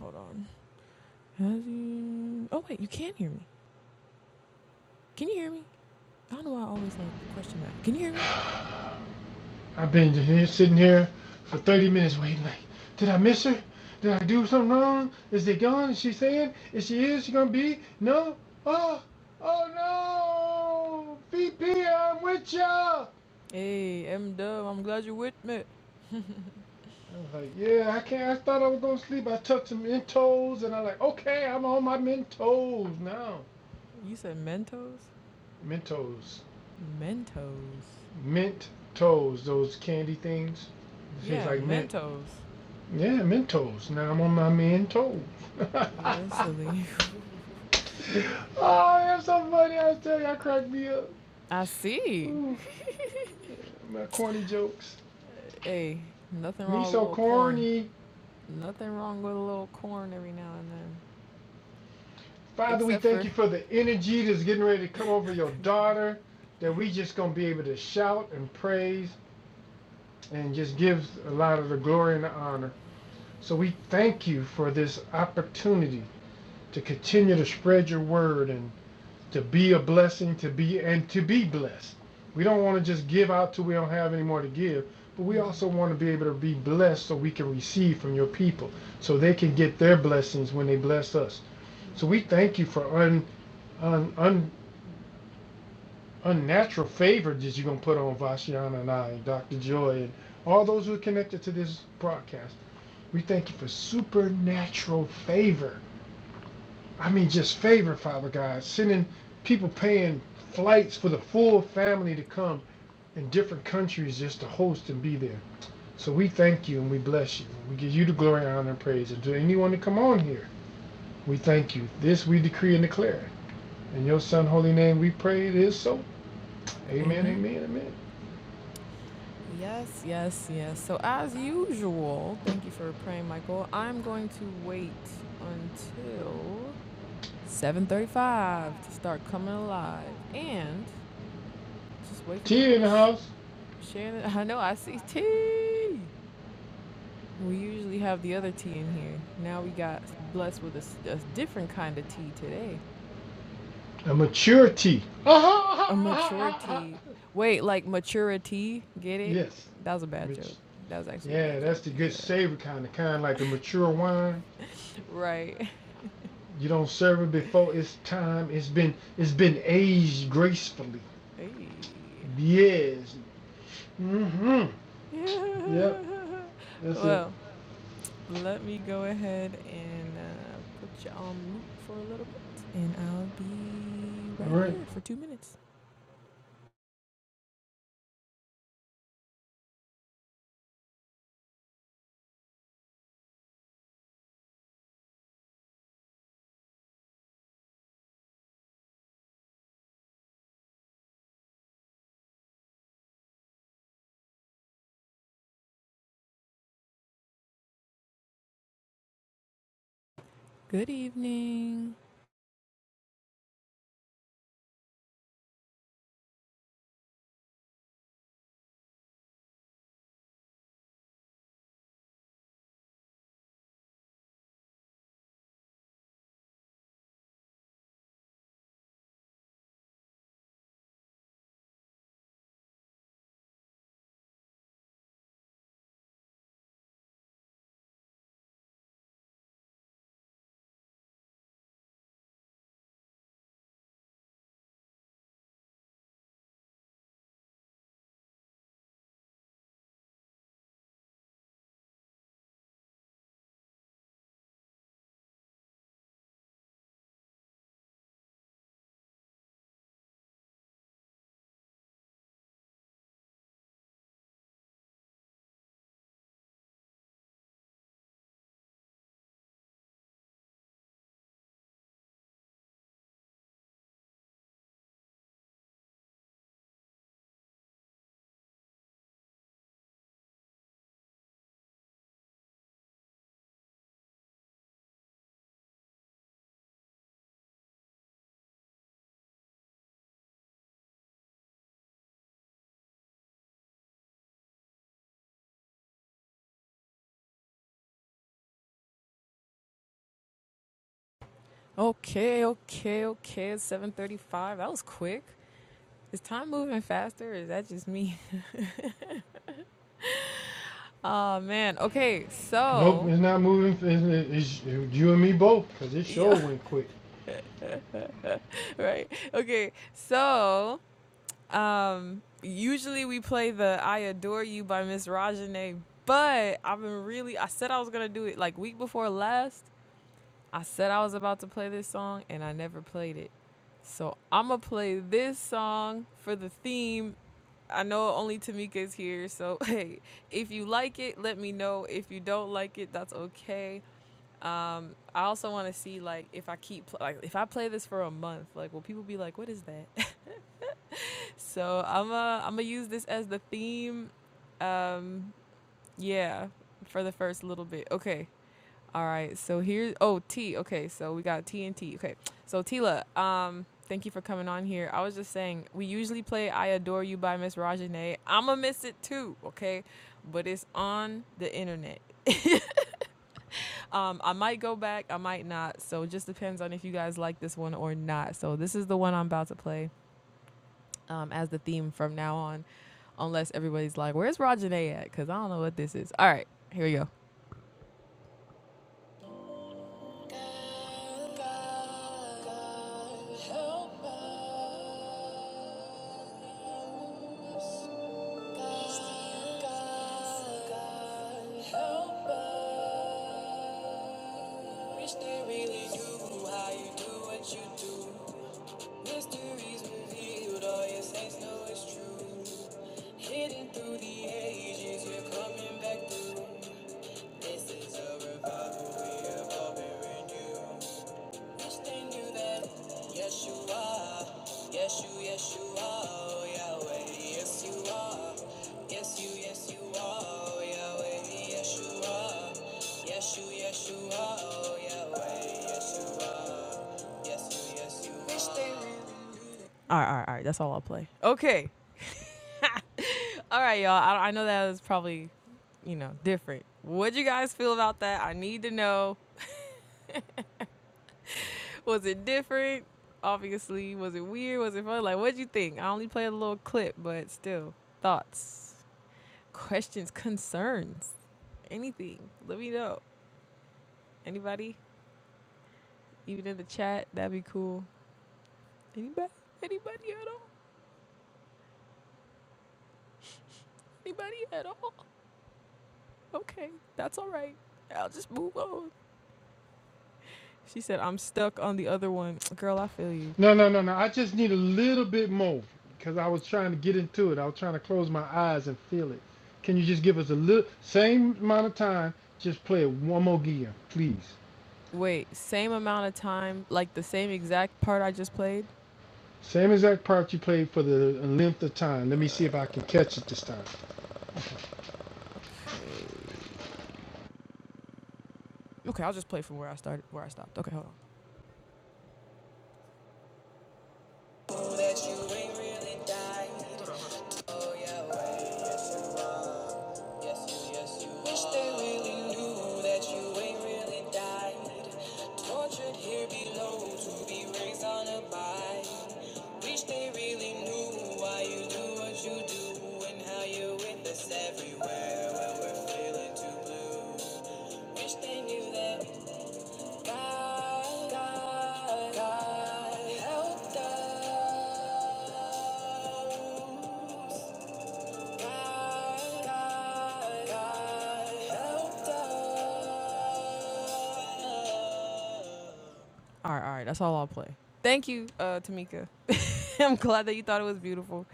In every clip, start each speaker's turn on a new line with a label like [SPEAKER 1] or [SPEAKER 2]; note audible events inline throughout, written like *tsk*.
[SPEAKER 1] Hold on. Oh wait, you can hear me. Can you hear me? I don't know why I always like question that. Can you hear me?
[SPEAKER 2] I've been just here, sitting here for 30 minutes waiting. Like, did I miss her? Did I do something wrong? Is it gone? Is she saying? Is she is she gonna be? No. Oh, oh no! VP, I'm with ya. I
[SPEAKER 1] Hey, M Dub, I'm glad you're with me.
[SPEAKER 2] was like, yeah, I can't. I thought I was gonna sleep. I took some Mentos, and I like, okay, I'm on my Mentos now.
[SPEAKER 1] You said Mentos?
[SPEAKER 2] Mentos,
[SPEAKER 1] Mentos.
[SPEAKER 2] mint toes, those candy things. It tastes
[SPEAKER 1] Yeah,
[SPEAKER 2] like mint.
[SPEAKER 1] Mentos.
[SPEAKER 2] Yeah, Mentos. Now I'm on my Mentos.
[SPEAKER 1] You're
[SPEAKER 2] *laughs*
[SPEAKER 1] silly.
[SPEAKER 2] *laughs* Oh, that's so funny. I was telling you, I cracked me up.
[SPEAKER 1] I see.
[SPEAKER 2] Ooh, my corny jokes.
[SPEAKER 1] Hey, nothing
[SPEAKER 2] Me
[SPEAKER 1] wrong with a
[SPEAKER 2] so
[SPEAKER 1] little corn.
[SPEAKER 2] corny.
[SPEAKER 1] Nothing wrong with a little corn every now and then.
[SPEAKER 2] Father, we
[SPEAKER 1] Except
[SPEAKER 2] thank
[SPEAKER 1] for.
[SPEAKER 2] you for the energy that's getting ready to come over your daughter, that we just going to be able to shout and praise and just give a lot of the glory and the honor. So we thank you for this opportunity to continue to spread your word and. to be a blessing, to be and to be blessed. We don't want to just give out till we don't have any more to give, but we
[SPEAKER 1] Hmm.
[SPEAKER 2] also want to be able to be blessed so we can receive from your people, so they can get their blessings when they bless us. So we thank you for un, un, un unnatural favor that you're gonna put on Vashiana and I, and Dr. Joy, and all those who are connected to this broadcast. We thank you for supernatural favor I mean, just favor, Father God, sending people paying flights for the full family to come in different countries just to host and be there. So we thank you and we bless you. We give you the glory, honor, and praise. And to anyone that come on here, we thank you. This we decree and declare. In your son holy name we pray it is so. Amen,
[SPEAKER 1] Amen.
[SPEAKER 2] amen, amen.
[SPEAKER 1] Yes, yes, yes. So, as usual, thank you for praying, Michael. I'm going to wait until 7:35 to start coming alive, and just wait for people
[SPEAKER 2] Tia in
[SPEAKER 1] to
[SPEAKER 2] the
[SPEAKER 1] sh-
[SPEAKER 2] house.
[SPEAKER 1] share. It. *laughs* I know I see tea. We usually have the other tea in here. Now we got blessed with a, s- a different kind of tea today.
[SPEAKER 2] A maturity. *laughs*
[SPEAKER 1] A, a mature tea. Wait, like maturity? Get it?
[SPEAKER 2] yes.
[SPEAKER 1] That was a bad
[SPEAKER 2] Rich.
[SPEAKER 1] joke. That was actually a bad
[SPEAKER 2] Yeah, that's the
[SPEAKER 1] joke.
[SPEAKER 2] good
[SPEAKER 1] Yeah.
[SPEAKER 2] savor kind, the kind like the mature wine
[SPEAKER 1] *laughs* Right.
[SPEAKER 2] You don't serve it before its time. It's been it's been aged gracefully.
[SPEAKER 1] *laughs* Hey.
[SPEAKER 2] Yes. Mm-hmm. Yep.
[SPEAKER 1] *laughs*
[SPEAKER 2] That's it.
[SPEAKER 1] well, let me go ahead and uh, put you on mute for a little bit, and I'll be
[SPEAKER 2] All
[SPEAKER 1] right
[SPEAKER 2] right.
[SPEAKER 1] here for two minutes. Good evening. Okay, okay, okay. It's seven thirty-five. That was quick. Is time moving faster? Or is that just me? *laughs* oh man. Okay,
[SPEAKER 2] Nope.
[SPEAKER 1] so
[SPEAKER 2] It's not moving. It's, it's you and me both, cause it sure
[SPEAKER 1] yeah,
[SPEAKER 2] went quick.
[SPEAKER 1] *laughs* right. Okay, so Um, usually we play the I Adore You by Miss Rajane, but I've been really, I said I was going to do it like week before last. I said I was about to play this song and I never played it. So I'm going to play this song for the theme. I know only Tamika is here, so *laughs* hey, if you like it, let me know. If you don't like it, that's okay. Um, I also want to see like if I keep like if I play this for a month, like will people be like, "What is that?" *laughs* So I'm uh I'm gonna use this as the theme. Um yeah, for the first little bit. Okay. All right. So here oh T. Okay. So we got T and T. Okay. So Tila, um thank you for coming on here. I was just saying we usually play I Adore You by Miss Rajane. I'm gonna miss it too, okay? But it's on the internet. *laughs* um I might go back, I might not. So it just depends on if you guys like this one or not. So this is the one I'm about to play um, as the theme from now on, unless everybody's like, "Where's Rajane at?" Because I don't know what this is. All right, here we go. Through the ages, we're coming back through. This is a Wish they knew that. Yes, you are. Yes, you, yes, you are. Oh, Yahweh, yes, you are. Yes, you, yes, you are. Oh, Yahweh, yes, you are. Yes, you, yes, you All right, all right, all right. That's all I'll play. Okay. All right, y'all. I, I know that was probably, you know, different. What'd you guys feel about that? I need to know. Was it different? Obviously. Was it weird? Was it fun? Like, what'd you think? I only played a little clip, but still. Thoughts? questions, concerns, anything, let me know. Anybody, even in the chat, that'd be cool. Anybody, anybody at all? Anybody at all? Okay, that's all right. I'll just move on. She said, I'm stuck on the other one. *tsk* Girl, I feel you.
[SPEAKER 2] No, no, no, no. I just need a little bit more, cause I was trying to get into it. I was trying to close my eyes and feel it. Can you just give us a little same amount of time? Just play it one more gear, please.
[SPEAKER 1] Wait, same amount of time, like the same exact part I just played?
[SPEAKER 2] Same exact part you played for the length of time. Let me see if I can catch it this time.
[SPEAKER 1] Okay. Okay, I'll just play from where I started, where I stopped. Okay, hold on. Yes, you, yes, you Wish they really knew that you ain't really died. Tortured here below to be raised on a vine. Wish they really knew why you do what you do and how you're with us everywhere when we're feeling too blue. Wish they knew that God, God, God helped us. God, God, God helped us. All right, all right. That's all I'll play. Thank you, uh, Tamika. *laughs* I'm glad that you thought it was beautiful.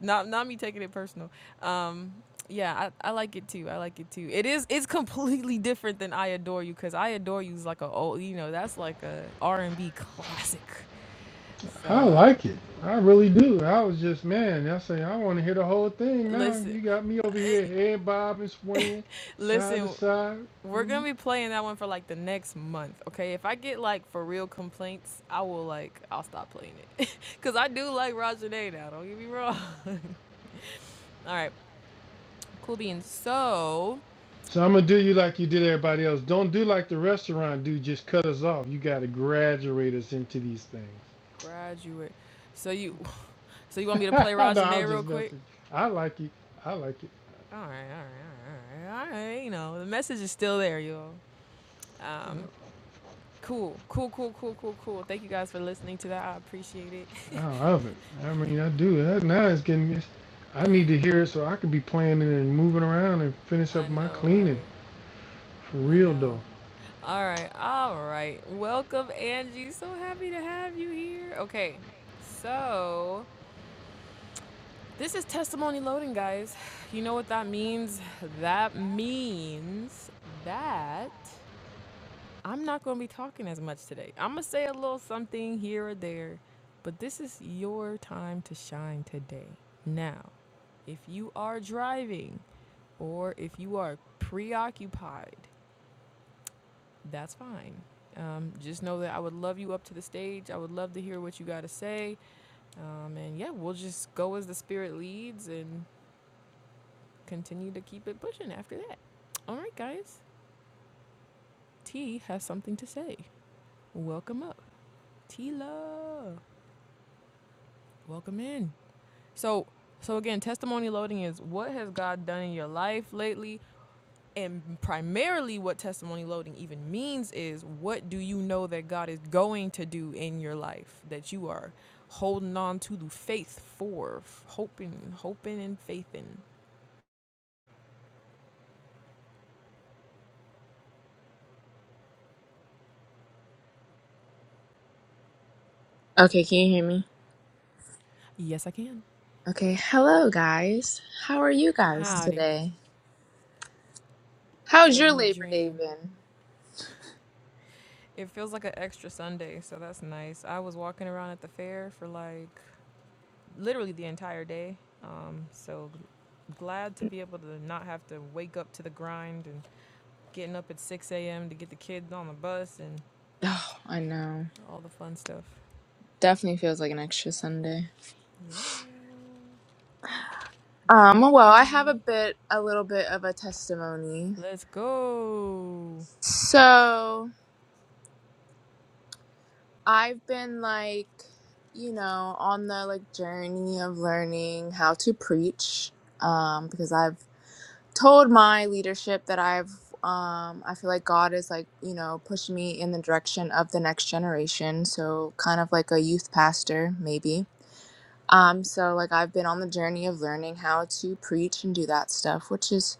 [SPEAKER 1] Not not me taking it personal. Um, yeah, I, I like it too. I like it too. It is it's completely different than I adore you because I adore you is like a old you know that's like a R and B classic. So
[SPEAKER 2] I
[SPEAKER 1] I feel,
[SPEAKER 2] like it. I really do. I was just man. I say I want to hear the whole thing now.
[SPEAKER 1] listen,
[SPEAKER 2] You got me over here
[SPEAKER 1] *laughs*
[SPEAKER 2] head bobbing, swinging side to
[SPEAKER 1] listen.
[SPEAKER 2] side.
[SPEAKER 1] We're gonna
[SPEAKER 2] Mhm.
[SPEAKER 1] be playing that one for like the next month, okay? If I get like for real complaints, I will like I'll stop playing it, *laughs* cause I do like Roger Day now. Don't get me wrong. *laughs* All right. Cool beans. So
[SPEAKER 2] So I'm gonna do you like you did everybody else. Don't do like the restaurant dude. Just cut us off. You got to graduate us into these things.
[SPEAKER 1] graduate. So you *laughs* so you want me
[SPEAKER 2] *laughs*
[SPEAKER 1] to play
[SPEAKER 2] no, I was
[SPEAKER 1] Rajane real
[SPEAKER 2] just
[SPEAKER 1] quick?
[SPEAKER 2] messing. I like it. I like it.
[SPEAKER 1] All right, all right, all right, all right, all right. You know the message is still there, y'all. Um, cool, cool, cool, cool, cool, cool. Thank you guys for listening to that. I appreciate it.
[SPEAKER 2] I love it. I mean, I do. That now it's getting. It's, I need to hear it so I can be planning and moving around and
[SPEAKER 1] *laughs*
[SPEAKER 2] finish
[SPEAKER 1] I
[SPEAKER 2] up my
[SPEAKER 1] know,
[SPEAKER 2] cleaning
[SPEAKER 1] right?
[SPEAKER 2] for
[SPEAKER 1] I
[SPEAKER 2] real though.
[SPEAKER 1] know. All right, all right. Welcome, Angie. So happy to have you here. Okay, so this is testimony loading, guys. *sighs* You know what that means? That means that I'm not going to be talking as much today. I'm going to say a little something here or there, but this is your time to shine today. Now, if you are driving or if you are preoccupied, that's fine. Um, just know that I would love you up to the stage. I would love to hear what you got to say. Um, and yeah, we'll just go as the spirit leads and continue to keep it pushing after that. All right, guys. T has something to say. Welcome up. T love. Welcome in. So, so again, testimony loading is what has God done in your life lately? And primarily, what testimony loading even means is what do you know that God is going to do in your life that you are holding on to the faith for, hoping, hoping, and faithing.
[SPEAKER 3] Okay, can you hear me?
[SPEAKER 1] Yes, I can.
[SPEAKER 3] Okay, hello guys. How are you guys Hi.
[SPEAKER 1] Howdy.
[SPEAKER 3] today? How's your
[SPEAKER 1] Living the
[SPEAKER 3] Labor Day
[SPEAKER 1] dream.
[SPEAKER 3] been?
[SPEAKER 1] It feels like an extra Sunday, so that's nice. I was walking around at the fair for like literally the entire day. Um, so glad to be able to not have to wake up to the grind and getting up at 6 a.m. to get the kids on the bus and
[SPEAKER 3] Oh, I know.
[SPEAKER 1] all the fun stuff.
[SPEAKER 3] Definitely feels like an extra Sunday.
[SPEAKER 1] Yeah.
[SPEAKER 3] Um, well, I have a
[SPEAKER 1] Dreamy.
[SPEAKER 3] bit a little bit of a testimony.
[SPEAKER 1] Let's go.
[SPEAKER 3] So, I've been like, you know, on the like journey of learning how to preach um because I've told my leadership that I've um I feel like God is like, you know, pushing me in the direction of the next generation, so kind of like a youth pastor maybe. Um so like I've been on the journey of learning how to preach and do that stuff, which is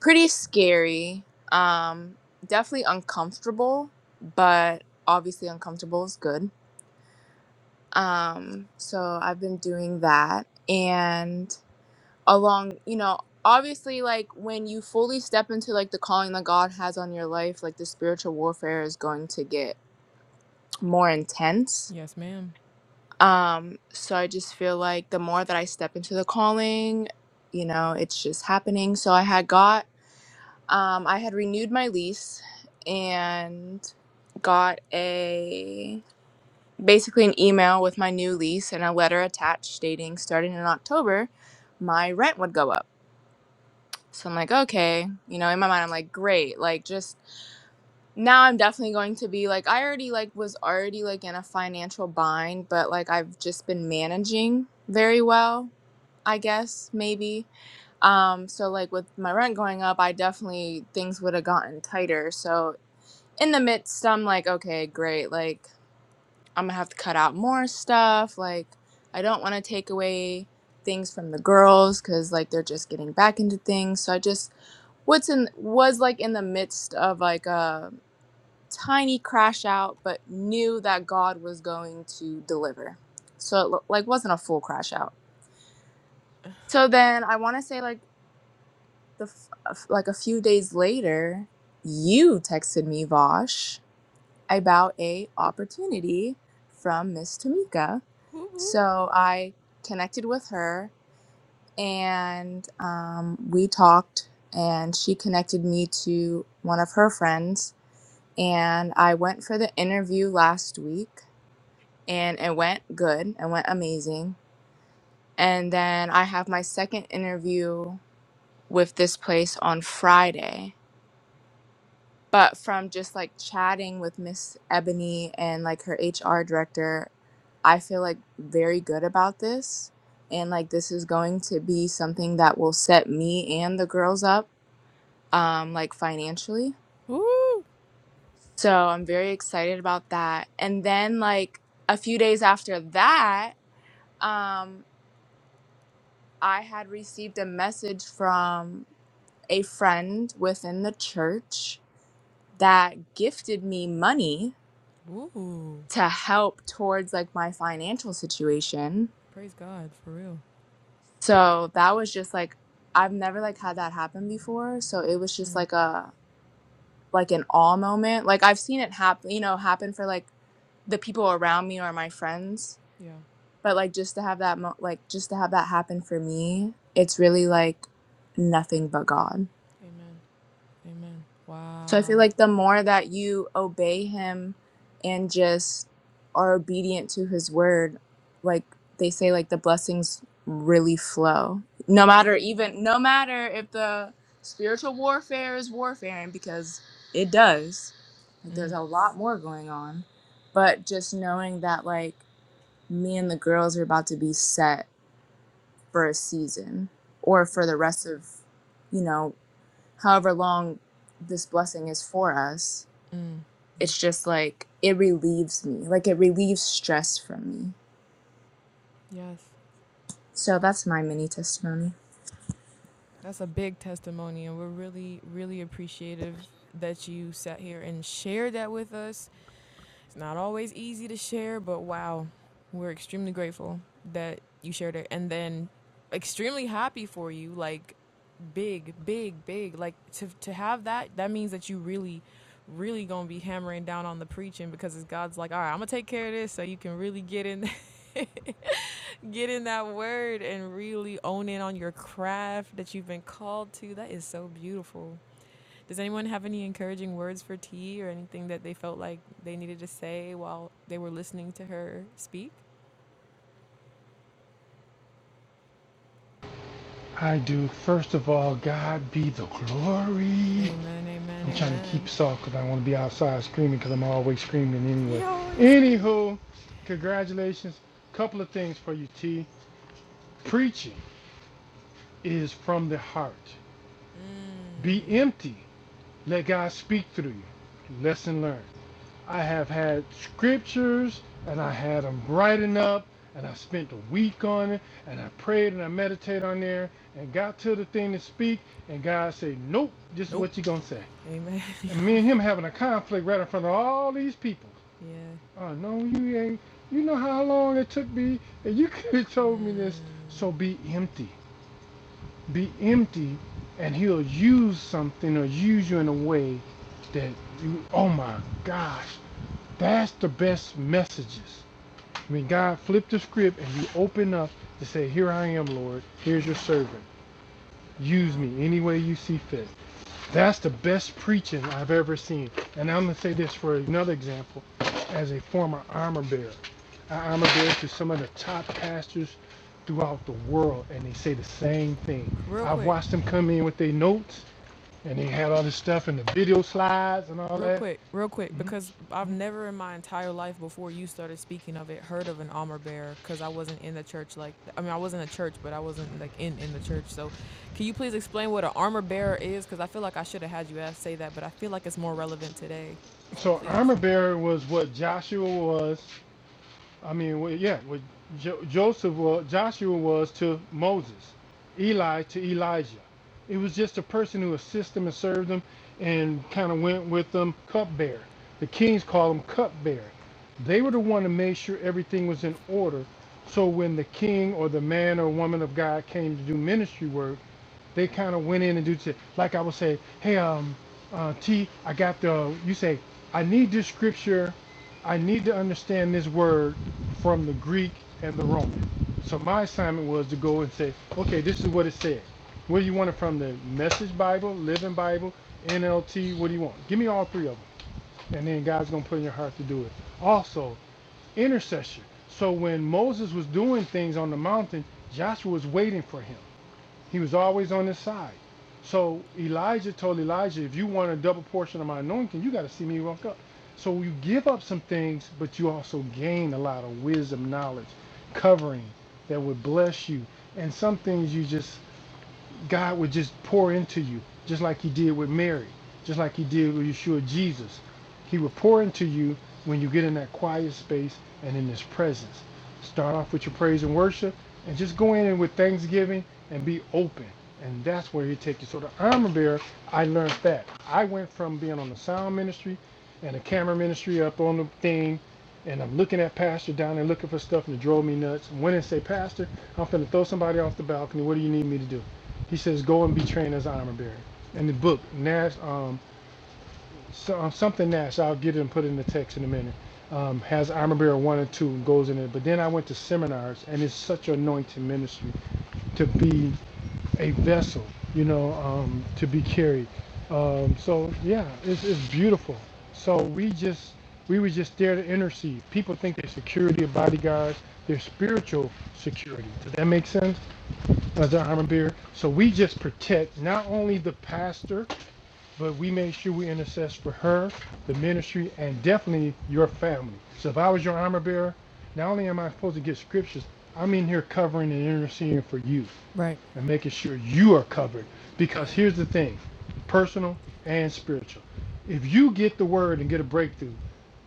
[SPEAKER 3] pretty scary. Um definitely uncomfortable, but obviously uncomfortable is good. Um so I've been doing that and along you know obviously like when you fully step into like the calling that god has on your life like the spiritual warfare is going to get more intense
[SPEAKER 1] Yes, ma'am.
[SPEAKER 3] um so i just feel like the more that i step into the calling you know it's just happening so i had got um i had renewed my lease and got a basically an email with my new lease and a letter attached stating starting in october my rent would go up So I'm like, okay, you know, in my mind, I'm like, great. Like, just now I'm definitely going to be like, I already like was already like in a financial bind, but like I've just been managing very well, I guess, maybe. Um, so like with my rent going up, I definitely things would have gotten tighter. So in the midst, I'm like, okay, great. Like, I'm gonna have to cut out more stuff. Like, I don't want to take away things from the girls because like they're just getting back into things. So I just, what's in was like in the midst of like a tiny crash out but knew that god was going to deliver so it lo- like wasn't a full crash out so then i want to say like the f- like a few days later you texted me vosh about a opportunity from miss tamika
[SPEAKER 1] Woo
[SPEAKER 3] so i connected with her and um, we talked and she connected me to one of her friends and I went for the interview last week and it went good It went amazing. And then I have my second interview with this place on Friday. But from just like chatting with Miss Ebony and like her HR director, I feel like very good about this. And like this is going to be something that will set me and the girls up um like financially.
[SPEAKER 1] woo.
[SPEAKER 3] So I'm very excited about that. And then like a few days after that, um I had received a message from a friend within the church that gifted me money
[SPEAKER 1] Woo. Woo.
[SPEAKER 3] to help towards like my financial situation.
[SPEAKER 1] Praise God for real.
[SPEAKER 3] So that was just like I've never like had that happen before, so it was just
[SPEAKER 1] Mm.
[SPEAKER 3] like a like an awe moment. Like I've seen it happen, you know, happen for like the people around me or my friends,
[SPEAKER 1] Yeah.
[SPEAKER 3] but like just to have that mo- like just to have that happen for me it's really like nothing but god
[SPEAKER 1] Amen. Amen.
[SPEAKER 3] so i
[SPEAKER 1] Wow.
[SPEAKER 3] feel like the more that you obey him and just are obedient to his word like they say like the blessings really flow no
[SPEAKER 1] Praise
[SPEAKER 3] matter even no matter if the spiritual warfare is warfaring because it does like
[SPEAKER 1] God.
[SPEAKER 3] there's
[SPEAKER 1] Mm.
[SPEAKER 3] a lot more going on but just knowing that like me and the girls are about to be set for a season or for
[SPEAKER 1] Wow.
[SPEAKER 3] the rest of, you know, however long this blessing is for us.
[SPEAKER 1] Mm.
[SPEAKER 3] It's just like it relieves me, like it relieves stress from me.
[SPEAKER 1] Yes.
[SPEAKER 3] So that's my mini testimony.
[SPEAKER 1] That's a big testimony, and we're really, really appreciative that you sat here and shared that with us. It's not always easy to share, but wow, we're extremely grateful that you shared it, and then extremely happy for you. Like, big, big, big. Like to to have that, that means that you really, really gonna be hammering down on the preaching because it's God's like, all right, I'm gonna take care of this, so you can really get in Get in that word and really own in on your craft that you've been called to. That is so beautiful. Does anyone have any encouraging words for T or anything that they felt like they needed to say while they were listening to her speak?
[SPEAKER 2] I do. First of all, God be the glory.
[SPEAKER 1] Amen, amen,
[SPEAKER 2] I'm trying to
[SPEAKER 1] amen.
[SPEAKER 2] keep soft because I want to be outside screaming because I'm always screaming anyway.
[SPEAKER 1] Yo, always screaming.
[SPEAKER 2] Anywho, congratulations. Couple of things for you, T. Preaching is from the heart.
[SPEAKER 1] Mm.
[SPEAKER 2] Be empty. Let God speak through you. Lesson learned. I have had scriptures and I had them writing up and I spent a week on it and I prayed and I meditated on there and got to the thing to speak and God said, Nope, this is
[SPEAKER 1] Nope.
[SPEAKER 2] what you're gonna say.
[SPEAKER 1] Amen. *laughs*
[SPEAKER 2] And me
[SPEAKER 1] Yo.
[SPEAKER 2] and him having a conflict right in front of all these people.
[SPEAKER 1] yeah.
[SPEAKER 2] Oh no, you ain't you know how long it took me and you *laughs* could have told me this.
[SPEAKER 1] Mm.
[SPEAKER 2] So be empty. Be empty and he'll use something or use you in a way that you oh my gosh that's the best messages. When God flipped the script and you open up to say, Here I am, Lord, here's your
[SPEAKER 1] Mm.
[SPEAKER 2] servant. Use
[SPEAKER 1] Wow.
[SPEAKER 2] me any way you see fit. That's the best preaching I've ever seen. And I'm going to say this for another example. As a former armor bearer, I armor bear to some of the top pastors throughout the world, and they say the same thing.
[SPEAKER 1] Real
[SPEAKER 2] I've
[SPEAKER 1] quick,
[SPEAKER 2] watched them come in with their notes, and they had all this stuff and the video slides and all
[SPEAKER 1] Real
[SPEAKER 2] that.
[SPEAKER 1] quick, real quick,
[SPEAKER 2] Mm-hmm.
[SPEAKER 1] because
[SPEAKER 2] Mm-hmm.
[SPEAKER 1] I've never in my entire life before you started speaking of it heard of an armor bearer because I wasn't in the church like th- I mean I wasn't a church but I wasn't like in in the church. So, can you please explain what an armor bearer is? Because I feel like I should have had you ask say that, but I feel like it's more relevant today. So
[SPEAKER 2] So
[SPEAKER 1] please,
[SPEAKER 2] armor bearer was what Joshua was. I mean, well, yeah, what jo- Joseph was, Joshua was to Moses, Eli to Elijah. It was just a person who assisted them and served them, and kind of went with them. Cupbearer. The kings called him cupbearer. They were the one to make sure everything was in order. So when the king or the man or woman of God came to do ministry work, they kind of went in and do shit. Like I would say, hey, um, uh, T, I got the. You say, I need this scripture. I need to understand this word from the Greek and the Roman. So my assignment was to go and say, okay, this is what it said. What do you want it from the Message Bible, Living Bible, NLT? What do you want? Give me all three of them, and then God's gonna put in your heart to do it. Also, intercession. So when Moses was doing things on the mountain, Joshua was waiting for him. He was always on his side. So Elijah told Elijah, if you want a double portion of my anointing, you got to see me walk up. So you give up some things, but you also gain a lot of wisdom, knowledge, covering that would bless you. And some things you just God would just pour into you, just like He did with Mary, just like He did with Yeshua Jesus. He will pour into you when you get in that quiet space and in His presence. Start off with your praise and worship, and just go in and with thanksgiving and be open. And that's where He takes you. So the armor bearer, I learned that. I went from being on the sound ministry and the camera ministry up on the thing and I'm looking at Pastor down there looking for stuff and it drove me nuts. And went and say, Pastor, I'm finna throw somebody off the balcony. What do you need me to do? He says, "Go and be trained as an armor bearer." And the book Nash, um, so, um, something Nash, I'll get it and put it in the text in a minute. Um, has armor bearer one and two and goes in it. But then I went to seminars, and it's such an anointing ministry to be a vessel, you know, um, to be carried. Um, so yeah, it's, it's beautiful. So we just we were just there to intercede. People think their security of bodyguards, their spiritual security. Does that make sense? as an armor bearer. So we just protect not only the pastor, but we make sure we intercess for her, the ministry, and definitely your family. So if I was your armor bearer, not only am I supposed to get scriptures, I'm in here covering and interceding for you
[SPEAKER 1] Right,
[SPEAKER 2] and making sure you are covered.
[SPEAKER 1] yeah,
[SPEAKER 2] Because here's the thing personal and spiritual. If you get the word and get a breakthrough,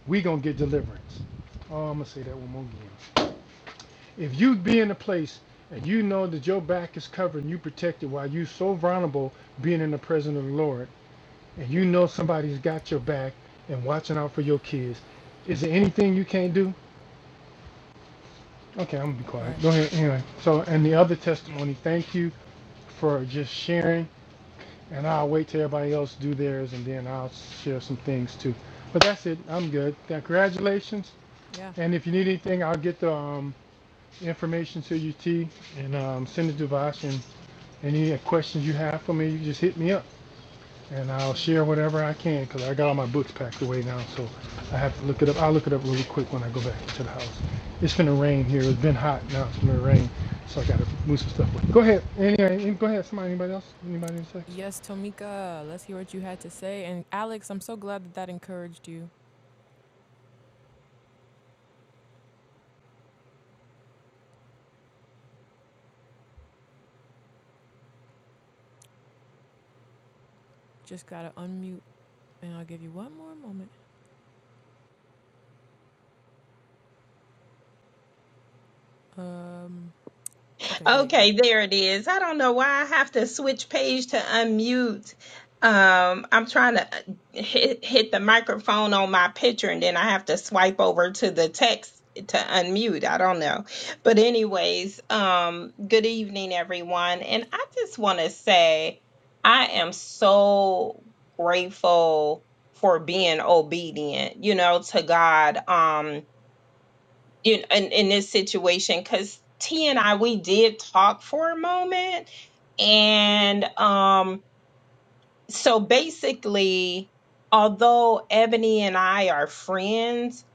[SPEAKER 2] we going to get deliverance. Oh, I'm going to say that one more again. If you be in a place and you know that your back is covered and you protected while you so vulnerable being in the presence of the Lord, and you know somebody's got your back and watching out for your kids, is there anything you can't do? Okay, I'm gonna be
[SPEAKER 1] right.
[SPEAKER 2] quiet. Go ahead. Anyway, so and the other testimony. Thank you for just sharing, and I'll wait till everybody else do theirs, and then I'll share some things too. But that's it. I'm good. Congratulations.
[SPEAKER 1] yeah.
[SPEAKER 2] And if you need anything, I'll get the um, information to you, T, and um, send it to Vash. and Any questions you have for me, you just hit me up and I'll
[SPEAKER 1] Yeah.
[SPEAKER 2] share whatever I can because I got all my books packed away now. So I have to look it up. I'll look it up really quick when I go back to the house. It's finna rain here. It's been hot. Now it's finna rain. So I got to move some stuff. away. Go ahead. Anyway, go ahead. Somebody, anybody else? Anybody in sex?
[SPEAKER 1] Yes, Tomika, let's hear what you had to say. And Alex, I'm so glad that that encouraged you. Just gotta unmute, and I'll give you one more moment. Um, okay, there you
[SPEAKER 4] Okay,
[SPEAKER 1] go.
[SPEAKER 4] there it is. I don't know why I have to switch page to unmute. Um, I'm trying to uh, hit, hit the microphone on my picture and then I have to swipe over to the text to unmute. I don't know. But anyways, um, good evening everyone. And I just want to say I am so grateful for being obedient, you know, to God. Um you know, in, in this situation because T and I we did talk for a moment, and um, so basically, although Ebony and I are friends,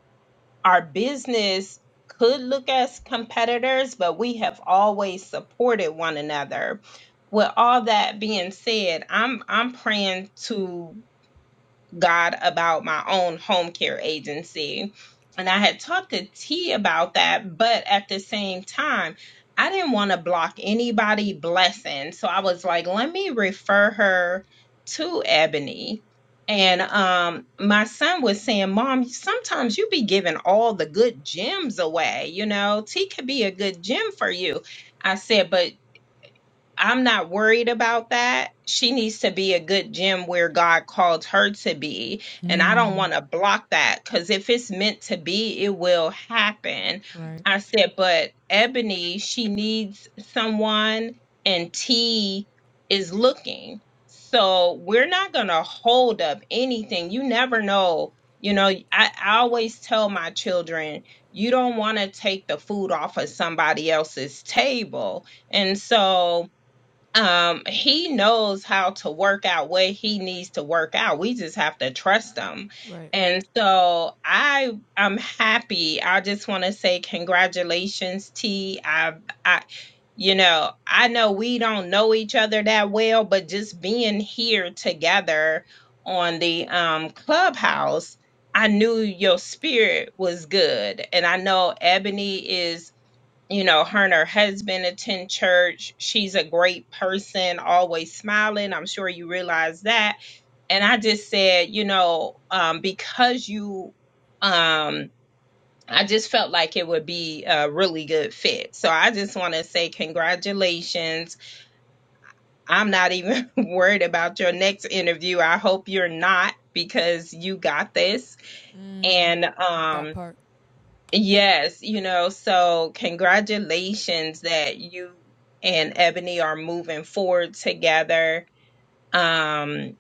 [SPEAKER 4] our business could look as competitors, but we have always supported one another. With all that being said, I'm I'm praying to God about my own home care agency. And I had talked to T about that, but at the same time, I didn't want to block anybody blessing. So I was like, let me refer her to Ebony. And um, my son was saying, Mom, sometimes you be giving all the good gems away. You know, T could be a good gem for you. I said, but I'm not worried about that. She needs to be a good gem where God called her to be. And I don't
[SPEAKER 1] Mm.
[SPEAKER 4] want to block that because if it's meant to be, it will happen.
[SPEAKER 1] Right,
[SPEAKER 4] I said, but Ebony, she needs someone, and T is looking. So we're not going to hold up anything. You never know. You know, I, I always tell my children, you don't want to take the food off of somebody else's table. And so, um he knows how to work out what he needs to work out we just have to trust him
[SPEAKER 1] right.
[SPEAKER 4] and so i i'm happy i just want to say congratulations t i i you know i know we don't know each other that well but just being here together on the um clubhouse i knew your spirit was good and i know ebony is you know, her and her husband attend church. She's a great person, always smiling. I'm sure you realize that. And I just said, you know, um, because you, um, I just felt like it would be a really good fit. So I just want to say congratulations. I'm not even *laughs* worried about your next interview. I hope you're not because you got this.
[SPEAKER 1] Mm,
[SPEAKER 4] And
[SPEAKER 1] that
[SPEAKER 4] um
[SPEAKER 1] part.
[SPEAKER 4] Yes, you know, so congratulations that you and Ebony are moving forward together. Um,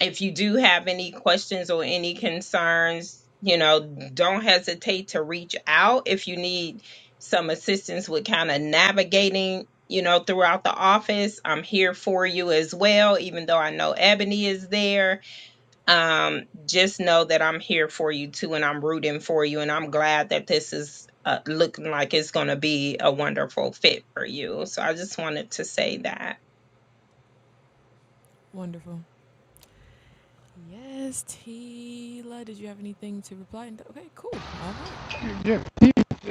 [SPEAKER 4] if you do have any questions or any concerns, you know, don't hesitate to reach out if you need some assistance with kind of navigating, you know, throughout the office. I'm here for you as well, even though I know Ebony is there um just know that i'm here for you too and i'm rooting for you and i'm glad that this is uh, looking like it's going to be a wonderful fit for you so i just wanted to say that
[SPEAKER 1] Wonderful. Yes, Tila. Did you have anything to reply? Okay, cool. All right.
[SPEAKER 2] Yeah.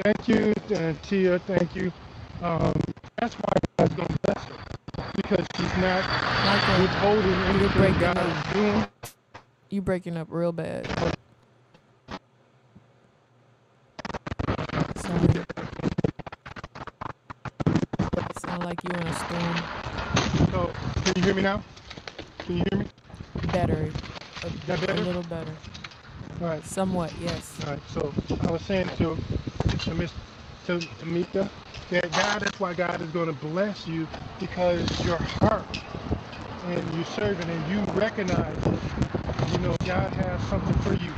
[SPEAKER 2] Thank you. Uh, Tia, thank you. Um, that's why God's going to bless her because she's not
[SPEAKER 1] Michael,
[SPEAKER 2] withholding
[SPEAKER 1] you're
[SPEAKER 2] anything
[SPEAKER 1] breaking up.
[SPEAKER 2] God
[SPEAKER 1] You breaking up real bad.
[SPEAKER 2] is doing
[SPEAKER 1] Sorry. Sound like you in a storm.
[SPEAKER 2] So, can you hear me now? Can you hear me?
[SPEAKER 1] Better. A,
[SPEAKER 2] Is that
[SPEAKER 1] a
[SPEAKER 2] better?
[SPEAKER 1] little better.
[SPEAKER 2] All right,
[SPEAKER 1] Somewhat, yes.
[SPEAKER 2] all right. So I was saying to to Miss to Tamika that God, that's why God is going to bless you because your heart and you serving and you recognize it. you know God has something for you.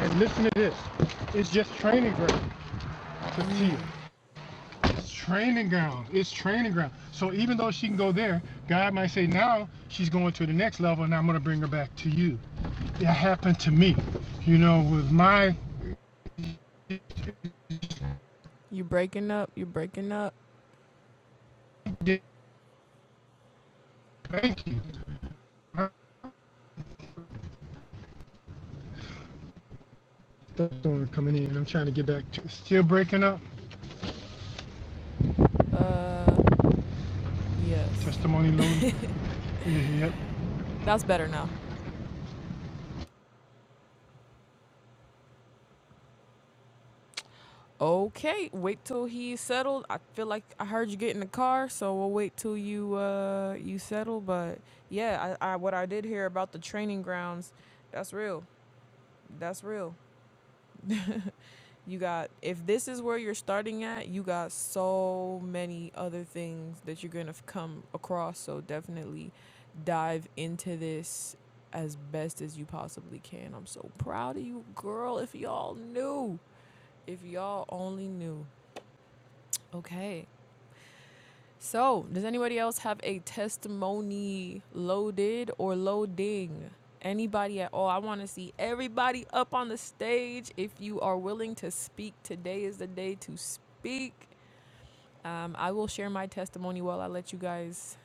[SPEAKER 2] And listen to this, it's just training ground to see. it.
[SPEAKER 1] Mm.
[SPEAKER 2] It's training ground. It's training ground. So even though she can go there, God might say, now she's going to the next level and I'm going to bring her back to you. That happened to me. You know, with my, thank
[SPEAKER 1] You breaking up. You breaking up.
[SPEAKER 2] you. My stuff's coming in. I'm trying to get back to, still breaking up.
[SPEAKER 1] Uh, yes.
[SPEAKER 2] Testimony loading. Yeah, Yep.
[SPEAKER 1] That's better now. Okay, wait till he's settled. I feel like I heard you get in the car, so we'll wait till you uh you settle. But yeah, I, I what I did hear about the training grounds, that's real. That's real. *laughs* you got if this is where you're starting at, you got so many other things that you're gonna f- come across. So definitely dive into this as best as you possibly can. I'm so proud of you, girl. If y'all knew, if y'all only knew. Okay. So, does anybody else have a testimony loaded or loading? Anybody at all? I want to see everybody up on the stage. If you are willing to speak, today is the day to speak. Um, I will share my testimony while I let you guys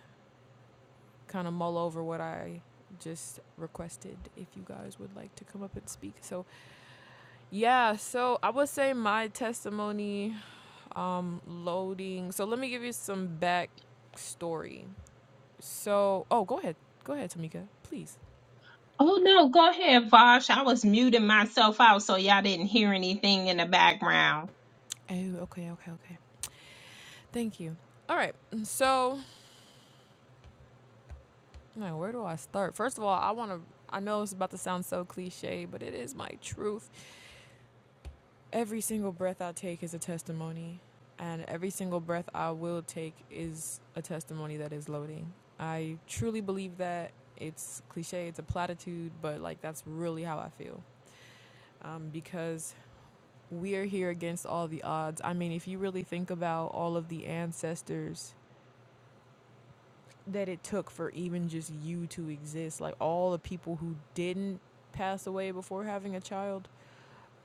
[SPEAKER 1] kind of mull over what I just requested if you guys would like to come up and speak. So, yeah, so I would say my testimony um, loading. So, let me give you some backstory. So, oh, go ahead. Go ahead, Tamika, please.
[SPEAKER 4] oh no go ahead vosh i was muting myself out so y'all didn't hear anything in the background
[SPEAKER 1] Oh, okay, okay, okay. Thank you. All right. Mm, So, now where do I start? First of all, I want to. I know it's about to sound so cliche, but it is my truth. Every single breath I take is a testimony, and every single breath I will take is a testimony that is loading. I truly believe that. It's cliche, it's a platitude, but like that's really how I feel. Um, because we are here against all the odds. I mean, if you really think about all of the ancestors that it took for even just you to exist, like all the people who didn't pass away before having a child,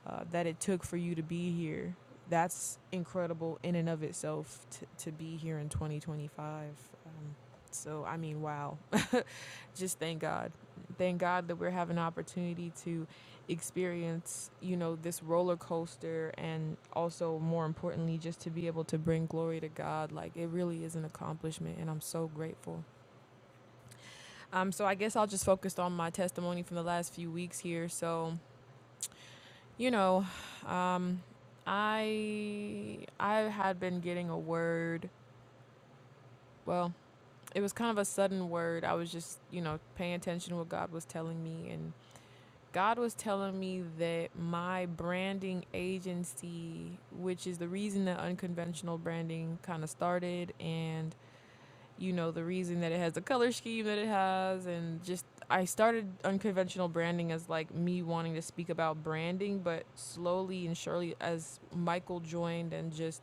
[SPEAKER 1] uh, that it took for you to be here. That's incredible in and of itself t- to be here in 2025. Um, so, I mean, wow just thank God. Thank God that we're having an opportunity to experience, you know, this roller coaster and also more importantly just to be able to bring glory to God. Like it really is an accomplishment and I'm so grateful. Um so I guess I'll just focus on my testimony from the last few weeks here. So, you know, um I I had been getting a word. Well, it was kind of a sudden word. I was just, you know, paying attention to what God was telling me and. God was telling me that my branding agency, which is the reason that unconventional branding kind of started, and you know, the reason that it has the color scheme that it has, and just I started unconventional branding as like me wanting to speak about branding, but slowly and surely, as Michael joined and just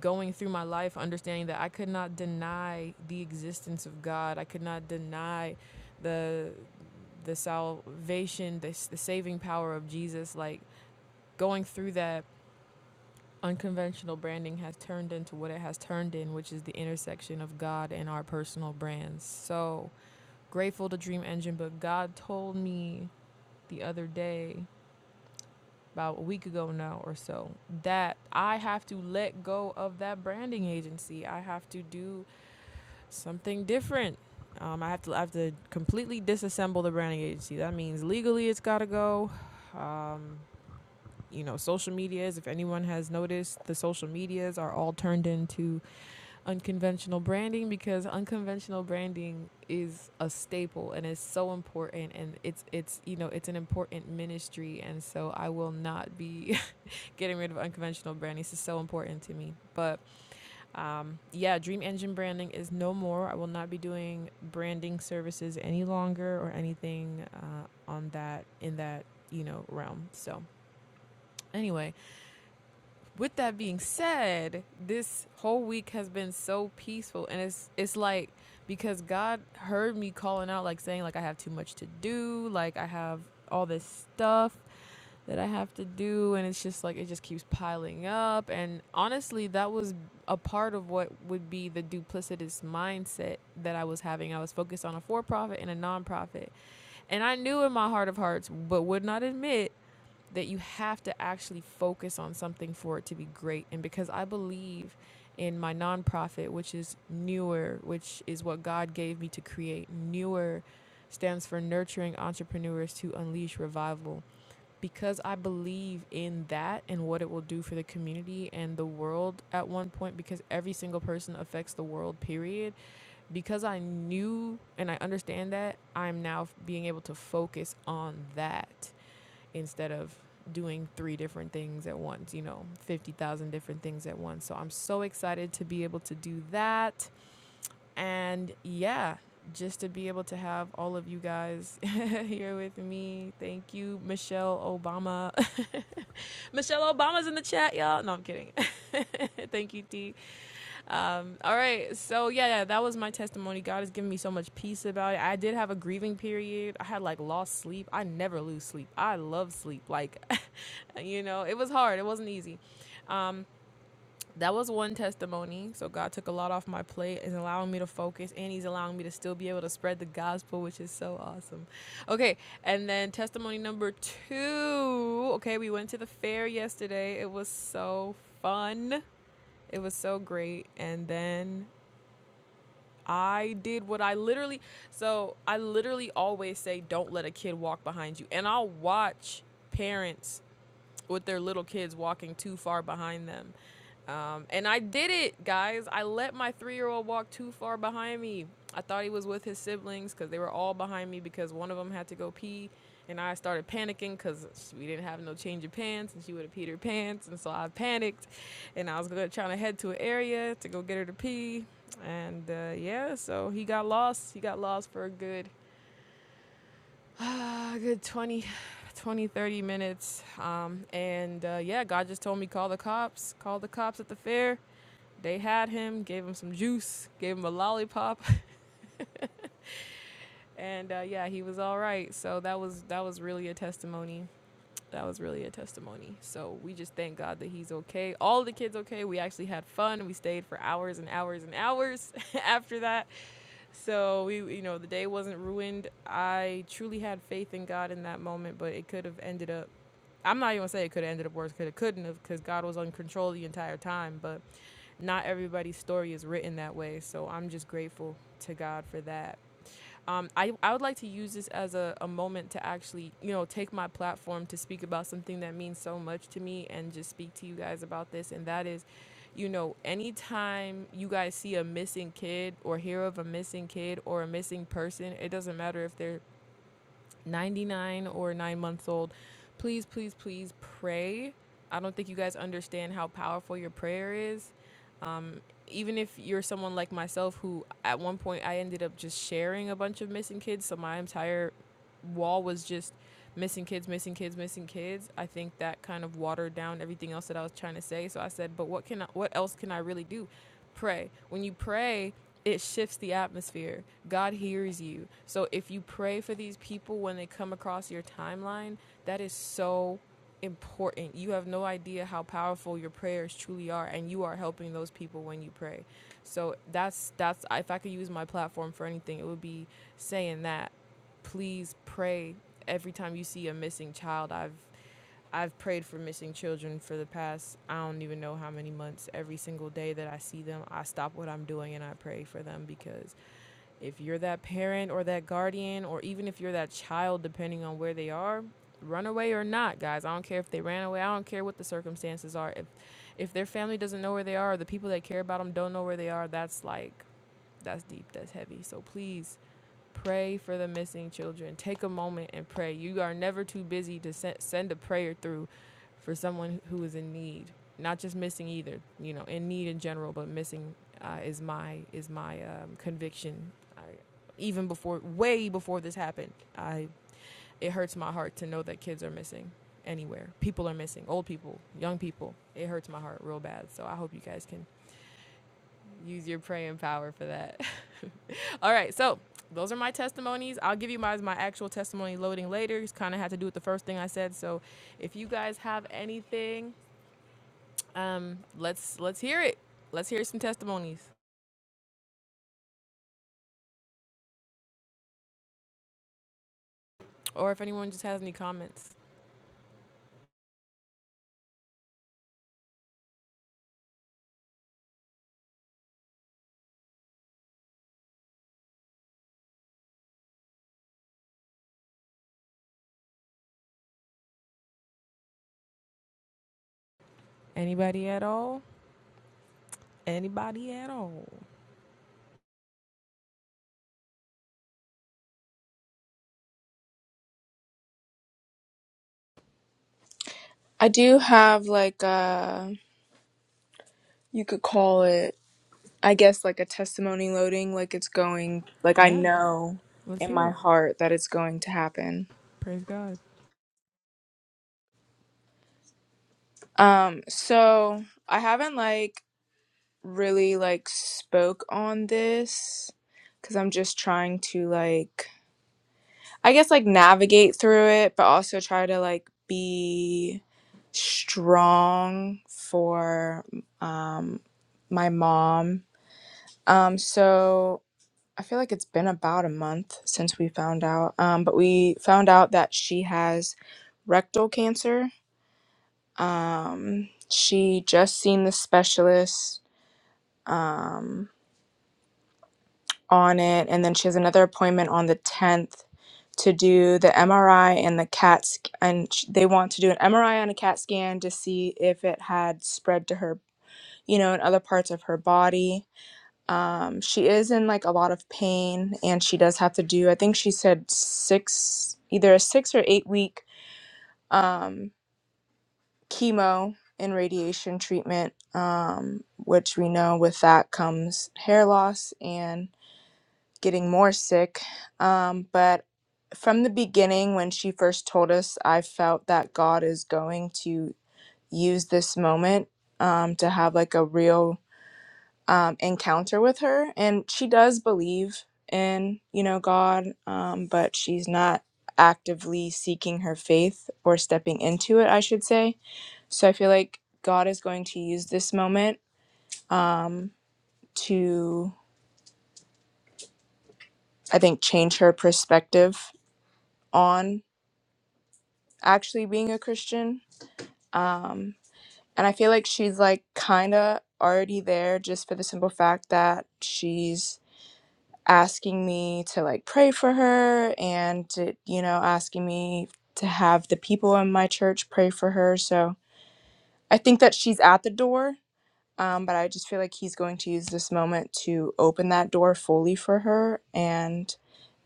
[SPEAKER 1] going through my life understanding that I could not deny the existence of God. I could not deny the the salvation, the, the saving power of Jesus. Like going through that unconventional branding has turned into what it has turned in, which is the intersection of God and our personal brands. So grateful to Dream Engine, but God told me the other day about a week ago now or so that I have to let go of that branding agency. I have to do Something different. Um, I have to I have to completely disassemble the branding agency. That means legally it's got to go. Um, you know, social medias. If anyone has noticed, the social medias are all turned into unconventional branding because unconventional branding is a staple and it's so important and it's it's you know it's an important ministry and so I will not be *laughs* getting rid of unconventional branding. This is so important to me, but um, yeah, Dream Engine branding is no more. I will not be doing branding services any longer or anything uh, on that in that you know realm. So anyway, with that being said, this whole week has been so peaceful, and it's it's like because God heard me calling out, like saying like I have too much to do, like I have all this stuff, that I have to do and it's just like it just keeps piling up and honestly that was a part of what would be the duplicitous mindset that I was having. I was focused on a for-profit and a nonprofit, And I knew in my heart of hearts but would not admit that you have to actually focus on something for it to be great and because I believe in my nonprofit which is newer which is what God gave me to create. Newer stands for nurturing entrepreneurs to unleash revival because I believe in that and what it will do for the community and the world at one point, because every single person affects the world, period. Because I knew and I understand that, I'm now being able to focus on that instead of doing three different things at once, you know, 50,000 different things at once. So I'm so excited to be able to do that. And yeah, just to be able to have all of you guys *laughs* here with me. Thank you, Michelle Obama. *laughs* Michelle Obama's in the chat, y'all. No, I'm kidding. *laughs* Thank you, T. Um, all right. So, yeah, yeah, that was my testimony. God has given me so much peace about it. I did have a grieving period. I had like lost sleep. I never lose sleep. I love sleep. Like, *laughs* you know, it was hard. It wasn't easy. Um, that was one testimony. So God took a lot off my plate and allowing me to focus and he's allowing me to still be able to spread the gospel, which is so awesome. Okay, and then testimony number 2. Okay, we went to the fair yesterday. It was so fun. It was so great. And then I did what I literally so I literally always say don't let a kid walk behind you. And I'll watch parents with their little kids walking too far behind them. Um, and I did it, guys. I let my three year old walk too far behind me. I thought he was with his siblings because they were all behind me because one of them had to go pee. And I started panicking because we didn't have no change of pants and she would have peed her pants. And so I panicked and I was gonna, trying to head to an area to go get her to pee. And uh, yeah, so he got lost. He got lost for a good ah, a good 20, 20, 30 minutes. Um, and uh, yeah, God just told me call the cops. Call the cops at the fair. They had him, gave him some juice, gave him a lollipop, *laughs* and uh, yeah, he was all right. So that was that was really a testimony. That was really a testimony. So we just thank God that he's okay. All the kids okay. We actually had fun. We stayed for hours and hours and hours *laughs* after that. So we, you know, the day wasn't ruined. I truly had faith in God in that moment, but it could have ended up. I'm not even gonna say it could have ended up worse, could it couldn't have, because God was in control the entire time. But not everybody's story is written that way, so I'm just grateful to God for that um, I, I would like to use this as a, a moment to actually, you know, take my platform to speak about something that means so much to me and just speak to you guys about this. And that is, you know, anytime you guys see a missing kid or hear of a missing kid or a missing person, it doesn't matter if they're 99 or nine months old, please, please, please pray. I don't think you guys understand how powerful your prayer is even if you're someone like myself who at one point I ended up just sharing a bunch of missing kids, so my entire wall was just missing kids, missing kids, missing kids, I think that kind of watered down everything else that I was trying to say. So I said, but what can I, what else can I really do? Pray. When you pray, it shifts the atmosphere. God hears you. So if you pray for these people when they come across your timeline, that is so important. You have no idea how powerful your prayers truly are and you are helping those people when you pray. So that's that's if I could use my platform for anything, it would be saying that please pray every time you see a missing child. I've I've prayed for missing children for the past I don't even know how many months. Every single day that I see them, I stop what I'm doing and I pray for them because if you're that parent or that guardian or even if you're that child depending on where they are, run away or not, guys. I don't care if they ran away. I don't care what the circumstances are. If if their family doesn't know where they are, or the people that care about them don't know where they are, that's like that's deep, that's heavy. So please Pray for the missing children. Take a moment and pray. You are never too busy to se- send a prayer through for someone who is in need. Not just missing either, you know, in need in general, but missing uh, is my is my um, conviction. I, even before, way before this happened, I it hurts my heart to know that kids are missing anywhere. People are missing, old people, young people. It hurts my heart real bad. So I hope you guys can Use your praying power for that. *laughs* All right, so those are my testimonies. I'll give you my my actual testimony loading later. It's kind of had to do with the first thing I said. So, if you guys have anything, um, let's let's hear it. Let's hear some testimonies, or if anyone just has any comments. Anybody at all? Anybody at all?
[SPEAKER 3] I do have like a, you could call it, I guess, like a testimony loading, like it's going, like I
[SPEAKER 1] Yeah,
[SPEAKER 3] know
[SPEAKER 1] let's
[SPEAKER 3] in
[SPEAKER 1] hear
[SPEAKER 3] my
[SPEAKER 1] it.
[SPEAKER 3] heart that it's going to happen.
[SPEAKER 1] Praise God.
[SPEAKER 3] Um, so I haven't like really like spoke on this because I'm just trying to like I guess like navigate through it, but also try to like be strong for um my mom. Um so I feel like it's been about a month since we found out. Um but we found out that she has rectal cancer. Um she just seen the specialist. Um on it. And then she has another appointment on the 10th to do the MRI and the CAT. sc- And sh- they want to do an MRI and a CAT scan to see if it had spread to her, you know, in other parts of her body. Um, she is in like a lot of pain and she does have to do, I think she said six, either a six or eight week um, chemo and radiation treatment, um, which we know with that comes hair loss and getting more sick. Um, but from the beginning, when she first told us, I felt that God is going to use this moment um, to have like a real um, encounter with her. And she does believe in, you know, God, um, but she's not actively seeking her faith or stepping into it, I should say. So I feel like God is going to use this moment um, to, I think, change her perspective on actually being a Christian. Um, and I feel like she's like kind of already there just for the simple fact that she's asking me to like pray for her and to, you know, asking me to have the people in my church pray for her. So I think that she's at the door. Um, but I just feel like he's going to use this moment to open that door fully for her. And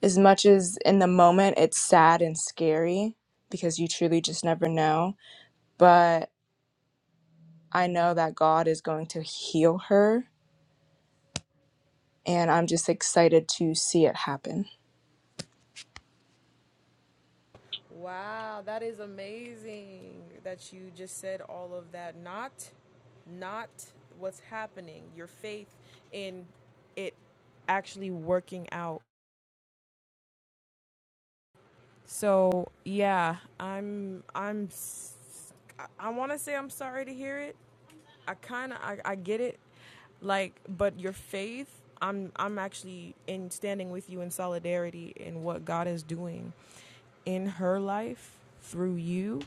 [SPEAKER 3] as much as in the moment it's sad and scary because you truly just never know, but I know that God is going to heal her, and I'm just excited to see it happen.
[SPEAKER 1] Wow, that is amazing that you just said all of that. Not not what's happening, your faith in it actually working out. So, yeah, I'm I'm s- I, i am I want to say I'm sorry to hear it, I kind of I, I get it, like, but your faith, I'm I'm actually in standing with you in solidarity in what God is doing in her life through you.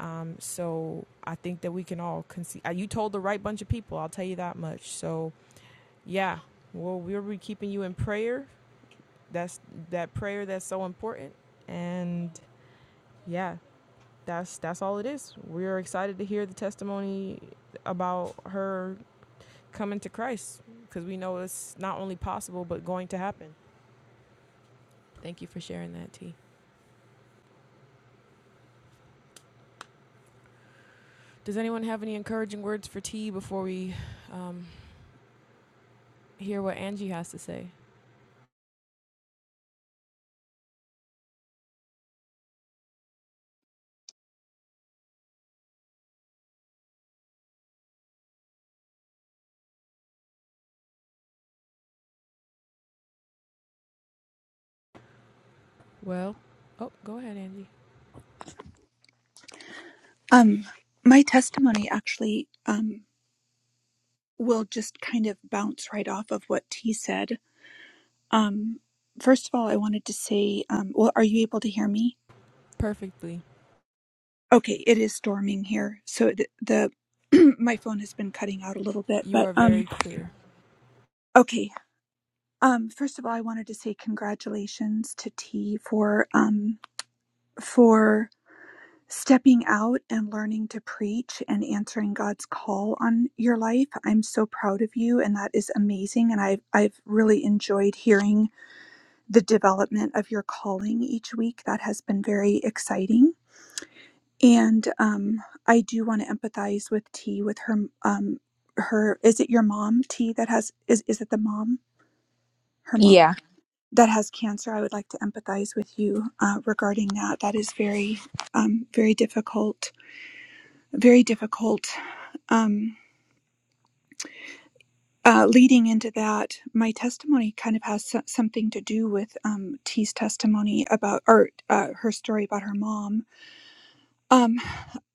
[SPEAKER 1] Um, so I think that we can all conceive. You told the right bunch of people. I'll tell you that much. So yeah, well, we'll be keeping you in prayer. That's that prayer that's so important. And yeah, that's that's all it is. We're excited to hear the testimony about her coming to Christ because we know it's not only possible but going to happen. Thank you for sharing that, T. Does anyone have any encouraging words for T before we um, hear what Angie has to say? Well, oh, go ahead, Angie.
[SPEAKER 5] Um, my testimony actually um, will just kind of bounce right off of what T said. Um, first of all, I wanted to say, um, well, are you able to hear me?
[SPEAKER 1] Perfectly.
[SPEAKER 5] Okay, it is storming here, so the, the *clears throat* my phone has been cutting out a little bit,
[SPEAKER 1] You
[SPEAKER 5] but
[SPEAKER 1] are very
[SPEAKER 5] um,
[SPEAKER 1] clear.
[SPEAKER 5] okay. Um, first of all, I wanted to say congratulations to T for um for stepping out and learning to preach and answering God's call on your life. I'm so proud of you and that is amazing and I've I've really enjoyed hearing the development of your calling each week. That has been very exciting. And um I do want to empathize with T with her um her is it your mom T that has is is it the mom her mom
[SPEAKER 3] Yeah.
[SPEAKER 5] that has cancer I would like to empathize with you uh, regarding that that is very um very difficult very difficult Um, uh, leading into that, my testimony kind of has so- something to do with um, T's testimony about, or uh, her story about her mom. Um,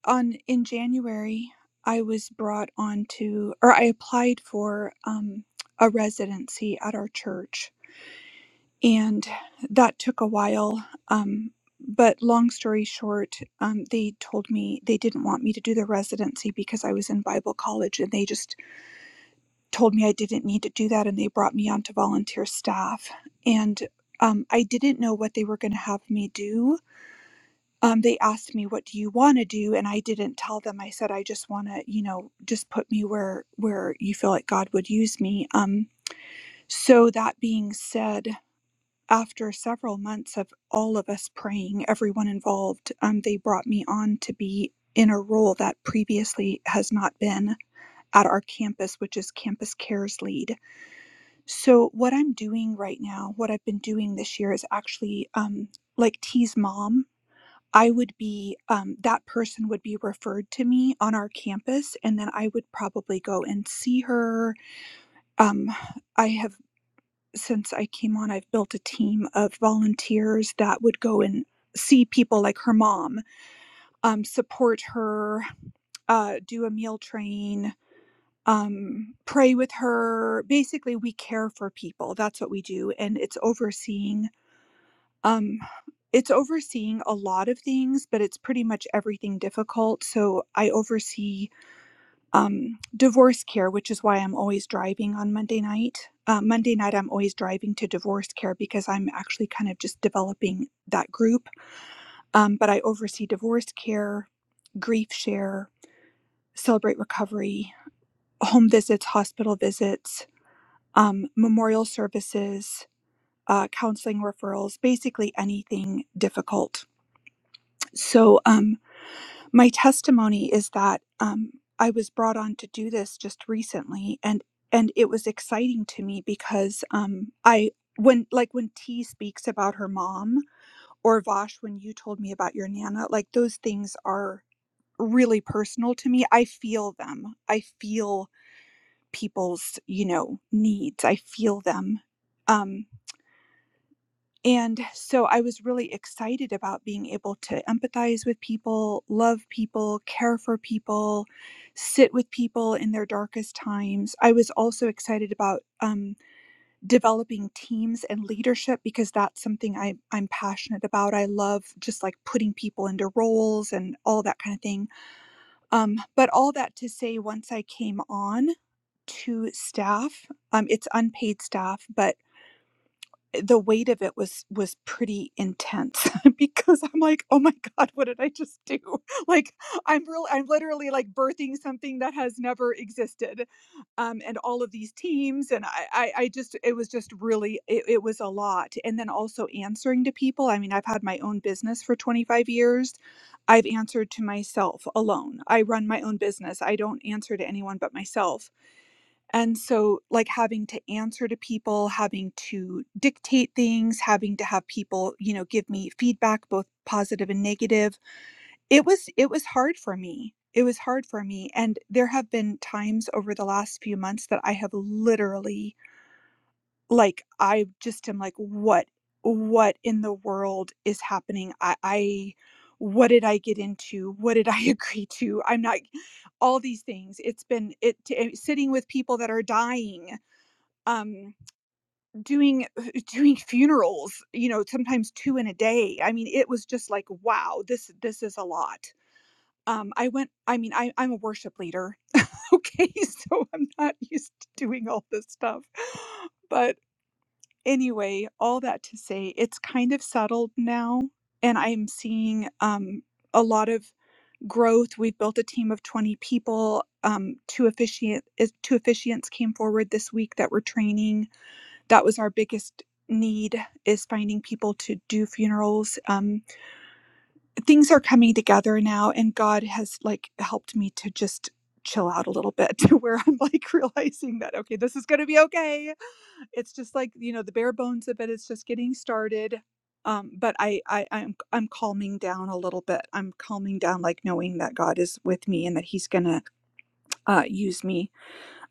[SPEAKER 5] on in January, I was brought on to, or I applied for um, a residency at our church, and that took a while. Um, but long story short, um, they told me they didn't want me to do the residency because I was in Bible college, and they just told me I didn't need to do that and they brought me onto volunteer staff. And um, I didn't know what they were going to have me do. Um, they asked me, "What do you want to do?" And I didn't tell them. I said, "I just want to, you know, just put me where where you feel like God would use me." Um, so that being said, after several months of all of us praying, everyone involved, um, they brought me on to be in a role that previously has not been at our campus, which is campus cares lead so, what I'm doing right now, what I've been doing this year is actually um, like T's mom. I would be, um, that person would be referred to me on our campus, and then I would probably go and see her. Um, I have, since I came on, I've built a team of volunteers that would go and see people like her mom, um, support her, uh, do a meal train, um, pray with her. Basically, we care for people. That's what we do, and it's overseeing. Um, it's overseeing a lot of things, but it's pretty much everything difficult. So I oversee um, divorce care, which is why I'm always driving on Monday night. Uh, Monday night, I'm always driving to divorce care because I'm actually kind of just developing that group. Um, but I oversee divorce care, grief share, celebrate recovery, home visits, hospital visits, um, memorial services, uh, counseling referrals, basically anything difficult. So, um, my testimony is that um, I was brought on to do this just recently, and and it was exciting to me because um, I when like when T speaks about her mom or Vosh when you told me about your nana, like those things are really personal to me. I feel them. I feel people's you know needs. I feel them. Um, And so I was really excited about being able to empathize with people, love people, care for people, sit with people in their darkest times. I was also excited about um, developing teams and leadership because that's something I, I'm passionate about. I love just like putting people into roles and all that kind of thing. Um, but all that to say, once I came on, to staff, um, it's unpaid staff, but the weight of it was was pretty intense *laughs* because I'm like, oh my god, what did I just do? *laughs* Like, I'm real, I'm literally like birthing something that has never existed, um, and all of these teams, and I, I, I just, it was just really, it, it was a lot, and then also answering to people. I mean, I've had my own business for 25 years. I've answered to myself alone. I run my own business. I don't answer to anyone but myself and so, like having to answer to people, having to dictate things, having to have people, you know, give me feedback, both positive and negative. It was, it was hard for me. It was hard for me. And there have been times over the last few months that I have literally, like, I just am like, what, what in the world is happening? I, I, what did I get into? What did I *laughs* agree to? I'm not all these things. It's been it t- eh, sitting with people that are dying um doing *laughs* doing funerals you know sometimes two in a day i mean it was just like wow this this is a lot um i went i mean I, i'm a worship leader *laughs* okay so i'm not used to doing all this stuff but anyway all that to say it's kind of settled now and i'm seeing um a lot of growth we've built a team of 20 people um two officiant is- two officiants came forward this week that were training that was our biggest need is finding people to do funerals um things are coming together now and god has like helped me to just chill out a little bit *laughs* to where i'm like realizing that okay this is going to be okay it's just like you know the bare bones of it's just getting started um but I, I i'm i'm calming down a little bit i'm calming down like knowing that god is with me and that he's gonna uh use me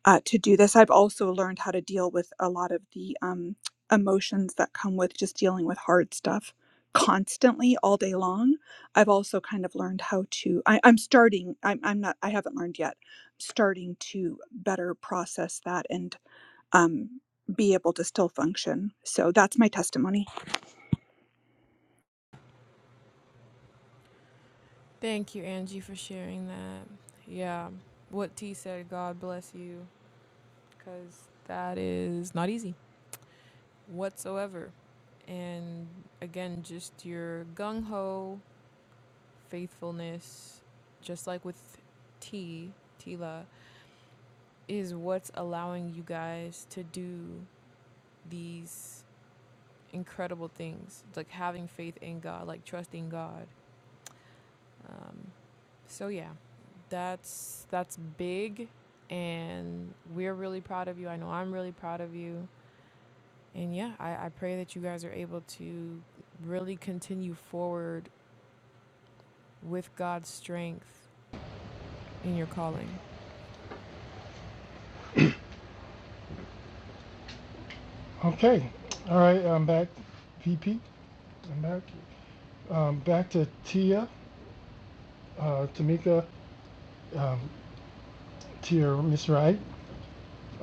[SPEAKER 5] uh, to do this. I've also learned how to deal with a lot of the um, emotions that come with just dealing with hard stuff constantly all day long. I've also kind of learned how to, I, I'm starting, I'm, I'm not, I haven't learned yet, starting to better process that and um, be able to still function. So that's my testimony.
[SPEAKER 1] Thank you, Angie, for sharing that. Yeah, what T said, God bless you, because that is not easy whatsoever. And again, just your gung ho faithfulness, just like with T, Tila, is what's allowing you guys to do these incredible things, like having faith in God, like trusting God. Um, so yeah, that's that's big, and we're really proud of you. I know I'm really proud of you, and yeah, I, I pray that you guys are able to really continue forward with God's strength in your calling.
[SPEAKER 2] Okay. All right. I'm back. PP. I'm back. Um, back to Tia, uh, Tamika, um, Tia, Miss Wright.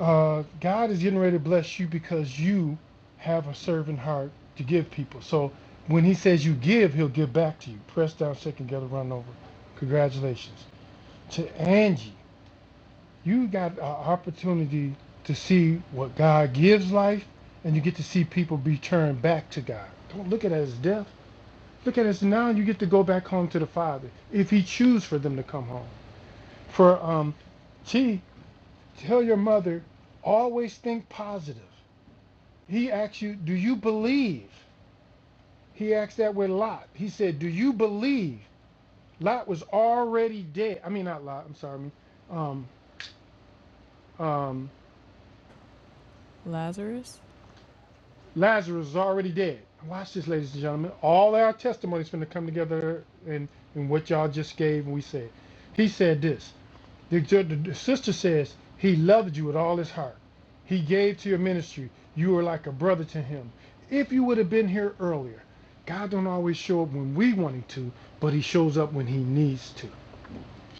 [SPEAKER 2] uh, God is getting ready to bless you because you have a servant heart to give people. So when He says you give, He'll give back to you. Pressed down, shake together, run over. Congratulations to Angie. You got an opportunity to see what God gives life, and you get to see people be turned back to God. Don't look at it as death. Look at it as now you get to go back home to the Father if He chooses for them to come home. For um, T, tell your mother always think positive He asks you, Do you believe? He asked that with Lot. He said, Do you believe? Lot was already dead. I mean, not Lot, I'm sorry. I mean, um, um,
[SPEAKER 1] Lazarus.
[SPEAKER 2] Lazarus is already dead. Watch this, ladies and gentlemen. All our testimonies going to come together and, and what y'all just gave and we said. He said this. The, the sister says he loved you with all his heart. He gave to your ministry. You were like a brother to him. If you would have been here earlier, God don't always show up when we want him to, but he shows up when he needs to.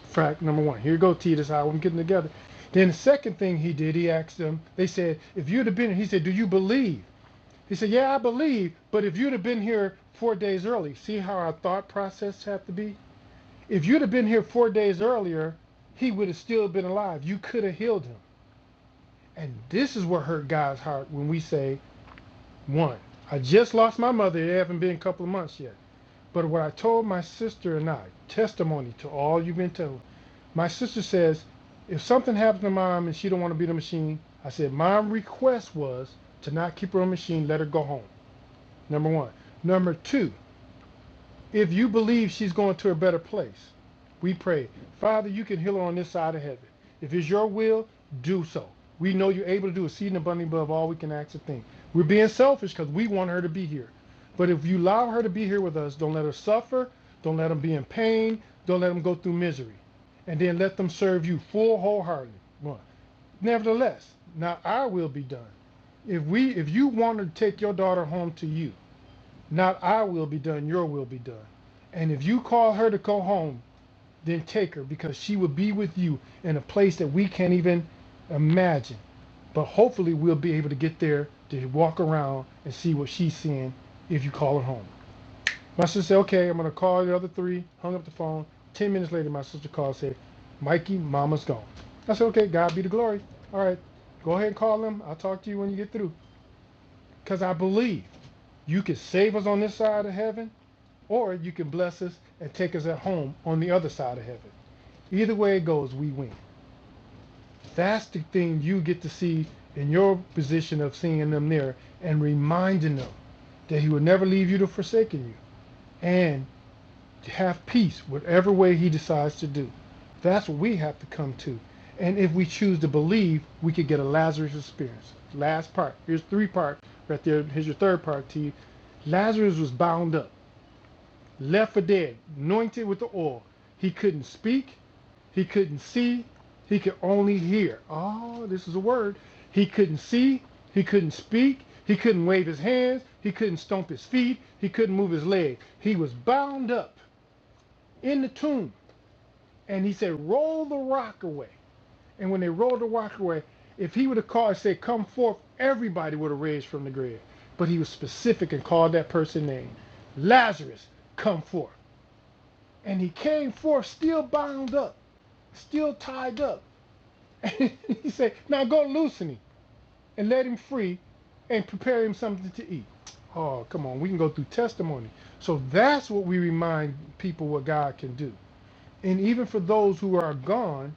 [SPEAKER 2] Fact number one. Here you go, T. This is how I'm getting together. Then the second thing he did, he asked them, they said, if you'd have been here, he said, do you believe? He said, yeah, I believe, but if you'd have been here four days early, see how our thought process have to be? If you'd have been here four days earlier, he would have still been alive. You could have healed him. And this is what hurt God's heart when we say, one, I just lost my mother. It haven't been a couple of months yet. But what I told my sister and I, testimony to all you've been told. My sister says, if something happens to mom and she don't want to be the machine, I said, my request was to not keep her on the machine, let her go home. Number one. Number two, If you believe she's going to a better place, we pray, Father, you can heal her on this side of heaven. If it's your will, do so. We know you're able to do exceeding abundantly above all we can ask or think. We're being selfish because we want her to be here. But if you allow her to be here with us, don't let her suffer. Don't let them be in pain. Don't let them go through misery. And then let them serve you full wholeheartedly. Nevertheless, now our will be done. If we if you want to take your daughter home to you, not I will be done, your will be done. And if you call her to go home, then take her because she will be with you in a place that we can't even imagine. But hopefully, we'll be able to get there to walk around and see what she's seeing if you call her home. My sister said, Okay, I'm going to call the other three. Hung up the phone. 10 minutes later, my sister called and said, Mikey, mama's gone. I said, Okay, God be the glory. All right, go ahead and call them. I'll talk to you when you get through. Because I believe you can save us on this side of heaven or you can bless us and take us at home on the other side of heaven. Either way it goes, we win. That's the thing you get to see in your position of seeing them there and reminding them that He will never leave you to forsaken you and to have peace, whatever way He decides to do. That's what we have to come to. And if we choose to believe, we could get a Lazarus experience. Last part. Here's three parts. right there. Here's your third part, to you. Lazarus was bound up. left for dead, anointed with the oil. He couldn't speak, he couldn't see, he could only hear. Oh, this is a word. He couldn't see, he couldn't speak, he couldn't wave his hands, he couldn't stomp his feet, he couldn't move his leg. He was bound up in the tomb. And he said, Roll the rock away. And when they rolled the rock away, if he would have called and said, Come forth, everybody would have raised from the grave. But he was specific and called that person's name Lazarus, come forth. And he came forth still bound up, still tied up. And *laughs* he said, Now go loosen him and let him free and prepare him something to eat. Oh, come on. We can go through testimony. So that's what we remind people what God can do. And even for those who are gone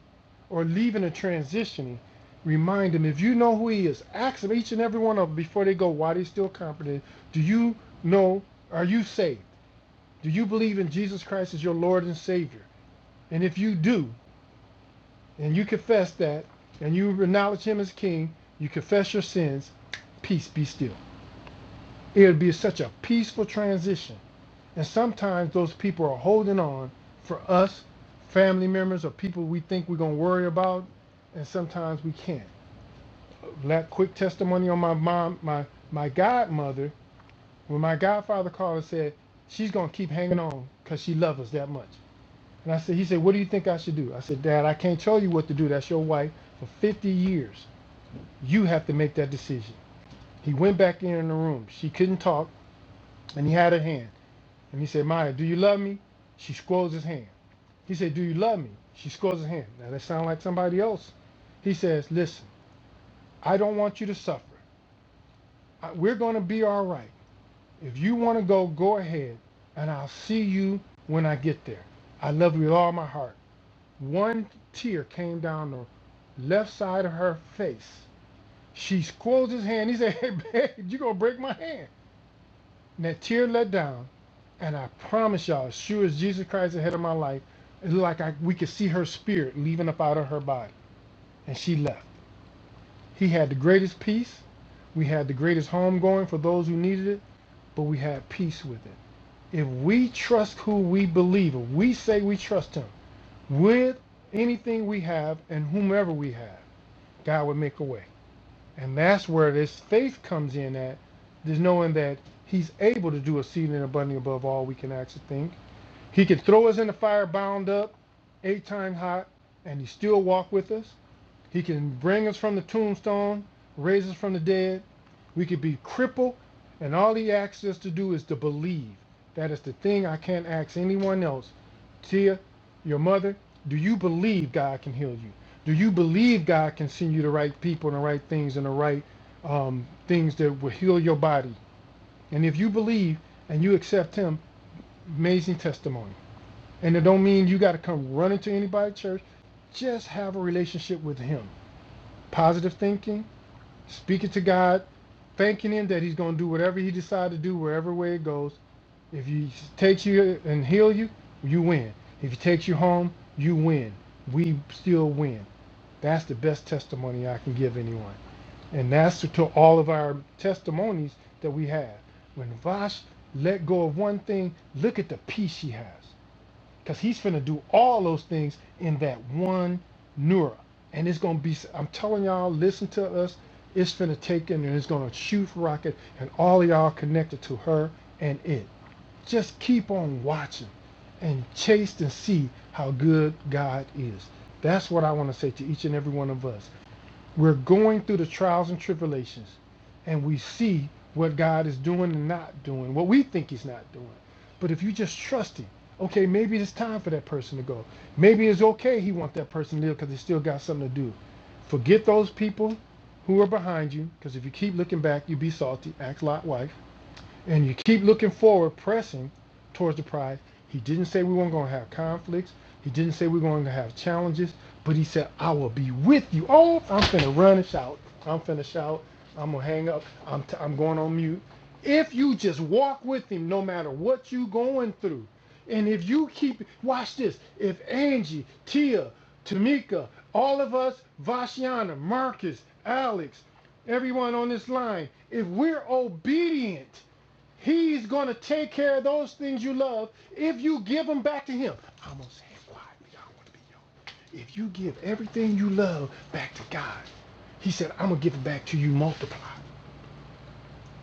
[SPEAKER 2] or leaving or transitioning, remind them if you know who he is, ask them each and every one of them before they go, why they still confident. Do you know? Are you saved? Do you believe in Jesus Christ as your Lord and Savior? And if you do, and you confess that, and you acknowledge Him as King, you confess your sins, peace be still. It would be such a peaceful transition. And sometimes those people are holding on for us, family members, or people we think we're going to worry about, and sometimes we can't. That quick testimony on my mom, my, my godmother, when my godfather called and said, she's going to keep hanging on because she loves us that much. And I said, he said, what do you think I should do? I said, Dad, I can't tell you what to do. That's your wife for 50 years. You have to make that decision. He went back in the room. She couldn't talk, and he had her hand. And he said, Maya, do you love me? She squirrels his hand. He said, Do you love me? She squirrels his hand. Now that sounds like somebody else. He says, Listen, I don't want you to suffer. I- We're going to be all right. If you want to go, go ahead, and I'll see you when I get there. I love you with all my heart. One tear came down the left side of her face. She squirrels his hand. He said, *laughs* Hey, babe, you going to break my hand. And that tear let down. And I promise y'all, as sure as Jesus Christ is the head of my life, it looked like I, we could see her spirit leaving up out of her body. And she left. He had the greatest peace. We had the greatest homegoing for those who needed it, but we had peace with it. If we trust who we believe in, we say we trust him with anything we have and whomever we have, God would make a way. And that's where this faith comes in at, is knowing that he's able to do exceeding and abundantly above all we can actually think He can throw us in the fire bound up, eight times hot, and he still walk with us. He can bring us from the tombstone, raise us from the dead. We could be crippled, and all he asks us to do is to believe. That is the thing I can't ask anyone else. Tia, your mother, do you believe God can heal you? Do you believe God can send you the right people and the right things and the right um, things that will heal your body? And if you believe and you accept Him, amazing testimony. And it don't mean you got to come running to anybody's church. Just have a relationship with him. Positive thinking, speaking to God, thanking him that he's going to do whatever he decides to do, wherever way it goes. If he takes you and heal you, you win. If he takes you home, you win. We still win. That's the best testimony I can give anyone. And that's to all of our testimonies that we have. When Vash let go of one thing, look at the peace she has. Because he's finna do all those things in that one neura. And it's gonna be, I'm telling y'all, listen to us. It's finna take in and it's gonna shoot rocket and all of y'all connected to her and it. Just keep on watching and chase and see how good God is. That's what I wanna say to each and every one of us. We're going through the trials and tribulations, and we see what God is doing and not doing, what we think He's not doing. But if you just trust Him, okay, maybe it's time for that person to go. Maybe it's okay He wants that person to live because they still got something to do. Forget those people who are behind you, because if you keep looking back, you be salty. Act lot wife and you keep looking forward, pressing towards the prize. He didn't say we weren't going to have conflicts. He didn't say we were going to have challenges, but he said, I will be with you. Oh, I'm finna run and shout. I'm finna shout. I'm gonna hang up. I'm, t- I'm going on mute. If you just walk with him, no matter what you are going through, and if you keep, watch this. If Angie, Tia, Tamika, all of us, Vashiana, Marcus, Alex, everyone on this line, if we're obedient He's going to take care of those things you love if you give them back to him. I'm going to say it quietly. I don't want to be yelling. If you give everything you love back to God, he said, I'm going to give it back to you multiplied.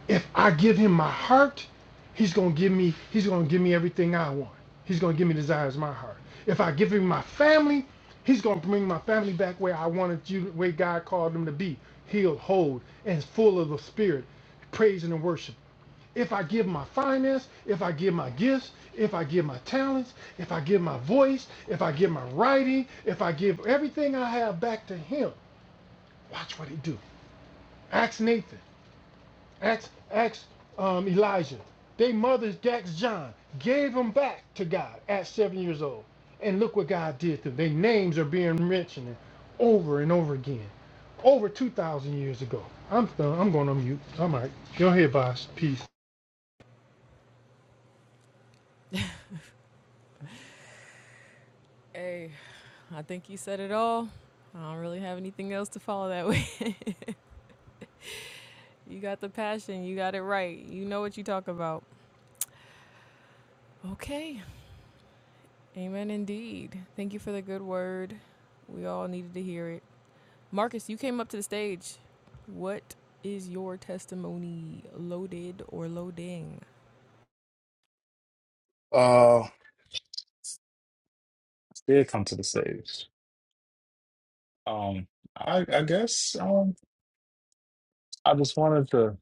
[SPEAKER 2] If I give him my heart, he's going to give me he's going to give me everything I want. He's going to give me desires of my heart. If I give him my family, he's going to bring my family back where I wanted you where God called them to be. Healed, whole, and full of the spirit, praising and worship if I give my finance, if I give my gifts, if I give my talents, if I give my voice, if I give my writing, if I give everything I have back to him, watch what he do. Ask Nathan, ask, ask um, Elijah. They mothers, asked John, gave them back to God at seven years old. And look what God did to them. Their names are being mentioned over and over again. Over 2,000 years ago. I'm, done. I'm going to mute. I'm all right. Go ahead, boss. Peace.
[SPEAKER 1] Hey, I think you said it all. I don't really have anything else to follow that way. *laughs* You got the passion. You got it right. You know what you talk about. Okay. Amen indeed. Thank you for the good word. We all needed to hear it. Marcus, you came up to the stage. What is your testimony loaded or loading?
[SPEAKER 6] Uh, did come to the stage. Um, I I guess um, I just wanted to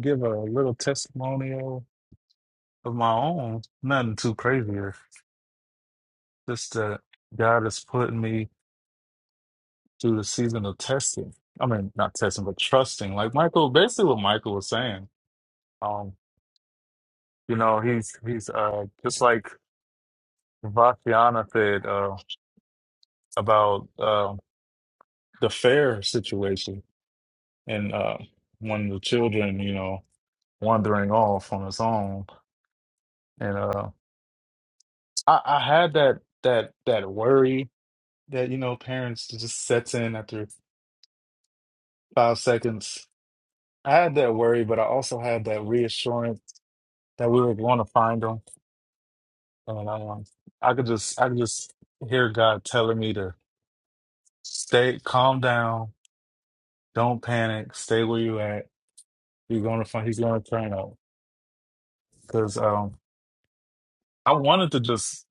[SPEAKER 6] give a little testimonial of my own. Nothing too crazy. here. Just that God has put me through the season of testing. I mean, not testing, but trusting. Like Michael, basically what Michael was saying. Um, you know, he's he's uh just like Vatiana said uh about uh, the fair situation and uh, one of the children. You know. wandering off on its own. And uh, I, I had that that that worry that you know parents just sets in after five seconds. I had that worry, but I also had that reassurance that we were going to find them. And um, I could just I could just hear God telling me to stay calm down, don't panic, stay where you at. You're going to find he's going to turn up because um, I wanted to just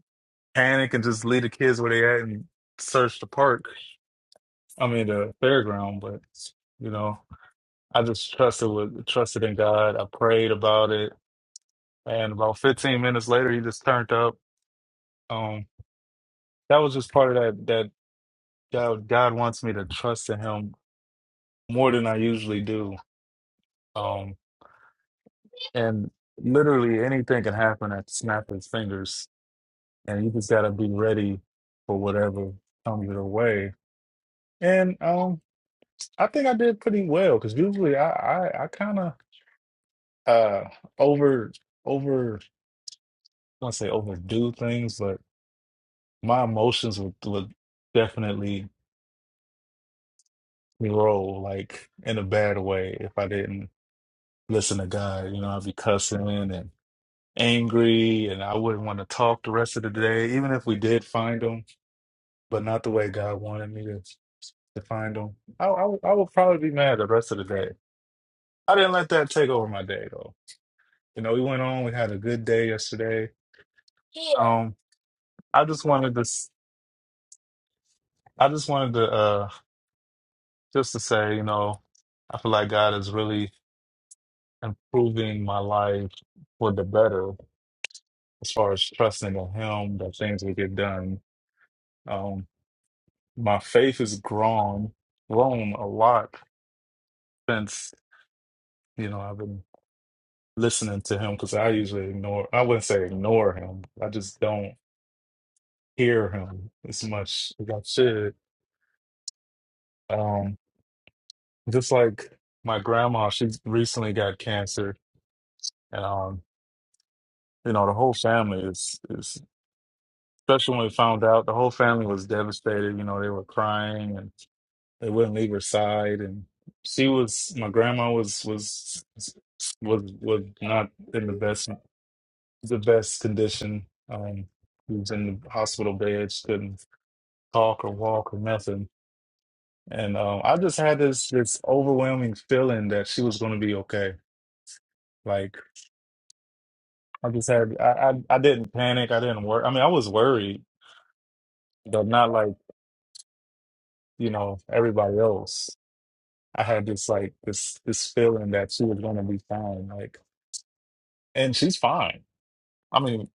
[SPEAKER 6] panic and just leave the kids where they at and search the park I mean the fairground, but you know, I just trusted with trusted in God. I prayed about it, and about 15 minutes later, he just turned up. Um, that was just part of that that God, God wants me to trust in Him more than I usually do. Um, and literally anything can happen at the snap of his fingers, and you just gotta be ready for whatever comes your way. And um, I think I did pretty well because usually I I, I kind of uh over. over want to say overdo things, but my emotions would would definitely roll like in a bad way if I didn't listen to God. You know, I'd be cussing and angry, and I wouldn't want to talk the rest of the day, even if we did find them, but not the way God wanted me to to find them. I I, would- I would probably be mad the rest of the day. I didn't let that take over my day though. You know, we went on. We had a good day yesterday. Um, I just wanted to. s- I just wanted to. uh, just to say, you know, I feel like God is really improving my life for the better as far as trusting in Him that things will get done. Um, my faith has grown, grown a lot since, you know, I've been listening to Him because I usually ignore, I wouldn't say ignore Him, I just don't hear Him as much as I should. Um, just like my grandma, she recently got cancer. And um, you know, the whole family is is Especially when we found out, the whole family was devastated. You know, they were crying and they wouldn't leave her side. And she was, my grandma was was was was not in the best the best condition. Um, she was in the hospital bed. She couldn't talk or walk or nothing. And um, I just had this this overwhelming feeling that she was going to be okay. Like I just had, I, I I didn't panic. I didn't worry. I mean, I was worried, but not like you know everybody else. I had this like this this feeling that she was gonna be fine, like, and she's fine. I mean,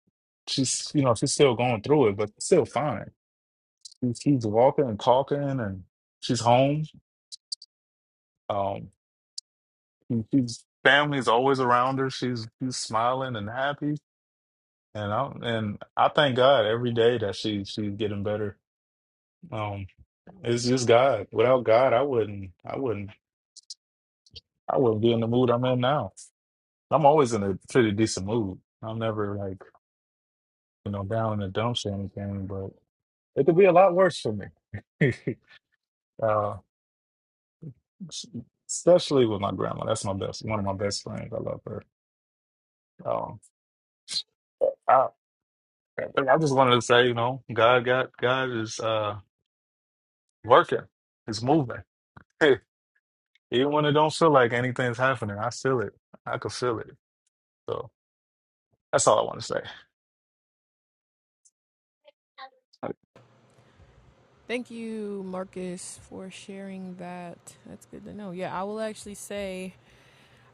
[SPEAKER 6] she's you know she's still going through it, but still fine. She's, she's walking and talking, and she's home. Um, she- she's family's always around her. She's she's smiling and happy, and I and I thank God every day that she she's getting better. Um, it's just God. Without God, I wouldn't I wouldn't I wouldn't be in the mood I'm in now. I'm always in a pretty decent mood. I'm never like. you know, down in the dumps or anything, but it could be a lot worse for me. *laughs* uh, s- especially with my grandma. That's my best, one of my best friends. I love her. Um, I, I just wanted to say, you know, God got God is uh, working. It's moving. *laughs* Even when it don't feel like anything's happening, I feel it. I could feel it. So that's all I want to say.
[SPEAKER 1] Thank you, Marcus, for sharing that. That's good to know. Yeah, I will actually say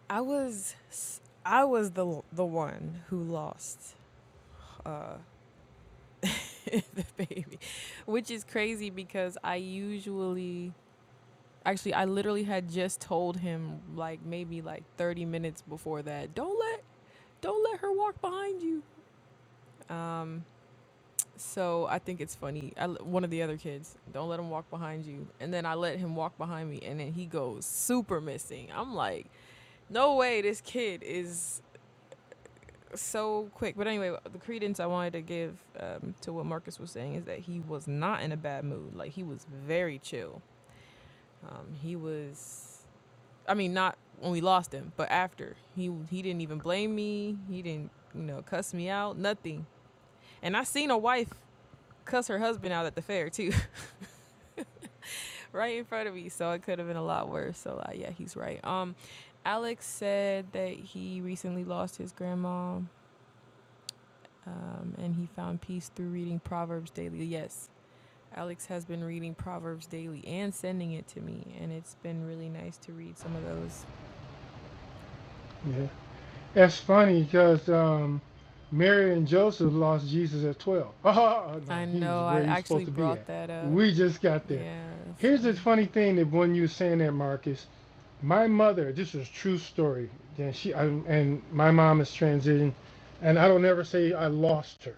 [SPEAKER 1] I was I was the the one who lost uh *laughs* baby, which is crazy because I usually, actually, I literally had just told him like maybe like 30 minutes before that, don't let, don't let her walk behind you. Um, so I think it's funny. I, l- one of the other kids, don't let him walk behind you. And then I let him walk behind me and then he goes super missing. I'm like, no way, this kid is so quick. But anyway, the credence I wanted to give um, to what Marcus was saying is that he was not in a bad mood. Like he was very chill Um, he was, I mean, not when we lost him, but after he he didn't even blame me. He didn't, you know, cuss me out. Nothing. And I seen a wife cuss her husband out at the fair too, *laughs* right in front of me. So it could have been a lot worse. So uh, yeah, he's right. Um, Alex said that he recently lost his grandma, um, and he found peace through reading Proverbs daily. Yes. Alex has been reading Proverbs daily and sending it to me, and it's been really nice to read some of those
[SPEAKER 2] Yeah. That's funny because um, Mary and Joseph lost Jesus at 12. *laughs* Oh, no,
[SPEAKER 1] I
[SPEAKER 2] he was
[SPEAKER 1] know. I
[SPEAKER 2] where he was
[SPEAKER 1] actually
[SPEAKER 2] supposed to be
[SPEAKER 1] brought
[SPEAKER 2] at.
[SPEAKER 1] that up.
[SPEAKER 2] We just got there.
[SPEAKER 1] Yeah, that's
[SPEAKER 2] Here's the
[SPEAKER 1] funny.
[SPEAKER 2] funny thing that when you were saying that, Marcus, my mother, this is a true story, and, she, I, and my mom is transitioned, and I don't ever say I lost her.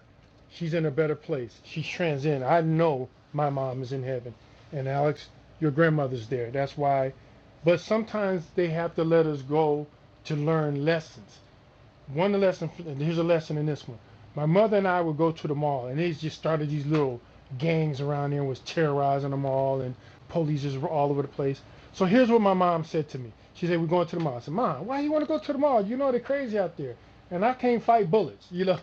[SPEAKER 2] She's in a better place. She's transcended. I know my mom is in heaven. And Alex, your grandmother's there. That's why. But sometimes they have to let us go to learn lessons one lesson. Here's a lesson in this one. My mother and I would go to the mall, and they just started these little gangs around there and was terrorizing the mall, and police just were all over the place. So here's what my mom said to me. She said, "We're going to the mall." I said, "Mom, why do you want to go to the mall? You know they're crazy out there, and I can't fight bullets. You know,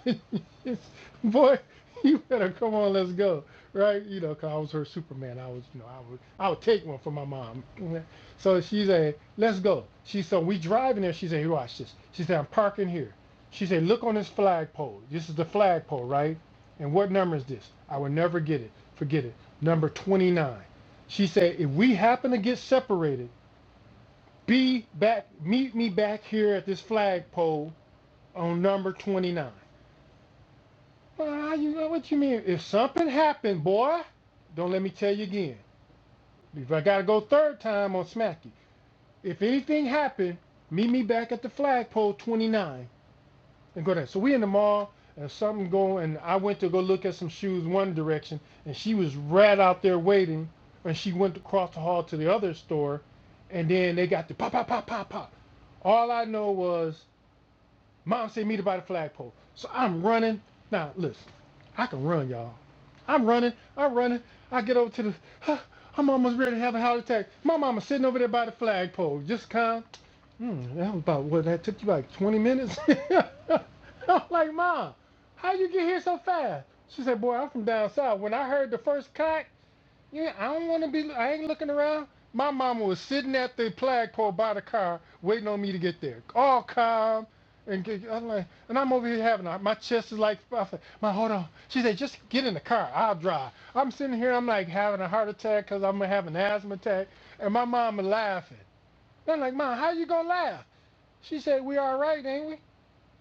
[SPEAKER 2] *laughs* boy, you better come on, let's go, right? You know, 'cause I was her Superman. I was, you know, I would, I would take one for my mom. *laughs* So she said, "Let's go." She said, we driving there. She said, "Here, watch this." She said, "I'm parking here." She said, Look on this flagpole. This is the flagpole, right? And what number is this? I will never get it. Forget it. Number 29. She said, If we happen to get separated, be back, meet me back here at this flagpole on number 29. Well, you know what you mean. If something happened, boy, don't let me tell you again. If I got to go third time on you, if anything happened, meet me back at the flagpole 29 and go there. So we in the mall and something going, and I went to go look at some shoes one direction, and she was right out there waiting, and she went across the hall to the other store, and then they got the pop, pop, pop, pop, pop. All I know was mom said meet her by the flagpole. So I'm running. Now listen, I can run, y'all. I'm running. I'm running. I get over to the. *sighs* I'm almost ready to have a heart attack. My mama sitting over there by the flagpole, just calm. Mm, that was about what that took you like 20 minutes. *laughs* I'm like, Mom, how you get here so fast? She said, Boy, I'm from down south. When I heard the first cock, yeah, I don't want to be. I ain't looking around. My mama was sitting at the flagpole by the car, waiting on me to get there, all calm. And get, I'm like, and I'm over here having a, my chest is like, I said, my hold on. She said, just get in the car. I'll drive. I'm sitting here. I'm like having a heart attack because I'm gonna have an asthma attack, and my mama laughing. I'm like, Mom, how you gonna laugh? She said, we all right, ain't we?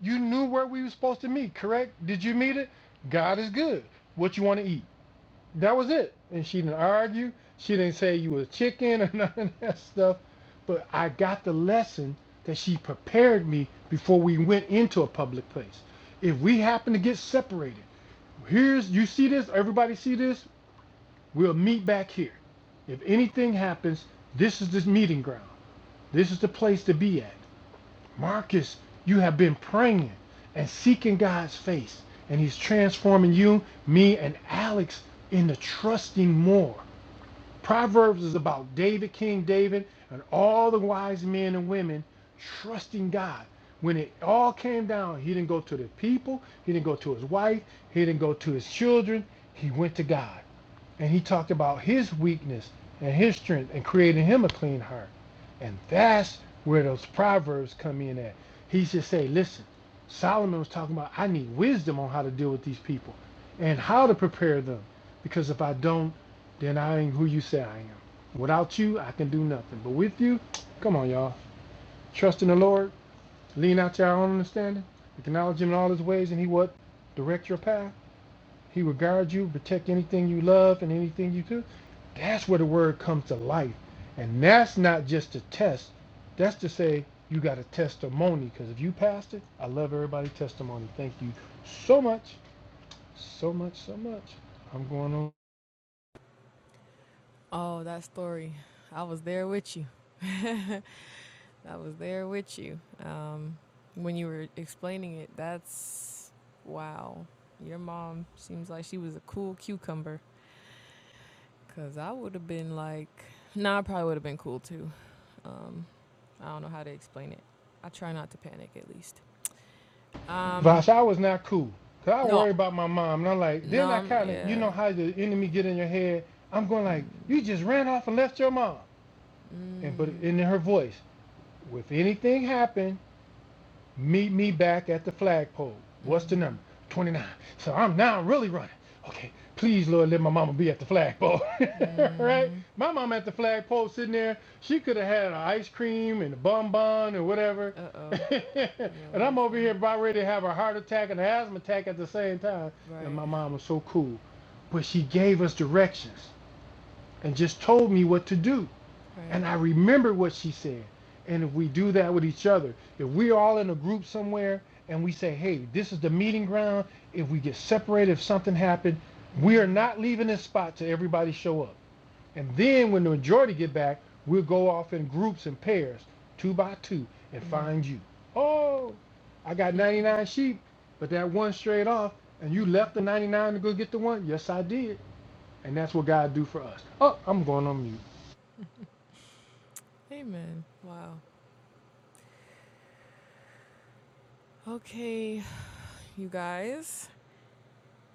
[SPEAKER 2] You knew where we were supposed to meet, correct? Did you meet it? God is good. What you want to eat? That was it. And she didn't argue. She didn't say you was chicken *laughs* or none of that stuff. But I got the lesson that she prepared me before we went into a public place. If we happen to get separated, here's you see this, everybody see this, we'll meet back here. If anything happens, this is the meeting ground. This is the place to be at. Marcus, you have been praying and seeking God's face, and He's transforming you, me, and Alex into trusting more. Proverbs is about David, King David, and all the wise men and women trusting God. When it all came down, he didn't go to the people, he didn't go to his wife, he didn't go to his children, he went to God and he talked about his weakness and his strength and creating him a clean heart. And that's where those proverbs come in at. He should say, listen, Solomon was talking about I need wisdom on how to deal with these people and how to prepare them. Because if I don't, then I ain't who you say I am. Without you, I can do nothing. But with you, come on, y'all. Trust in the Lord, lean out to our own understanding, acknowledge him in all his ways, and he what? Direct your path. He will guard you, protect anything you love and anything you do. That's where the word comes to life. And that's not just a test. That's to say you got a testimony. Because if you passed it, I love everybody's testimony. Thank you so much, so much, so much. I'm going on.
[SPEAKER 1] Oh, that story. I was there with you. I was there with you. Um, when you were explaining it, that's wow. Your mom seems like she was a cool cucumber. Cause I would have been like, nah, I probably would have been cool too. Um, I don't know how to explain it. I try not to panic at least. Um,
[SPEAKER 2] Vosh, I was not cool. Cause I
[SPEAKER 1] no,
[SPEAKER 2] worry about my mom. And I'm like,
[SPEAKER 1] no,
[SPEAKER 2] then I
[SPEAKER 1] I'm-
[SPEAKER 2] kind of, you
[SPEAKER 1] yeah.
[SPEAKER 2] know how the enemy get in your head. I'm going like,
[SPEAKER 1] Mm,
[SPEAKER 2] you just ran off and left your mom. And but
[SPEAKER 1] mm,
[SPEAKER 2] in her voice, if anything happened, Meet me back at the flagpole. What's the
[SPEAKER 1] mm-hmm,
[SPEAKER 2] number? 29. So I'm now really running. Okay, please, Lord, let my mama be at the flagpole. *laughs*
[SPEAKER 1] mm-hmm.
[SPEAKER 2] right? My mama at the flagpole sitting there, she could have had an ice cream and a bonbon or whatever.
[SPEAKER 1] Uh oh.
[SPEAKER 2] *laughs*
[SPEAKER 1] Yeah,
[SPEAKER 2] and
[SPEAKER 1] you're
[SPEAKER 2] I'm over
[SPEAKER 1] funny.
[SPEAKER 2] here about ready to have a heart attack and an asthma attack at the same time. And
[SPEAKER 1] Right,
[SPEAKER 2] my mom was so cool. But she gave us directions and just told me what to do.
[SPEAKER 1] right.
[SPEAKER 2] And I remember what she said. And if we do that with each other, if we're all in a group somewhere and we say, hey, this is the meeting ground, if we get separated, if something happened, we
[SPEAKER 1] Mm,
[SPEAKER 2] are not leaving this spot till everybody show up. And then when the majority get back, we'll go off in groups and pairs, two by two, and
[SPEAKER 1] mm,
[SPEAKER 2] find you. Oh, I got 99 sheep, but that one strayed off, and you left the
[SPEAKER 1] mm.
[SPEAKER 2] 99 to go get the one? Yes, I did. And that's what God do for us. Oh, I'm going on mute.
[SPEAKER 1] Amen. Wow. Okay, you guys,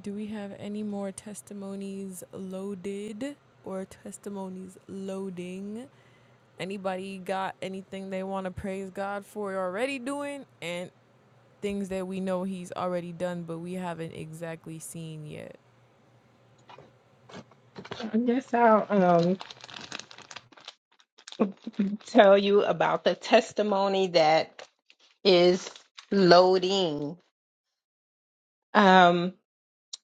[SPEAKER 1] do we have any more testimonies loaded or testimonies loading? Anybody got anything they want to praise God for already doing and things that we know He's already done but we haven't exactly seen yet?
[SPEAKER 4] i guess i'll um tell you about the testimony that is loading Um.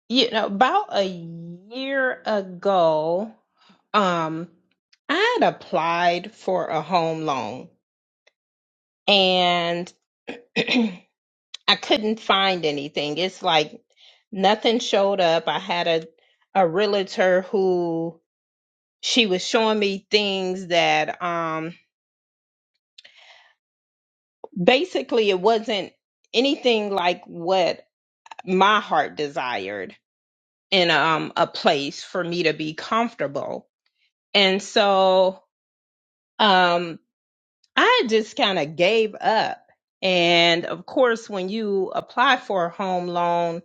[SPEAKER 4] you know, about a year ago, um, I had applied for a home loan and *clears throat* I couldn't find anything. It's like nothing showed up. I had a a realtor who she was showing me things that um basically it wasn't anything like what my heart desired in um a place for me to be comfortable. And so um, I just kind of gave up. And of course, when you apply for a home loan,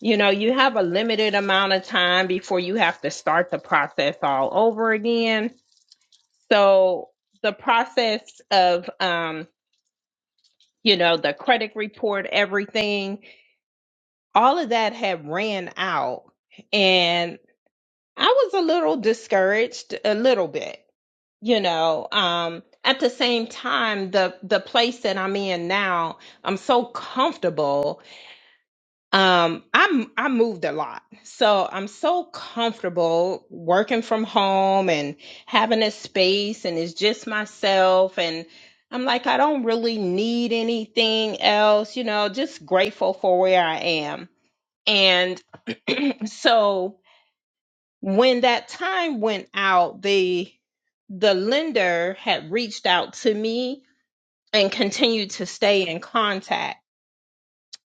[SPEAKER 4] you know, you have a limited amount of time before you have to start the process all over again. So the process of, um, you know, the credit report, everything, all of that had ran out. And I was a little discouraged, a little bit. you know um at the same time the the place that i'm in now i'm so comfortable um i'm i moved a lot so i'm so comfortable working from home and having a space and it's just myself and i'm like i don't really need anything else you know just grateful for where i am and *clears throat* so when that time went out the the lender had reached out to me and continued to stay in contact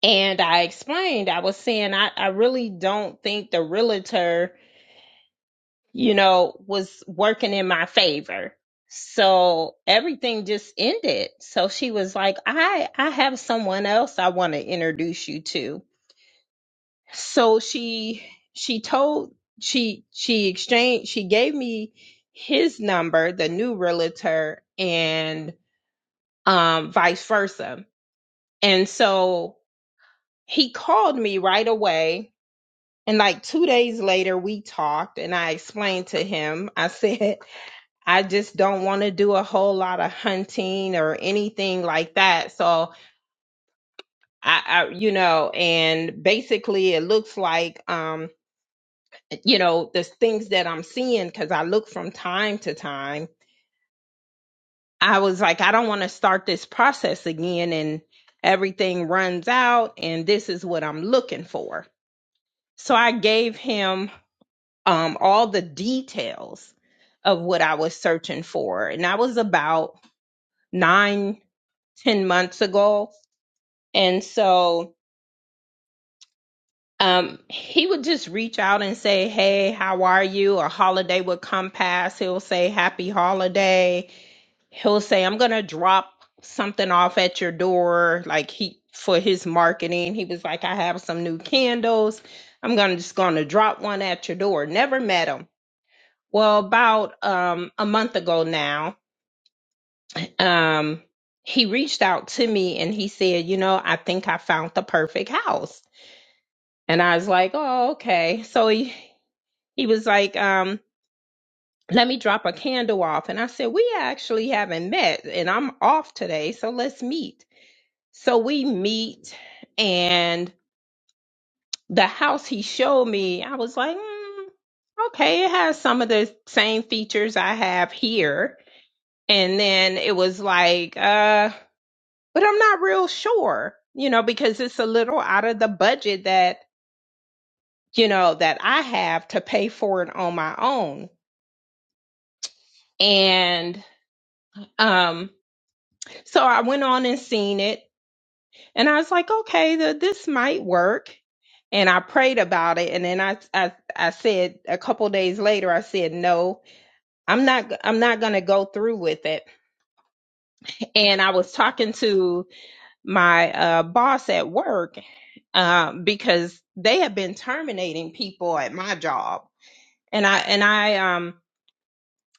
[SPEAKER 4] and i explained i was saying i, I really don't think the realtor you know was working in my favor so everything just ended so she was like i i have someone else i want to introduce you to so she she told she she exchanged she gave me his number the new realtor and um vice versa and so he called me right away and like two days later we talked and i explained to him i *laughs* said i just don't want to do a whole lot of hunting or anything like that so I, I you know and basically it looks like um you know, the things that I'm seeing, because I look from time to time, I was like, I don't want to start this process again and everything runs out and this is what I'm looking for. So I gave him um, all the details of what I was searching for. And that was about nine, ten months ago. And so um, he would just reach out and say, Hey, how are you? A holiday would come past. He'll say, Happy holiday he'll say i'm gonna drop something off at your door like he for his marketing he was like i have some new candles i'm gonna just gonna drop one at your door never met him well about um a month ago now um he reached out to me and he said you know i think i found the perfect house and i was like oh okay so he he was like um let me drop a candle off and i said we actually haven't met and i'm off today so let's meet So we meet, and the house he showed me, I was like, mm, okay, it has some of the same features I have here. And then it was like, uh, but I'm not real sure, you know, because it's a little out of the budget that, you know, that I have to pay for it on my own. And um, so I went on and seen it, and I was like, okay, the, this might work and I prayed about it. And then I, I, I said a couple days later, I said, no, I'm not, I'm not going to go through with it. And I was talking to my uh, boss at work um, because they have been terminating people at my job. And I, and I, um.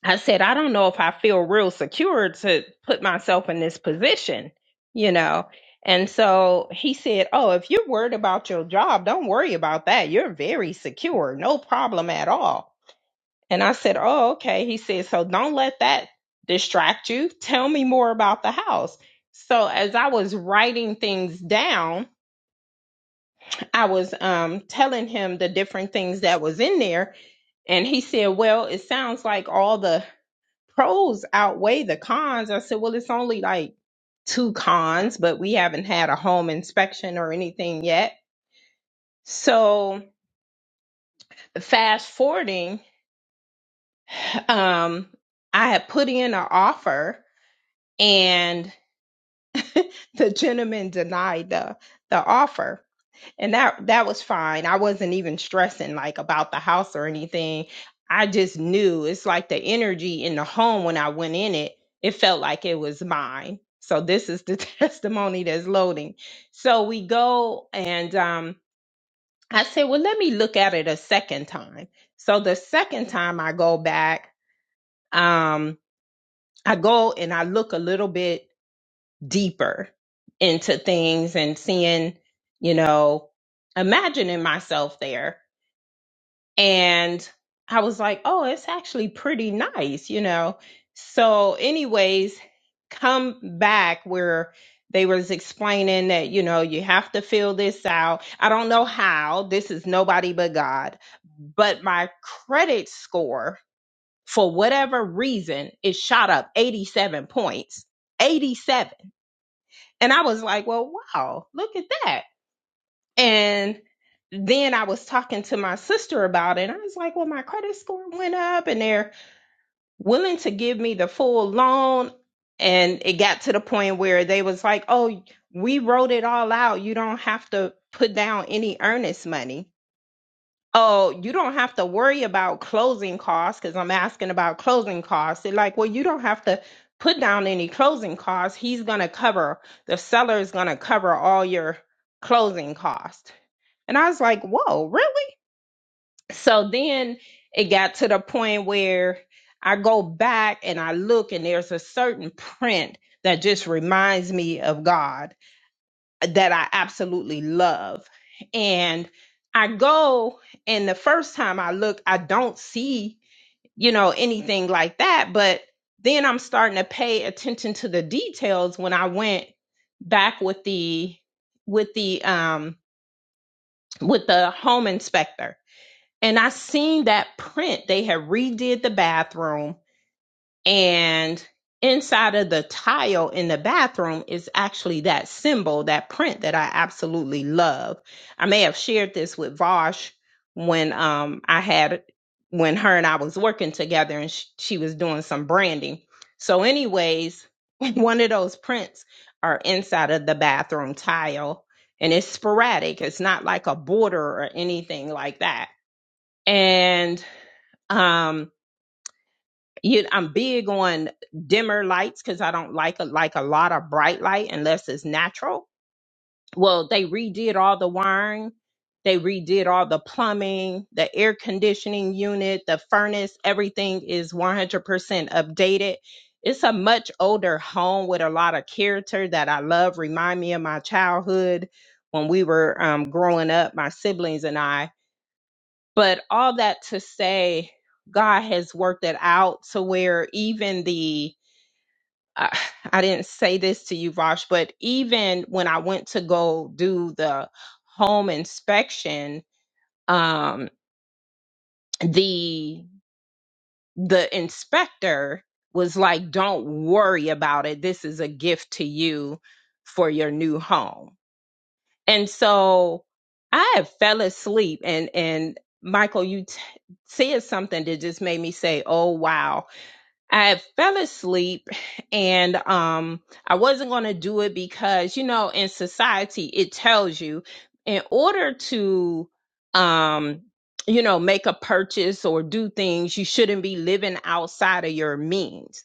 [SPEAKER 4] I said, I don't know if I feel real secure to put myself in this position, you know? And so he said, Oh, if you're worried about your job, don't worry about that. You're very secure, no problem at all. And I said, Oh, okay. He said, So don't let that distract you. Tell me more about the house. So as I was writing things down, I was um, telling him the different things that was in there. And he said, Well, it sounds like all the pros outweigh the cons. I said, well, it's only like two cons, but we haven't had a home inspection or anything yet. So fast forwarding, um, I had put in an offer and *laughs* the gentleman denied the the offer. and that that was fine. I wasn't even stressing like about the house or anything. I just knew it's like the energy in the home when I went in it, it felt like it was mine. So this is the *laughs* testimony that's loading. So we go and um I said, "Well, let me look at it a second time." So the second time I go back, um I go and I look a little bit deeper into things and seeing, you know, imagining myself there and I was like, oh, it's actually pretty nice, you know. So, anyways, come back where they was explaining that you know you have to fill this out. I don't know how. This is nobody but God. But my credit score, for whatever reason, it shot up 87 points. 87. And I was like, well, wow, look at that and then I was talking to my sister about it. And I was like, well, my credit score went up and they're willing to give me the full loan. And it got to the point where they was like, oh, we wrote it all out. You don't have to put down any earnest money oh, you don't have to worry about closing costs because I'm asking about closing costs. They're like, well, you don't have to put down any closing costs. He's going to cover, the seller is going to cover all your closing costs. And I was like, whoa, really? So then it got to the point where I go back and I look, and there's a certain print that just reminds me of God that I absolutely love. And I go, and the first time I look, I don't see, you know, anything like that. But then I'm starting to pay attention to the details when I went back with the with the um with the home inspector and I seen that print. They had redid the bathroom and inside of the tile in the bathroom is actually that symbol, that print that I absolutely love. I may have shared this with Vosh when um I had when her and I was working together and she, she was doing some branding. So anyways, *laughs* one of those prints are inside of the bathroom tile and it's sporadic. It's not like a border or anything like that. And um you I'm big on dimmer lights because I don't like a, like a lot of bright light unless it's natural. Well, they redid all the wiring, they redid all the plumbing, the air conditioning unit, the furnace, everything is 100% updated. It's a much older home with a lot of character that I love. Remind me of my childhood when we were um, growing up, my siblings and I but all that to say, God has worked it out to where even the, I, *sighs* I didn't say this to you, Vosh, but even when I went to go do the home inspection, um, the the inspector was like, "Don't worry about it. This is a gift to you for your new home." And so I had fell asleep and and Michael, you t- said something that just made me say, "Oh wow." I fell asleep and um I wasn't going to do it because you know in society it tells you in order to um you know make a purchase or do things you shouldn't be living outside of your means.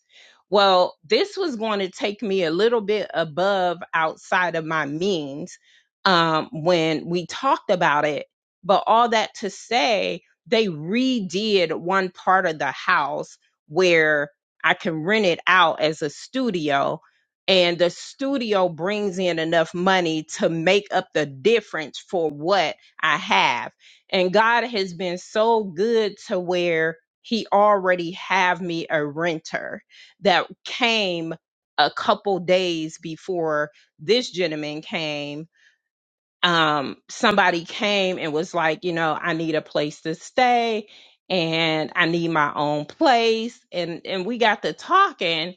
[SPEAKER 4] Well, this was going to take me a little bit above outside of my means um when we talked about it, but all that to say they redid one part of the house where I can rent it out as a studio and the studio brings in enough money to make up the difference for what I have. And God has been so good to where he already have me a renter that came a couple days before this gentleman came um, somebody came and was like, you know, I need a place to stay and I need my own place. And and we got to talking.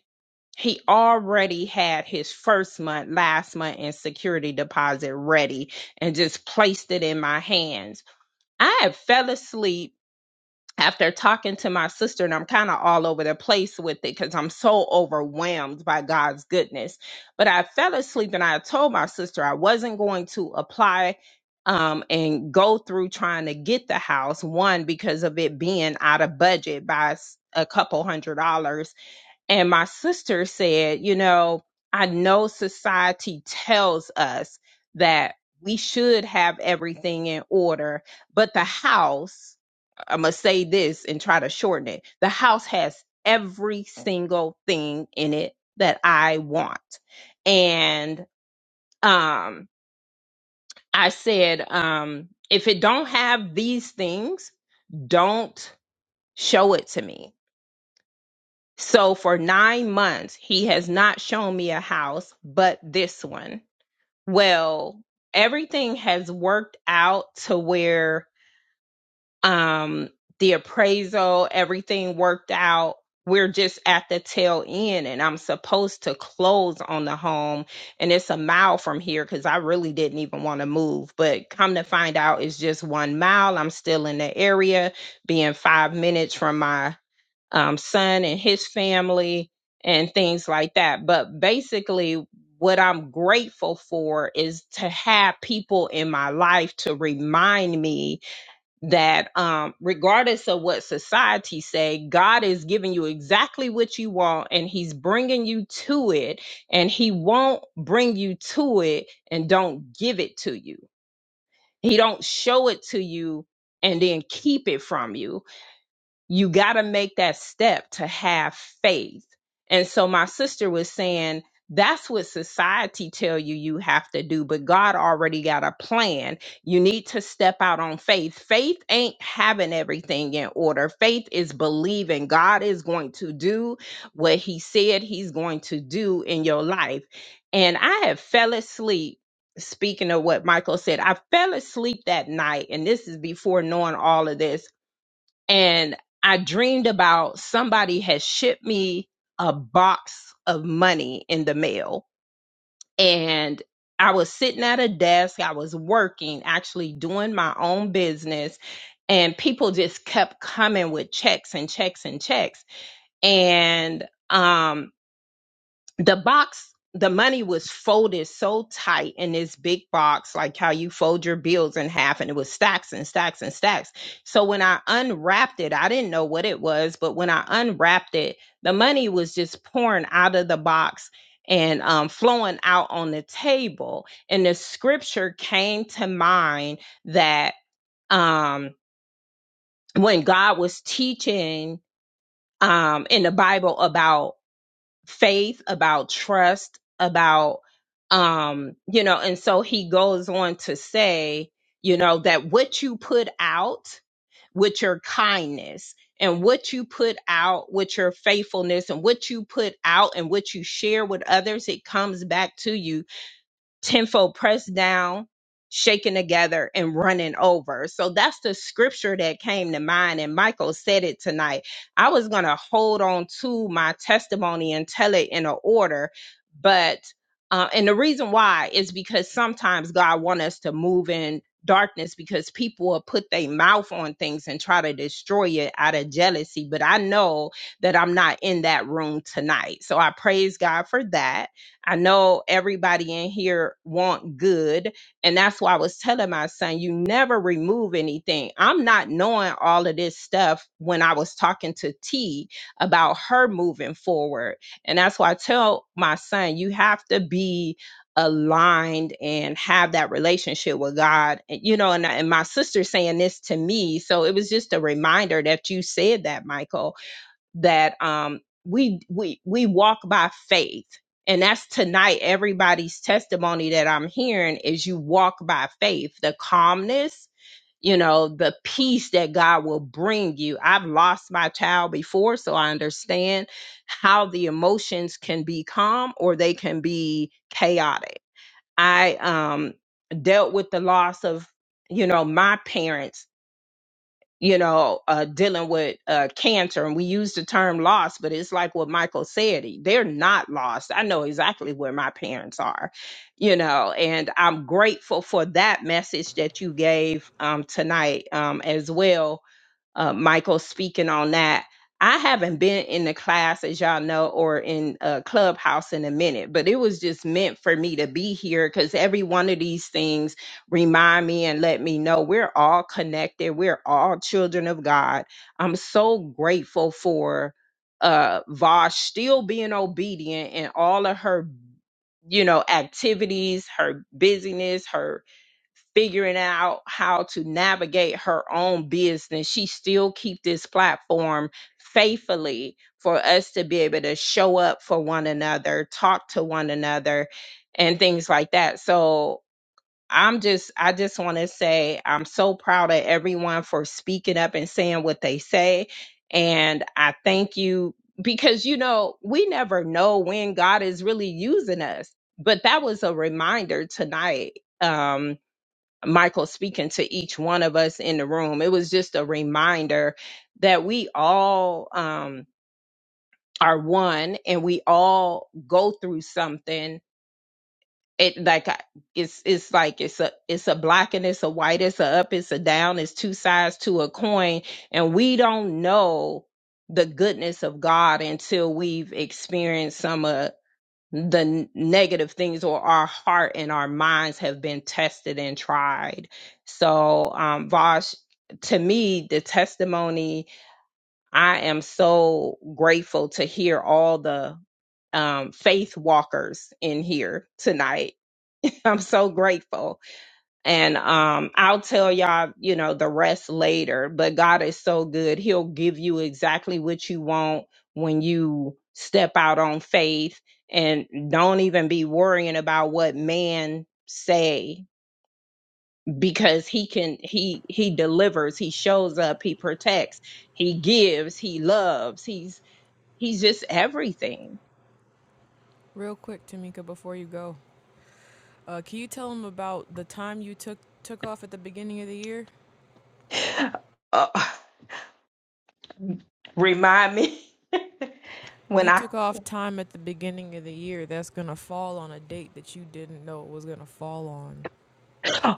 [SPEAKER 4] He already had his first month, last month in security deposit ready and just placed it in my hands. I had fell asleep after talking to my sister, and I'm kind of all over the place with it because I'm so overwhelmed by God's goodness. But I fell asleep and I told my sister I wasn't going to apply um, and go through trying to get the house, one, because of it being out of budget by s- a couple hundred dollars. And my sister said, You know, I know society tells us that we should have everything in order, but the house I'm gonna say this and try to shorten it. The house has every single thing in it that I want. And um I said um if it don't have these things, don't show it to me. So for 9 months he has not shown me a house but this one. Well, everything has worked out to where um the appraisal everything worked out we're just at the tail end and i'm supposed to close on the home and it's a mile from here because i really didn't even want to move but come to find out it's just one mile i'm still in the area being five minutes from my um, son and his family and things like that but basically what i'm grateful for is to have people in my life to remind me that um, regardless of what society say god is giving you exactly what you want and he's bringing you to it and he won't bring you to it and don't give it to you he don't show it to you and then keep it from you you got to make that step to have faith and so my sister was saying that's what society tell you you have to do but god already got a plan you need to step out on faith faith ain't having everything in order faith is believing god is going to do what he said he's going to do in your life and i have fell asleep speaking of what michael said i fell asleep that night and this is before knowing all of this and I dreamed about somebody had shipped me a box of money in the mail. And I was sitting at a desk, I was working, actually doing my own business. And people just kept coming with checks and checks and checks. And, um, the box the money was folded so tight in this big box like how you fold your bills in half and it was stacks and stacks and stacks so when i unwrapped it i didn't know what it was but when i unwrapped it the money was just pouring out of the box and um, flowing out on the table and the scripture came to mind that um, when god was teaching um, in the bible about faith, about trust, about um, you know, and so he goes on to say, you know, that what you put out with your kindness and what you put out with your faithfulness and what you put out and what you share with others, it comes back to you tenfold pressed down, shaken together, and running over. So that's the scripture that came to mind. And Michael said it tonight. I was going to hold on to my testimony and tell it in a order, but uh, and the reason why is because sometimes God wants us to move in darkness because people will put their mouth on things and try to destroy it out of jealousy. But I know that I'm not in that room tonight. So I praise God for that. I know everybody in here want good, and that's why I was telling my son, you never remove anything. I'm not knowing all of this stuff when I was talking to T about her moving forward, and that's why I tell my son, you have to be aligned and have that relationship with God. And, you know, and, and my sister saying this to me, so it was just a reminder that you said that, Michael that um we we we walk by faith and that's tonight everybody's testimony that i'm hearing is you walk by faith the calmness you know the peace that god will bring you i've lost my child before so i understand how the emotions can be calm or they can be chaotic i um dealt with the loss of you know my parents you know, uh, dealing with uh, cancer. And we use the term lost, but it's like what Michael said. e, They're not lost. I know exactly where my parents are, you know, and I'm grateful for that message that you gave um, tonight um, as well uh, Michael speaking on that. I haven't been in the class, as y'all know, or in a clubhouse in a minute, but it was just meant for me to be here because every one of these things remind me and let me know we're all connected. We're all children of God. I'm so grateful for uh Vosh still being obedient in all of her, you know, activities, her busyness, her figuring out how to navigate her own business she still keep this platform faithfully for us to be able to show up for one another talk to one another and things like that so i'm just i just want to say i'm so proud of everyone for speaking up and saying what they say and i thank you because you know we never know when god is really using us but that was a reminder tonight um Michael speaking to each one of us in the room. It was just a reminder that we all um, are one and we all go through something. It like I- it's it's like it's a it's a black and it's a white, it's a up, it's a down, it's two sides to a coin, and we don't know the goodness of God until we've experienced some of the n- negative things or our heart and our minds have been tested and tried. So, um, Vosh, to me, the testimony, I am so grateful to hear all the um, faith walkers in here tonight. *laughs* I'm so grateful and um I'll tell y'all, you know, the rest later, but God is so good. He'll give you exactly what you want when you step out on faith and don't even be worrying about what man say because he can he he delivers, he shows up, he protects, he gives, he loves. He's he's just everything.
[SPEAKER 1] Real quick, Tamika, before you go. Uh, can you tell them about the time you took took off at the beginning of the year?
[SPEAKER 4] *laughs* Uh, remind me *laughs* when
[SPEAKER 1] You
[SPEAKER 4] I
[SPEAKER 1] took off time at the beginning of the year that's gonna fall on a date that you didn't know it was gonna fall on.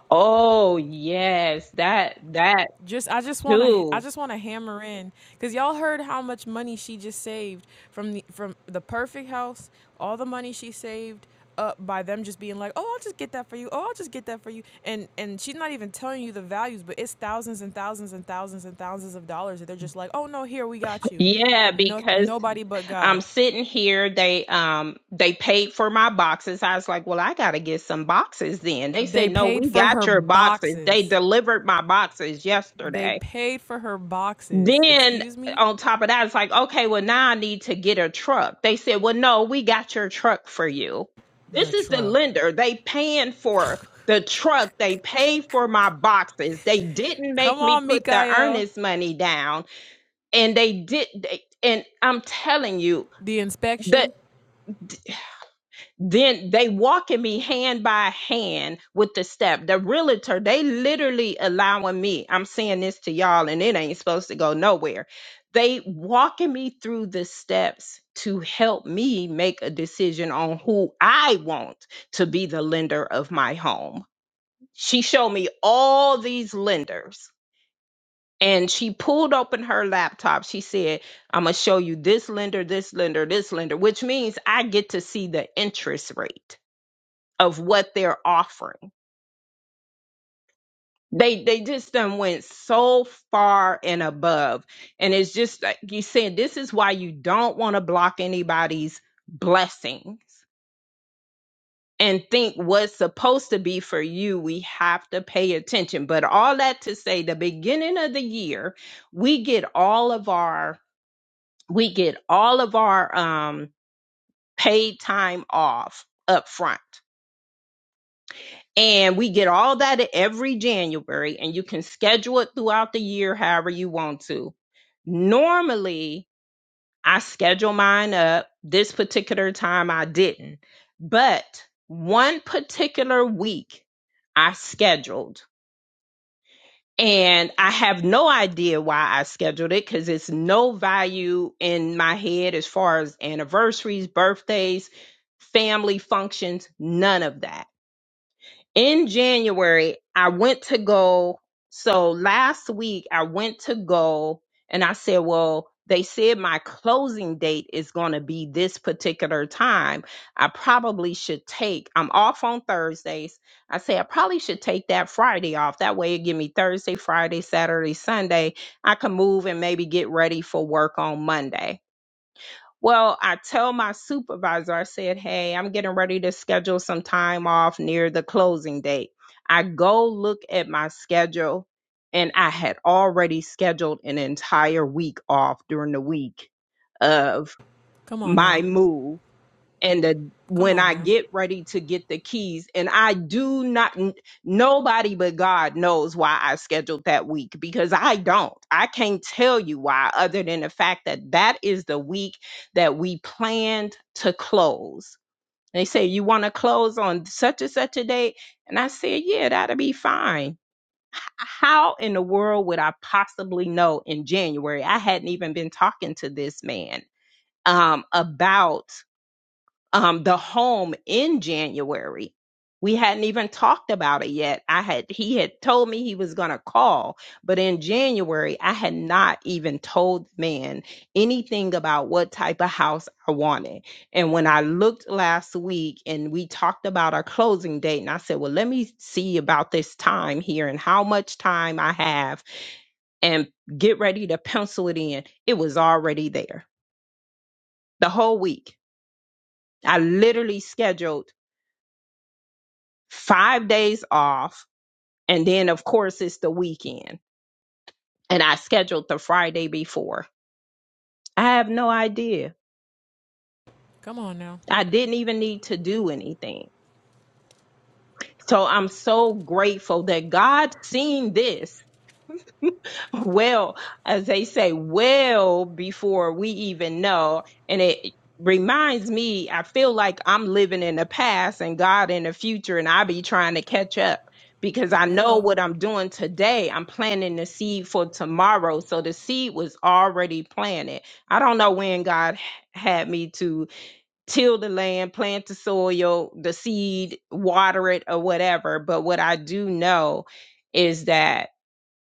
[SPEAKER 4] Oh, yes, that that
[SPEAKER 1] just I just want to I
[SPEAKER 4] too.
[SPEAKER 1] just want to hammer in cuz y'all heard how much money she just saved from the from the perfect house, all the money she saved up by them just being like, "Oh, I'll just get that for you. Oh, I'll just get that for you." And and she's not even telling you the values, but it's thousands and thousands and thousands and thousands of dollars that they're just like, "Oh no, here we got you."
[SPEAKER 4] Yeah,
[SPEAKER 1] No
[SPEAKER 4] because
[SPEAKER 1] nobody but God.
[SPEAKER 4] I'm sitting here, they um they paid for my boxes. I was like, "Well, I got to get some boxes then." They
[SPEAKER 1] They
[SPEAKER 4] said, "No,
[SPEAKER 1] paid
[SPEAKER 4] we
[SPEAKER 1] for
[SPEAKER 4] got
[SPEAKER 1] her
[SPEAKER 4] your boxes. They
[SPEAKER 1] boxes.
[SPEAKER 4] delivered my boxes
[SPEAKER 1] They
[SPEAKER 4] yesterday."
[SPEAKER 1] paid for her boxes.
[SPEAKER 4] Then
[SPEAKER 1] Excuse me?
[SPEAKER 4] on top of that, it's like, okay, well, now I need to get a truck. They said, well, no, we got your truck for you.
[SPEAKER 1] The
[SPEAKER 4] This is the
[SPEAKER 1] truck.
[SPEAKER 4] lender. They paying for the truck. They paid for my boxes. They didn't
[SPEAKER 1] Come
[SPEAKER 4] make me
[SPEAKER 1] on,
[SPEAKER 4] put the
[SPEAKER 1] Mikael.
[SPEAKER 4] earnest money down. And they did. They, and I'm telling you,
[SPEAKER 1] The inspection.
[SPEAKER 4] then they walking me hand by hand with the step. The realtor, they literally allowing me. I'm saying this to y'all, and it ain't supposed to go nowhere. They walking me through the steps to help me make a decision on who I want to be the lender of my home. She showed me all these lenders. And she pulled open her laptop. She said, I'm going to show you this lender, this lender, this lender, which means I get to see the interest rate of what they're offering. They they just done went so far and above. And it's just like you said, this is why you don't want to block anybody's blessings and think what's supposed to be for you. We have to pay attention. But all that to say the beginning of the year, we get all of our we get all of our um paid time off up front And we get all that every January, and you can schedule it throughout the year however you want to. Normally, I schedule mine up. This particular time, I didn't. But one particular week, I scheduled. And I have no idea why I scheduled it because it's no value in my head as far as anniversaries, birthdays, family functions, none of that in January, I went to go. So last week, I went to go and I said, Well, they said my closing date is going to be this particular time. I probably should take, I'm off on Thursdays. I say, I probably should take that Friday off. That way, it give me Thursday, Friday, Saturday, Sunday. I can move and maybe get ready for work on Monday. Well, I tell my supervisor, I said, hey, I'm getting ready to schedule some time off near the closing date. I go look at my schedule, and I had already scheduled an entire week off during the week of
[SPEAKER 1] Come on
[SPEAKER 4] my
[SPEAKER 1] now.
[SPEAKER 4] move and the,
[SPEAKER 1] Come
[SPEAKER 4] when
[SPEAKER 1] on
[SPEAKER 4] I
[SPEAKER 1] now.
[SPEAKER 4] get ready to get the keys, and I do not, n- nobody but God knows why I scheduled that week because I don't. I can't tell you why, other than the fact that that is the week that we planned to close. They say, You want to close on such and such a date? And I said, Yeah, that'll be fine. H- How in the world would I possibly know in January? I hadn't even been talking to this man um, about um, the home in January. We hadn't even talked about it yet. I had, he had told me he was going to call, but in January, I had not even told the man anything about what type of house I wanted. And when I looked last week and we talked about our closing date, and I said, well, let me see about this time here and how much time I have and get ready to pencil it in. It was already there the whole week. I literally scheduled five days off. And then, of course, it's the weekend. And I scheduled the Friday before. I have no idea.
[SPEAKER 1] Come on now.
[SPEAKER 4] I didn't even need to do anything. So I'm so grateful that God seen this well, as they say, well before we even know. And it reminds me, I feel like I'm living in the past and God in the future, and I be trying to catch up because I know
[SPEAKER 1] Hello.
[SPEAKER 4] what I'm doing today. I'm planting the seed for tomorrow. So the seed was already planted. I don't know when God h- had me to till the land, plant the soil, the seed, water it, or whatever. But what I do know is that.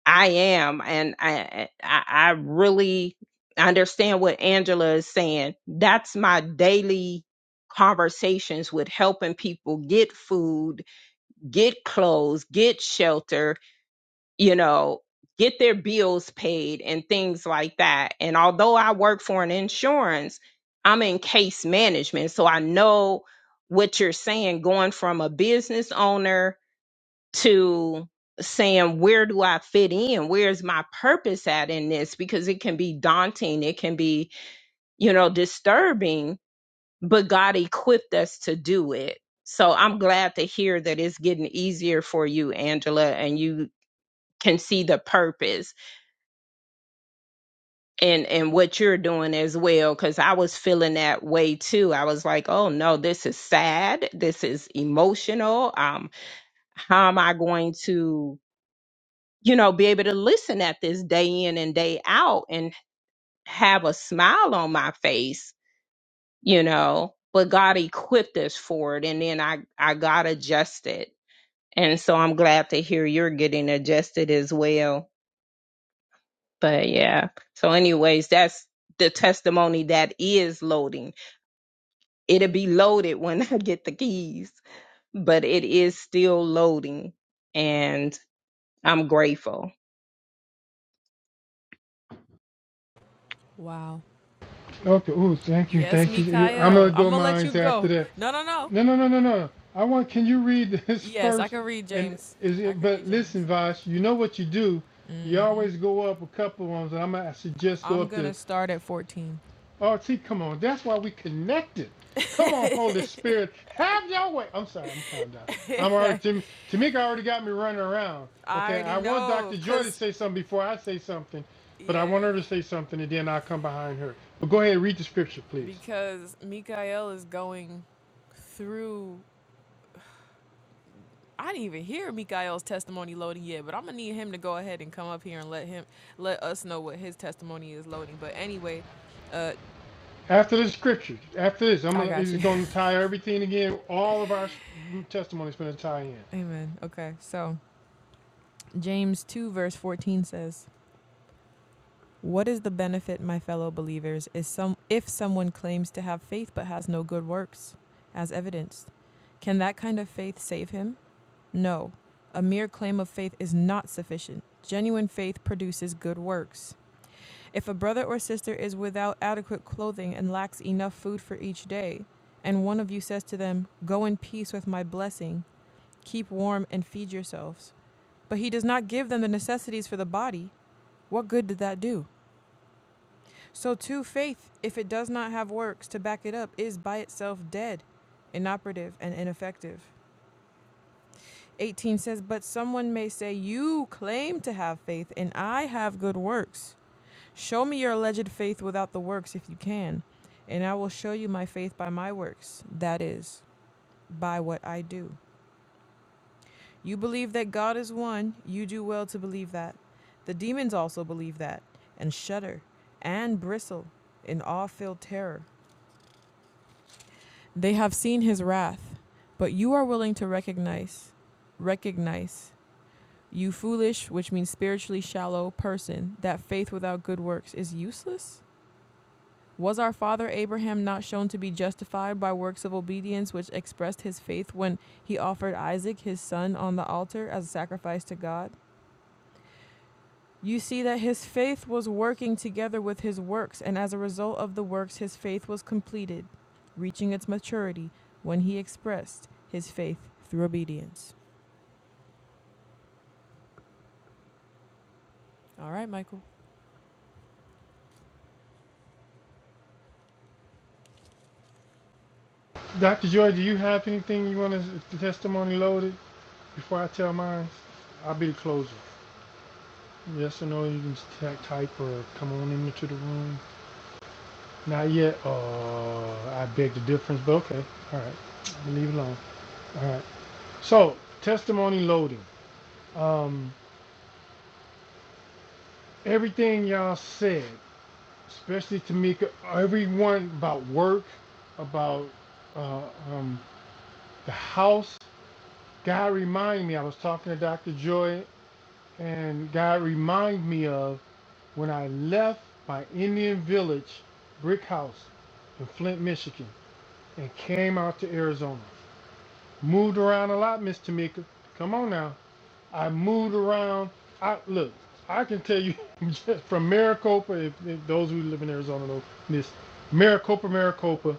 [SPEAKER 4] I am, and I, I I really understand what Angela is saying. That's my daily conversations with helping people get food, get clothes, get shelter, you know, get their bills paid and things like that. And although I work for an insurance, I'm in case management, so I know what you're saying going from a business owner to saying where do i fit in where's my purpose at in this because it can be daunting it can be you know disturbing but god equipped us to do it so i'm glad to hear that it's getting easier for you angela and you can see the purpose and and what you're doing as well because i was feeling that way too i was like oh no this is sad this is emotional um how am i going to you know, be able to listen at this day in and day out and have a smile on my face, you know. But God equipped us for it, and then I I got adjusted, and so I'm glad to hear you're getting adjusted as well. But yeah, so anyways, that's the testimony that is loading. It'll be loaded when *laughs* I get the keys, but it is still loading, and I'm grateful.
[SPEAKER 1] Wow.
[SPEAKER 2] Okay. Ooh, thank you,
[SPEAKER 1] Yes,
[SPEAKER 2] thank you. I'm gonna
[SPEAKER 1] Mikael. I'm
[SPEAKER 2] go
[SPEAKER 1] gonna let you
[SPEAKER 2] mines after
[SPEAKER 1] go.
[SPEAKER 2] that.
[SPEAKER 1] No, no, no.
[SPEAKER 2] No, no, no, no, no. I want. Can you read *laughs* this
[SPEAKER 1] Yes, I
[SPEAKER 2] first?
[SPEAKER 1] can read
[SPEAKER 2] And
[SPEAKER 1] James.
[SPEAKER 2] is
[SPEAKER 1] I
[SPEAKER 2] it?
[SPEAKER 1] can read
[SPEAKER 2] But listen,
[SPEAKER 1] James.
[SPEAKER 2] Vash. You know what you do. You always go up a couple ones, and I'm gonna suggest go
[SPEAKER 1] I'm
[SPEAKER 2] up
[SPEAKER 1] gonna
[SPEAKER 2] to
[SPEAKER 1] start at 14.
[SPEAKER 2] RT. Come on. That's why we connected. Come on, Holy Spirit. Have your way. I'm sorry. I'm calm down. I'm already. Tam- Tamika already got me running around.
[SPEAKER 1] I
[SPEAKER 2] Okay.
[SPEAKER 1] already
[SPEAKER 2] I want
[SPEAKER 1] know,
[SPEAKER 2] Dr. Joy to
[SPEAKER 1] cause
[SPEAKER 2] say something before I say something, but I
[SPEAKER 1] yeah,
[SPEAKER 2] want her to say something, and then I'll come behind her. But go ahead. Read the scripture, please.
[SPEAKER 1] because Mikael is going through. I didn't even hear Mikael's testimony loading yet, but I'm gonna need him to go ahead and come up here and let him let us know what his testimony is loading. But anyway, uh,
[SPEAKER 2] After the scripture, after this, I'm
[SPEAKER 1] I
[SPEAKER 2] gonna
[SPEAKER 1] got
[SPEAKER 2] it's
[SPEAKER 1] you.
[SPEAKER 2] gonna tie everything again. All of our s- testimonies gonna tie in.
[SPEAKER 1] *laughs* Amen. Okay, so. James 2 verse 14 says, "What is the benefit, my fellow believers, is some if someone claims to have faith but has no good works as evidence? Can that kind of faith save him? No. A mere claim of faith is not sufficient. Genuine faith produces good works. If a brother or sister is without adequate clothing and lacks enough food for each day, and one of you says to them, 'Go in peace with my blessing, keep warm and feed yourselves," but he does not give them the necessities for the body, What good did that do? So, too, faith, if it does not have works to back it up, is by itself dead, inoperative, and ineffective. 18 says, But someone may say, You claim to have faith, and I have good works. Show me your alleged faith without the works if you can, and I will show you my faith by my works, that is, by what I do. You believe that God is one, you do well to believe that. The demons also believe that, and shudder, and bristle, in awe filled terror. They have seen his wrath, but you are willing to recognize, recognize, you foolish, which means spiritually shallow person, that faith without good works is useless? Was our father Abraham not shown to be justified by works of obedience which expressed his faith when he offered Isaac, his son, on the altar as a sacrifice to God? You see that his faith was working together with his works, and as a result of the works, his faith was completed, reaching its maturity when he expressed his faith through obedience. All right, Michael.
[SPEAKER 2] Doctor Joy, do you have anything you want to the testimony loaded before I tell mine? I'll be the closer. Yes or no? You can type or come on into the room. Not yet. Uh, I beg the difference, but okay. All right, I'll leave it alone. All right. So testimony loading. Um, everything y'all said. especially Tamika, everyone about work, about uh, um, the house. God reminded me, I was talking to Dr. Joy, and God reminded me of when I left my Indian village brick house in Flint, Michigan, and came out to Arizona. Moved around a lot, Miss Tamika. Come on now. I moved around. I look. I can tell you *laughs* just from Maricopa. If, if those who live in Arizona know this, Maricopa, Maricopa.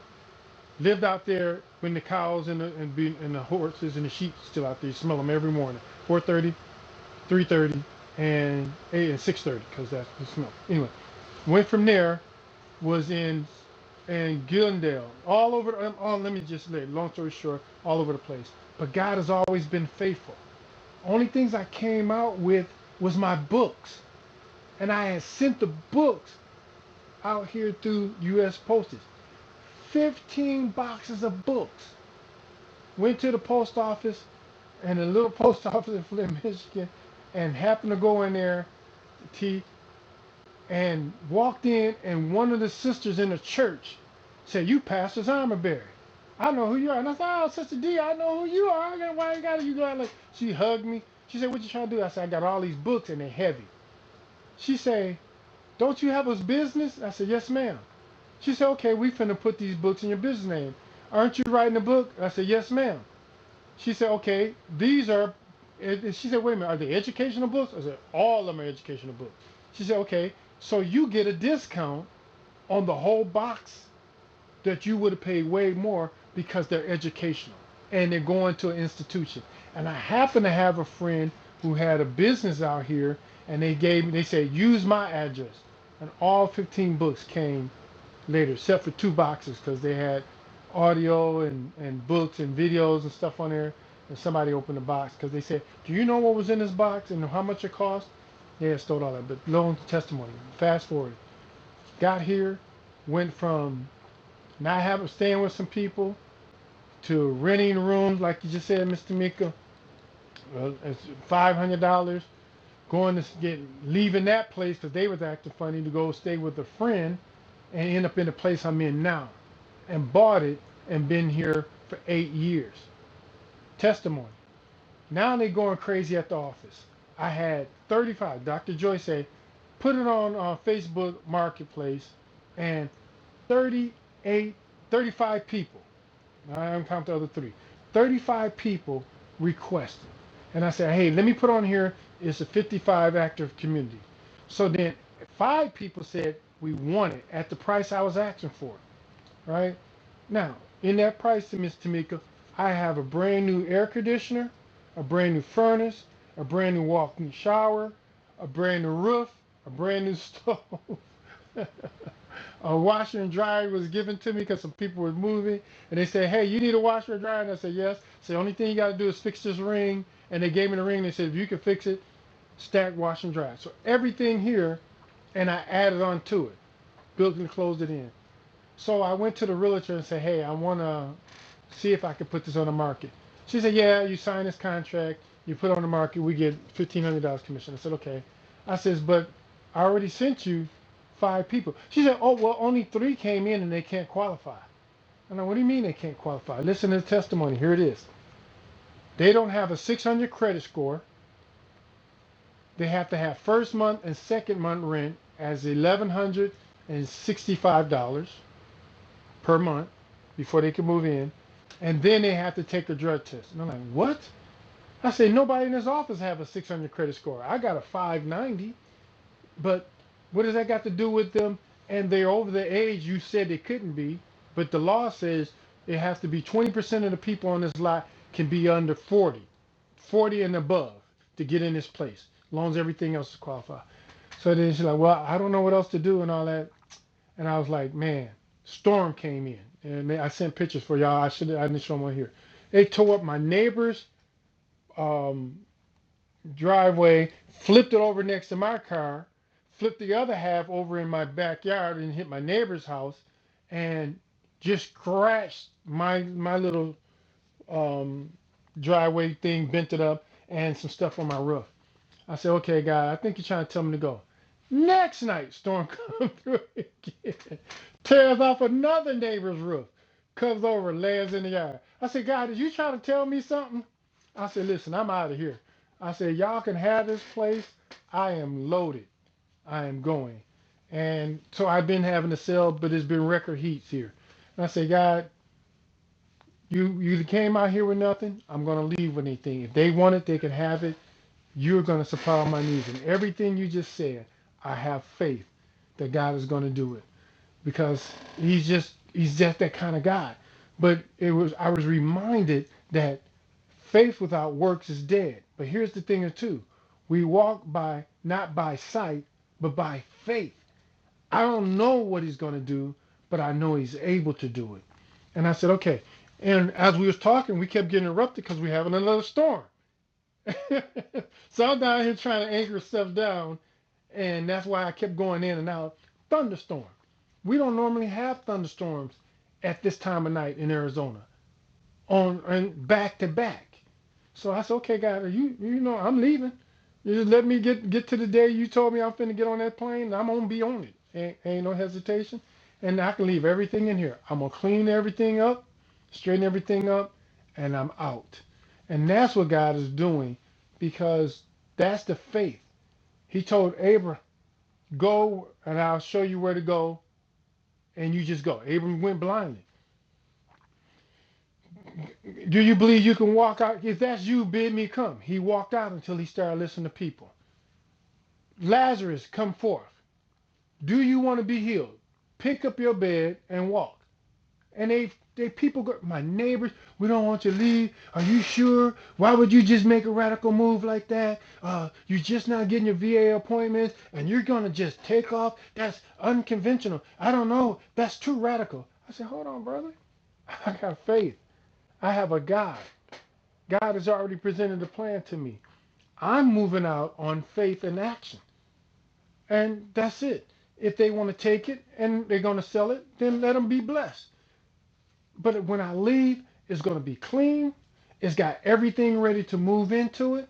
[SPEAKER 2] Lived out there when the cows and the, and, be, and the horses and the sheep still out there. You smell them every morning. 4.30, 3.30, and, eh, and 6.30 because that's the smell. Anyway, went from there, was in and Gillendale, all over. Um, oh, let me just lay. Long story short, all over the place. But God has always been faithful. Only things I came out with was my books, and I had sent the books out here through U.S. postage. Fifteen boxes of books went to the post office and a little post office in Flint, Michigan, and happened to go in there, T, and walked in, and one of the sisters in the church said, "You Pastor Armaberry." I know who you are. And I said, oh, Sister D, I know who you are. I got, why you got it? You got like, she hugged me. She said, what you trying to do? I said, I got all these books and they're heavy. She said, don't you have a business? I said, yes, ma'am. She said, okay, we finna put these books in your business name. Aren't you writing a book? I said, yes, ma'am she said, okay, these are, and she said, wait a minute, are they educational books? I said, all of them are educational books. She said, okay, so you get a discount on the whole box that you would have paid way more because they're educational and they're going to an institution. And I happen to have a friend who had a business out here and they gave me, they said, use my address. And all 15 books came later, except for two boxes because they had audio and, and books and videos and stuff on there. And somebody opened the box because they said, "Do you know what was in this box and how much it cost?" They had stole all that. But long testimony. Fast forward, got here, went from not having staying with some people to renting rooms, like you just said, Mr. Mika, uh, it's $500 going to get leaving that place because they was acting funny to go stay with a friend and end up in the place I'm in now and bought it and been here for eight years. Testimony. Now they going crazy at the office. I had 35. Dr. Joy said, put it on uh, Facebook Marketplace and 38, 35 people. I haven't counted the other three. 35 people requested. And I said, hey, let me put on here, it's a 55 active community. So then five people said, we want it at the price I was asking for right? Now, in that pricing, Miss Tamika, I have a brand new air conditioner, a brand new furnace, a brand new walk-in shower, a brand new roof, a brand new stove. *laughs* a washer and dryer was given to me because some people were moving, and they said, "Hey, you need a washer and dryer?" And I said, "Yes." So the only thing you got to do is fix this ring, and they gave me the ring. They said, "If you can fix it, stack wash and dryer." So everything here, and I added on to it, built and closed it in. So I went to the realtor and said, "Hey, I want to see if I could put this on the market." She said, "Yeah, you sign this contract, you put it on the market, we get fifteen hundred dollars commission." I said, "Okay." I says, "But I already sent you five people." She said, "Oh, well, only three came in and they can't qualify." And I, said, what do you mean they can't qualify? Listen to the testimony. Here it is. They don't have a 600 credit score. They have to have first month and second month rent as $1,165. per month before they can move in, and then they have to take a drug test. And I'm like, what? I say nobody in this office have a 600 credit score. I got a 590, but what does that got to do with them? And they're over the age you said they couldn't be, but the law says it has to be 20% of the people on this lot can be under 40, 40 and above to get in this place. As long as everything else is qualified. So then she's like, well, I don't know what else to do and all that. And I was like, man, storm came in. And they, I sent pictures for y'all. I should I didn't show them on here. They tore up my neighbor's um, driveway, flipped it over next to my car, flipped the other half over in my backyard and hit my neighbor's house, and just scratched my my little um, driveway thing, bent it up, and some stuff on my roof. I said, okay, God, I think you're trying to tell me to go. Next night, storm *laughs* comes through again, tears off another neighbor's roof, comes over, lands in the yard. I said, God, did you try to tell me something? I said, listen, I'm out of here. I said, y'all can have this place. I am loaded. I am going. And so I've been having to sell, but it's been record heats here. And I said, God, you you came out here with nothing. I'm gonna leave with anything. If they want it, they can have it. You're going to supply my needs. And everything you just said, I have faith that God is going to do it because he's just he's just that kind of God. But it was I was reminded that faith without works is dead. But here's the thing or two. We walk by not by sight, but by faith. I don't know what he's going to do, but I know he's able to do it. And I said, "Okay." And as we was talking, we kept getting interrupted because we're having another storm. *laughs* so I'm down here trying to anchor stuff down, and that's why I kept going in and out. Thunderstorm. We don't normally have thunderstorms at this time of night in Arizona on and back to back. So I said, okay, God, you you know I'm leaving. You just let me get get to the day you told me I'm finna get on that plane. I'm gonna be on it. Ain't, ain't no hesitation. And I can leave everything in here. I'm gonna clean everything up, straighten everything up, and I'm out. And that's what God is doing, because that's the faith. He told Abram, go, and I'll show you where to go, and you just go. Abram went blindly. Do you believe you can walk out? If that's you, bid me come. He walked out until he started listening to people. Lazarus, come forth. Do you want to be healed? Pick up your bed and walk. And they, they people, go, my neighbors, we don't want you to leave. Are you sure? Why would you just make a radical move like that? Uh, you're just not getting your VA appointments and you're going to just take off. That's unconventional. I don't know. That's too radical. I said, hold on, brother. I got faith. I have a God. God has already presented a plan to me. I'm moving out on faith and action. and that's it. If they want to take it and they're going to sell it, then let them be blessed. But when I leave, it's going to be clean. It's got everything ready to move into it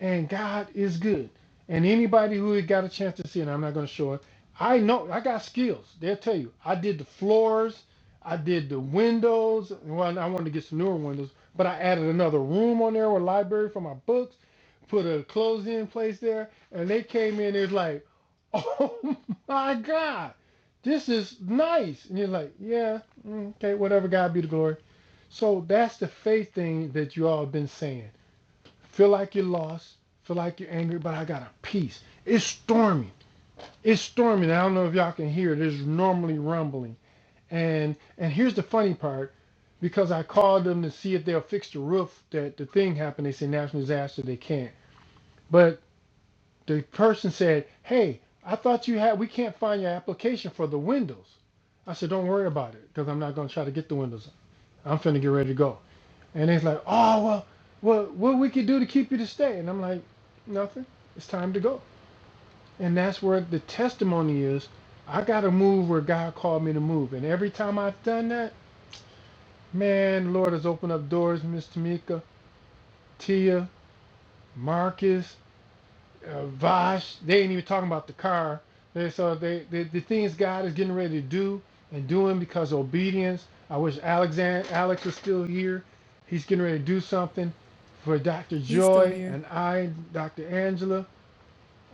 [SPEAKER 2] and God is good. And anybody who had got a chance to see it, I'm not going to show it. I know I got skills. They'll tell you. I did the floors, I did the windows. Well, I wanted to get some newer windows, but I added another room on there with a library for my books. Put a closed-in place there, and they came in. It was like, oh *laughs* my God, this is nice. And you're like, yeah, mm, okay, whatever. God be the glory. So that's the faith thing that you all have been saying Feel like you're lost. Feel like you're angry, but I got a peace. It's stormy. It's stormy. I don't know if y'all can hear it. It's normally rumbling. And and here's the funny part, because I called them to see if they'll fix the roof that the thing happened. They say national disaster. They can't. But the person said, "Hey, I thought you had. We can't find your application for the windows." I said, "Don't worry about it, because I'm not gonna try to get the windows. I'm finna get ready to go." And it's like, oh well, well, what we could do to keep you to stay? And I'm like, nothing. It's time to go. And that's where the testimony is. I got to move where God called me to move. And every time I've done that, man, Lord has opened up doors, Miss Tamika, Tia, Marcus. uh, Vash. They ain't even talking about the car. They, so they, they, the things God is getting ready to do and doing because of obedience. I wish Alexander Alex was still here. He's getting ready to do something for Dr.
[SPEAKER 1] He's still
[SPEAKER 2] Joy
[SPEAKER 1] here.
[SPEAKER 2] and I, Dr. Angela.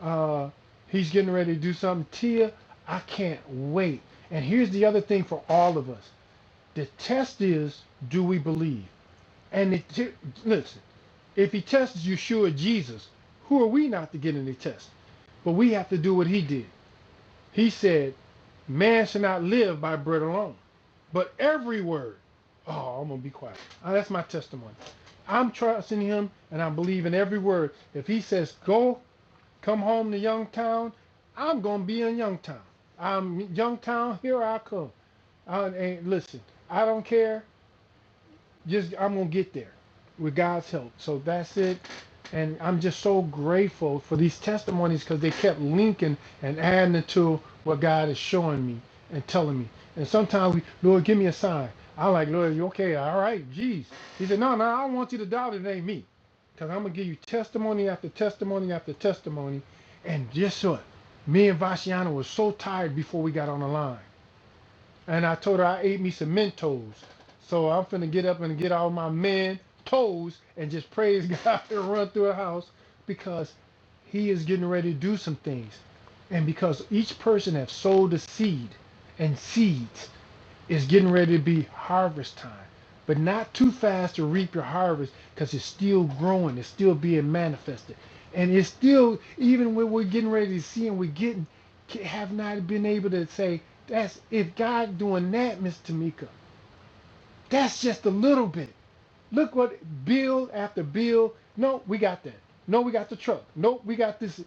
[SPEAKER 2] Uh, he's getting ready to do something. Tia, I can't wait. And here's the other thing for all of us: the test is, do we believe? And it, listen. If he tests Yeshua Jesus, who are we not to get any test? But we have to do what he did. He said, Man shall not live by bread alone, but every word. Oh, I'm going to be quiet. Uh, that's my testimony. I'm trusting him and I believe in every word. If he says, Go, come home to Youngtown, I'm going to be in Youngtown. I'm Youngtown, here I come. I, and listen, I don't care just I'm gonna get there with God's help. So that's it. And I'm just so grateful for these testimonies because they kept linking and adding it to what God is showing me and telling me. And sometimes we, Lord, give me a sign. I'm like, Lord, you okay? All right, geez. He said, No, no, I don't want you to doubt it. It ain't me. Because I'm going to give you testimony after testimony after testimony. And guess what? Me and Vashiana was so tired before we got on the line. And I told her I ate me some Mentos. So I'm finna get up and get all my men toes and just praise *laughs* God and run through the house because he is getting ready to do some things. And because each person have sowed a seed and seeds. It's getting ready to be harvest time, but not too fast to reap your harvest because it's still growing, it's still being manifested. And it's still, even when we're getting ready to see and we're getting, have not been able to say, that's if God doing that, Miss Tamika, that's just a little bit. Look what bill after bill. No, we got that. No, we got the truck. No, we got this.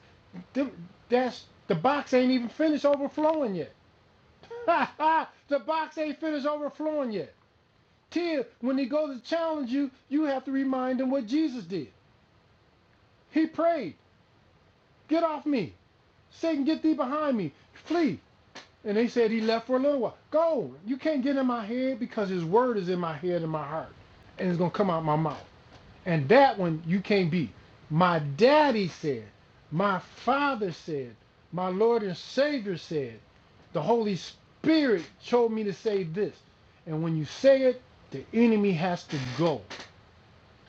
[SPEAKER 2] Them- That's the box ain't even finished overflowing yet. *laughs* the box ain't finished overflowing yet. Till when they go to challenge you, you have to remind them what Jesus did. He prayed, Get off me. Satan, get thee behind me. Flee. And they said he left for a little while. Go. You can't get in my head because his word is in my head and my heart. And it's going to come out my mouth. And that one you can't beat. My daddy said, my father said, my Lord and Savior said, the Holy Spirit told me to say this. And when you say it, the enemy has to go.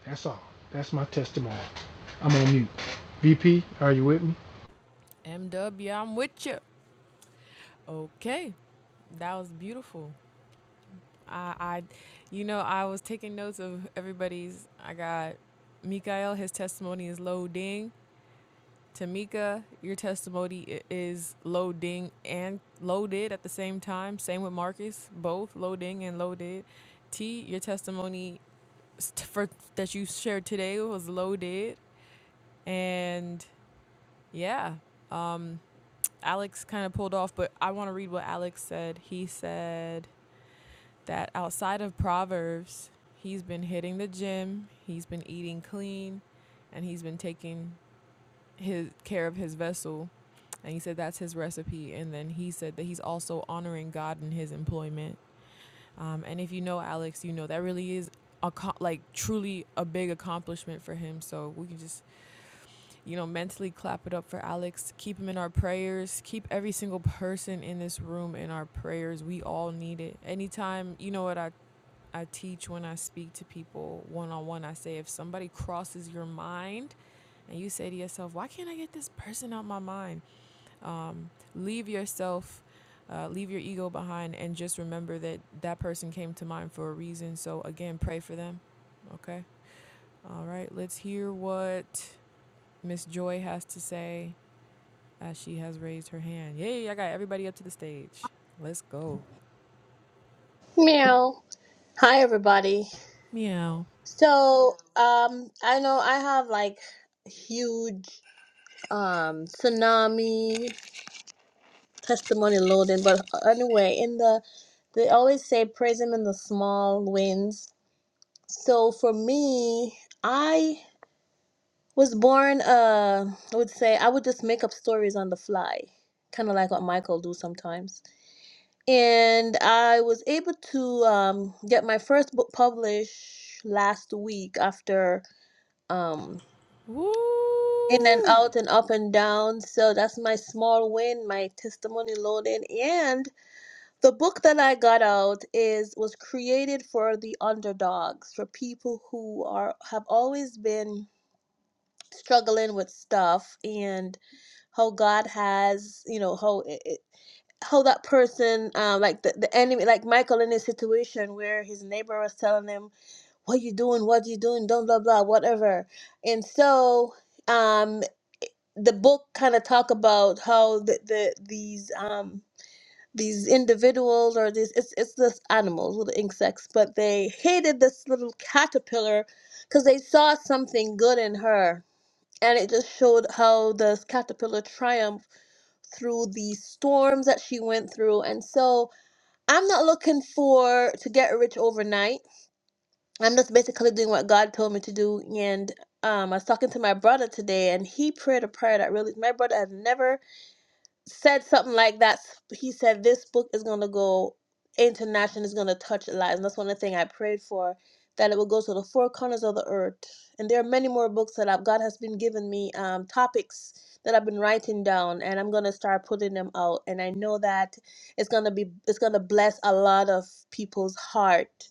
[SPEAKER 2] That's all. That's my testimony. I'm on mute. VP, are you with me?
[SPEAKER 1] MW, I'm with you. Okay, that was beautiful. I, I, you know, I was taking notes of everybody's. I got Mikael. His testimony is loading. Tamika, your testimony is loading and loaded at the same time. Same with Marcus, both loading and loaded. T, your testimony s- t- for that you shared today was loaded, and yeah, um, Alex kind of pulled off, but I want to read what Alex said. He said that outside of Proverbs, he's been hitting the gym, he's been eating clean, and he's been taking his care of his vessel, and he said that's his recipe. And then he said that he's also honoring God in his employment. Um, and if you know Alex, you know that really is a co- like truly a big accomplishment for him. So we can just you know mentally clap it up for Alex. Keep him in our prayers. Keep every single person in this room in our prayers. We all need it. Anytime you know what I. I teach when I speak to people one on one. I say, if somebody crosses your mind and you say to yourself, why can't I get this person out my mind? Um, leave yourself, uh, leave your ego behind, and just remember that that person came to mind for a reason. So, again, pray for them. Okay. All right. Let's hear what Miss Joy has to say as she has raised her hand. Yay. I got everybody up to the stage. Let's go.
[SPEAKER 7] Meow. Hi, everybody.
[SPEAKER 1] Meow.
[SPEAKER 7] So, um, I know I have like huge um tsunami testimony loading, but uh, anyway, in the they always say praise him in the small wins. So for me, I was born. Uh, I would say I would just make up stories on the fly, kind of like what Michael do sometimes. And I was able to um, get my first book published last week after um in and
[SPEAKER 1] Woo.
[SPEAKER 7] out and up and down so that's my small win my testimony loading and the book that i got out is was created for the underdogs for people who are have always been struggling with stuff and how god has you know how it, it- how that person um like the, the enemy like michael in his situation where his neighbor was telling him what you doing what you doing don't blah blah whatever and so um. the book kind of talk about how the, the these um these individuals or these it's it's this animals little insects but they hated this little caterpillar because they saw something good in her and it just showed how this caterpillar triumphed through the storms that she went through and so i'm not looking for to get rich overnight i'm just basically doing what god told me to do and um, I was talking to my brother today, and he prayed a prayer that really my brother has never said something like that. He said, This book is going to go international, it's going to touch lives. And that's one of the things I prayed for, that it will go to the four corners of the earth. And there are many more books that I've, God has been giving me, um, topics that I've been writing down, and I'm going to start putting them out. And I know that it's going to be, it's going to bless a lot of people's heart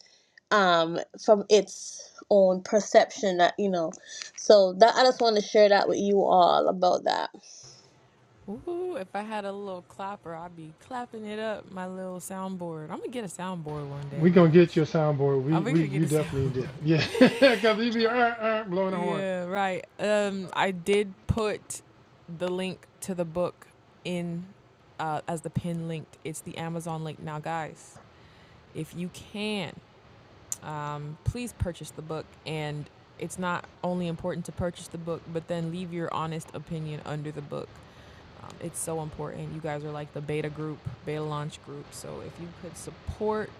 [SPEAKER 7] um, from its own perception that, you know. So that I just want to share that with you all about that.
[SPEAKER 1] Woo. If I had a little clapper, I'd be clapping it up, my little soundboard. I'm going to get a soundboard one day,
[SPEAKER 2] We gonna get
[SPEAKER 1] guys.
[SPEAKER 2] you a soundboard. We
[SPEAKER 1] I'm going
[SPEAKER 2] we
[SPEAKER 1] to get
[SPEAKER 2] you
[SPEAKER 1] a *laughs*
[SPEAKER 2] definitely
[SPEAKER 1] sound.
[SPEAKER 2] did. Yeah, because *laughs* he be uh, uh, blowing the horn.
[SPEAKER 1] Yeah, right. Um, I did put the link to the book in uh, as the pin linked. It's the Amazon link now, guys. If you can, um, please purchase the book. And it's not only important to purchase the book, but then leave your honest opinion under the book. Um, it's so important. You guys are like the beta group, beta launch group. So if you could support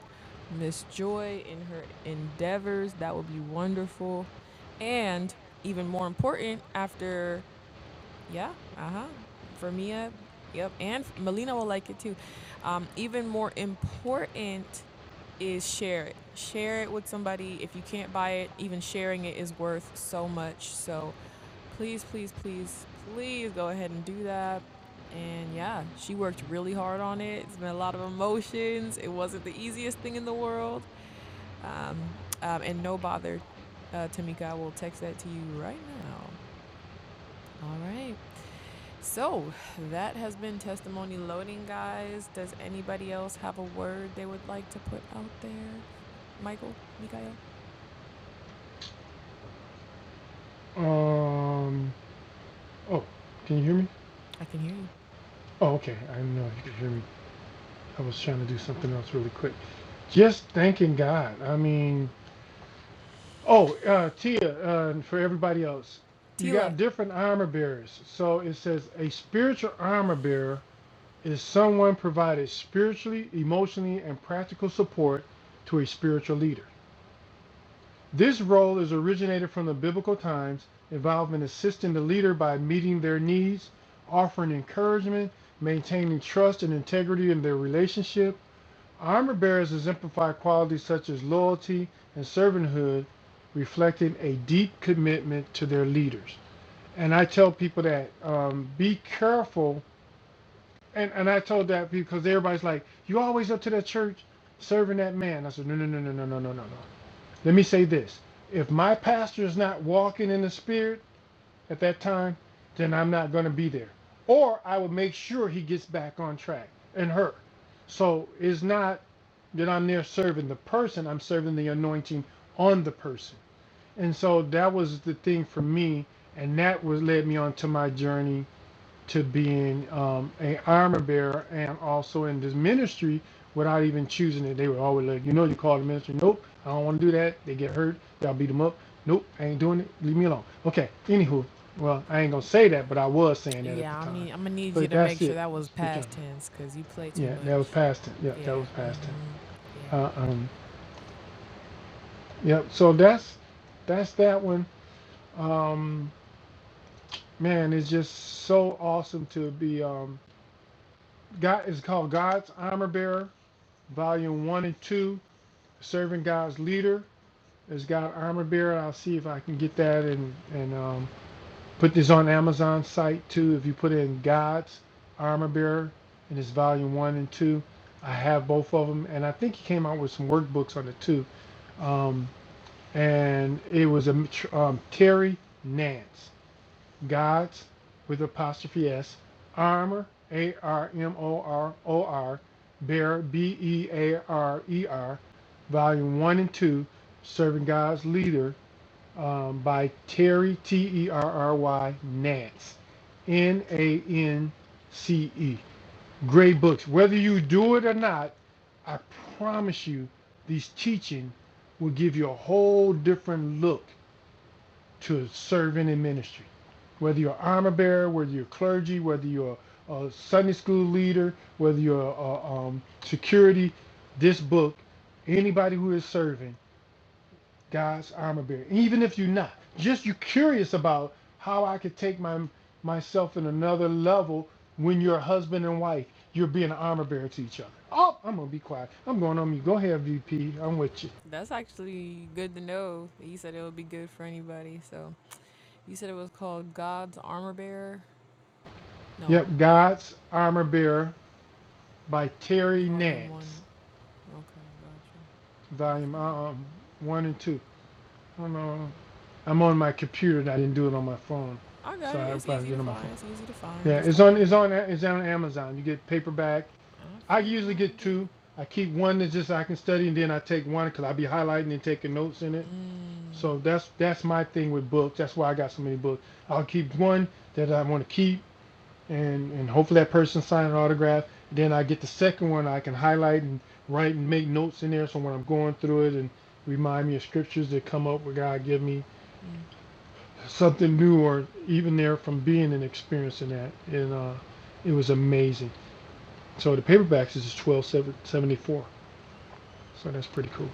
[SPEAKER 1] Miss Joy in her endeavors. That would be wonderful. And even more important, after, yeah, uh huh, for Mia, yep, and Melina will like it too. Um, even more important is share it. Share it with somebody. If you can't buy it, even sharing it is worth so much. So please, please, please, please go ahead and do that. And yeah, she worked really hard on it. It's been a lot of emotions. It wasn't the easiest thing in the world um, um, and no bother, uh, Tamika, I will text that to you right now. All right. So that has been testimony loading, guys. Does anybody else have a word they would like to put out there? Michael, Mikael?
[SPEAKER 2] Um. Oh, can you hear me?
[SPEAKER 1] I can hear you.
[SPEAKER 2] Oh, okay. I didn't know if you could hear me. I was trying to do something else really quick. Just thanking God. I mean, oh, uh, Tia, uh, and for everybody else, you got
[SPEAKER 1] Tila.
[SPEAKER 2] different armor bearers. So it says a spiritual armor bearer is someone provided spiritually, emotionally, and practical support to a spiritual leader. This role is originated from the biblical times, involved in assisting the leader by meeting their needs, offering encouragement, maintaining trust and integrity in their relationship. Armor bearers exemplify qualities such as loyalty and servanthood, reflecting a deep commitment to their leaders. And I tell people that um, be careful and and I told that because everybody's like, you always up to that church serving that man. I said, no, no, no, no, no, no, no, no, no. Let me say this: if my pastor is not walking in the spirit at that time, then I'm not going to be there, or I will make sure he gets back on track and her. So it's not that I'm there serving the person; I'm serving the anointing on the person. And so that was the thing for me, and that was led me on to my journey to being um, a armor bearer and also in this ministry without even choosing it. They were always like, you know, you call the ministry. Nope, I don't want to do that. They get hurt. Y'all beat them up. Nope, I ain't doing it. Leave me alone. Okay. Anywho, well, I ain't gonna say that, but I was saying that at
[SPEAKER 1] Yeah,
[SPEAKER 2] the
[SPEAKER 1] I'm
[SPEAKER 2] time.
[SPEAKER 1] need, I'm gonna need you
[SPEAKER 2] But
[SPEAKER 1] to
[SPEAKER 2] that's
[SPEAKER 1] make sure
[SPEAKER 2] it.
[SPEAKER 1] that was past tense because you play too
[SPEAKER 2] Yeah, that was
[SPEAKER 1] much.
[SPEAKER 2] past tense. Yeah, that
[SPEAKER 1] Yeah.
[SPEAKER 2] was past tense.
[SPEAKER 1] Mm-hmm. Yeah.
[SPEAKER 2] Uh, um, yep. So that's that's that one. Um, man, it's just so awesome to be. Um, God is called God's armor bearer volume one and two, serving God's leader as God armor bearer. I'll see if I can get that and and um, put this on Amazon site too. If you put in God's armor bearer and it's volume one and two, I have both of them, and I think he came out with some workbooks on it too. Um, and it was a um, Terry Nance. God's with apostrophe S, armor, A R M O R O R, bear, B E A R E R, volume one and two, serving God's leader um, by Terry T E R R Y Nance, N A N C E. Great books. Whether you do it or not, I promise you, these teaching will give you a whole different look to serving in ministry. Whether you're an armor bearer, whether you're clergy, whether you're a Sunday school leader, whether you're a, um, security, this book, anybody who is serving God's armor bearer, even if you're not, just you're curious about how I could take my myself in another level when you're a husband and wife, you're being an armor bearer to each other. Oh, I'm gonna be quiet. I'm going on mute. Go ahead, VP. I'm with you.
[SPEAKER 1] That's actually good to know. You said it would be good for anybody. So you said it was called God's Armor Bearer. No,
[SPEAKER 2] Yep, God's armor bearer by Terry
[SPEAKER 1] Volume one.
[SPEAKER 2] Nance.
[SPEAKER 1] Okay.
[SPEAKER 2] volume uh, um, one and two. I don't know. I'm on my computer and I didn't do it on my phone,
[SPEAKER 1] I got
[SPEAKER 2] so
[SPEAKER 1] it.
[SPEAKER 2] I
[SPEAKER 1] It's
[SPEAKER 2] have to
[SPEAKER 1] easy
[SPEAKER 2] do
[SPEAKER 1] to
[SPEAKER 2] it on my phone.
[SPEAKER 1] find. It's easy to find.
[SPEAKER 2] Yeah,
[SPEAKER 1] Just
[SPEAKER 2] it's
[SPEAKER 1] type
[SPEAKER 2] on
[SPEAKER 1] it
[SPEAKER 2] it's
[SPEAKER 1] in.
[SPEAKER 2] on it's on Amazon. You get paperback.
[SPEAKER 1] I
[SPEAKER 2] I usually get
[SPEAKER 1] found
[SPEAKER 2] two.
[SPEAKER 1] it.
[SPEAKER 2] I keep one that's just I can study, and then I take one because I'll be highlighting and taking notes in it.
[SPEAKER 1] Mm.
[SPEAKER 2] So that's that's my thing with books. That's why I got so many books. I'll keep one that I want to keep, and and hopefully that person sign an autograph. Then I get the second one I can highlight and write and make notes in there. So when I'm going through it and remind me of scriptures that come up where God give me
[SPEAKER 1] mm.
[SPEAKER 2] something new or even there from being and experiencing that. And uh, it was amazing. So the paperbacks is just twelve seventy four. So that's pretty cool.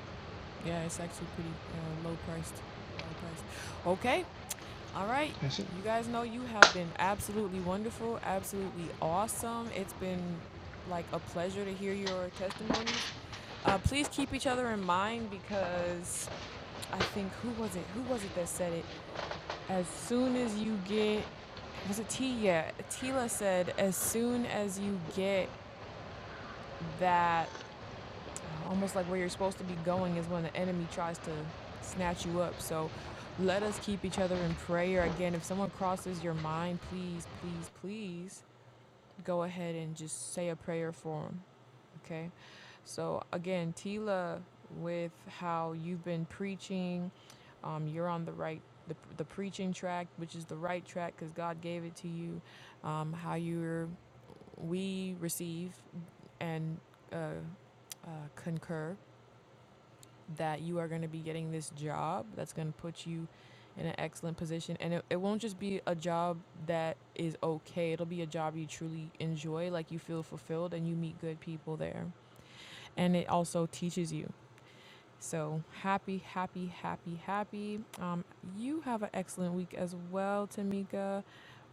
[SPEAKER 1] Yeah, it's actually pretty uh, low priced, well priced. Okay. All right.
[SPEAKER 2] That's it.
[SPEAKER 1] You guys know you have been absolutely wonderful, absolutely awesome. It's been like a pleasure to hear your testimonies. Uh, please keep each other in mind because I think who was it? Who was it that said it? As soon as you get was it T? Yeah, Tila said as soon as you get that, uh, almost like where you're supposed to be going is when the enemy tries to snatch you up. So let us keep each other in prayer. Again, if someone crosses your mind, please, please, please go ahead and just say a prayer for them. Okay. So again, Tila, with how you've been preaching, um, you're on the right. The, the preaching track, which is the right track because God gave it to you, um, how you're We receive and uh, uh, concur that you are going to be getting this job that's going to put you in an excellent position. And it, it won't just be a job that is okay, it'll be a job you truly enjoy, like you feel fulfilled and you meet good people there. And it also teaches you. So happy, happy, happy, happy. Um, you have an excellent week as well, Tamika.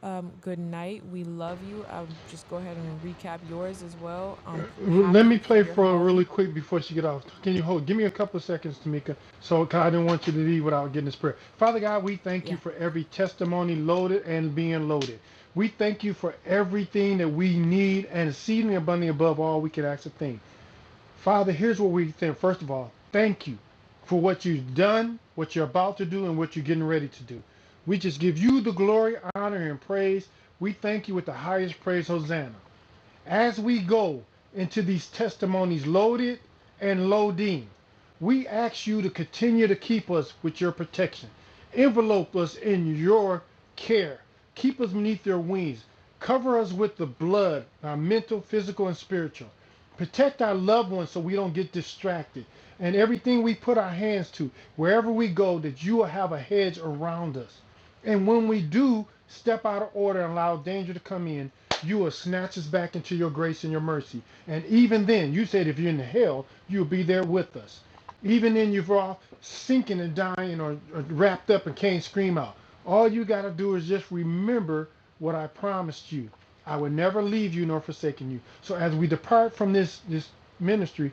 [SPEAKER 1] Um, good night. We love you. Um, just go ahead and recap yours as well. I'm
[SPEAKER 2] Let me
[SPEAKER 1] happy for
[SPEAKER 2] play
[SPEAKER 1] your
[SPEAKER 2] for her
[SPEAKER 1] home.
[SPEAKER 2] really quick before she get off. Can you hold? Give me a couple of seconds, Tamika. So 'cause I didn't want you to leave without getting this prayer. Father God, we thank you
[SPEAKER 1] Yeah.
[SPEAKER 2] for every testimony loaded and being loaded. We thank you for everything that we need and exceedingly abundantly above all we can ask a thing. Father, here's what we think. First of all, thank you for what you've done, what you're about to do, and what you're getting ready to do. We just give you the glory, honor, and praise. We thank you with the highest praise, Hosanna. As we go into these testimonies loaded and loading, we ask you to continue to keep us with your protection. Envelope us in your care. Keep us beneath your wings. Cover us with the blood, our mental, physical, and spiritual. Protect our loved ones so we don't get distracted. And everything we put our hands to, wherever we go, that you will have a hedge around us. And when we do step out of order and allow danger to come in, you will snatch us back into your grace and your mercy. And even then, you said if you're in hell, you'll be there with us. Even then, you your all sinking and dying or, or wrapped up and can't scream out. All you got to do is just remember what I promised you. I will never leave you nor forsaken you. So as we depart from this, this ministry,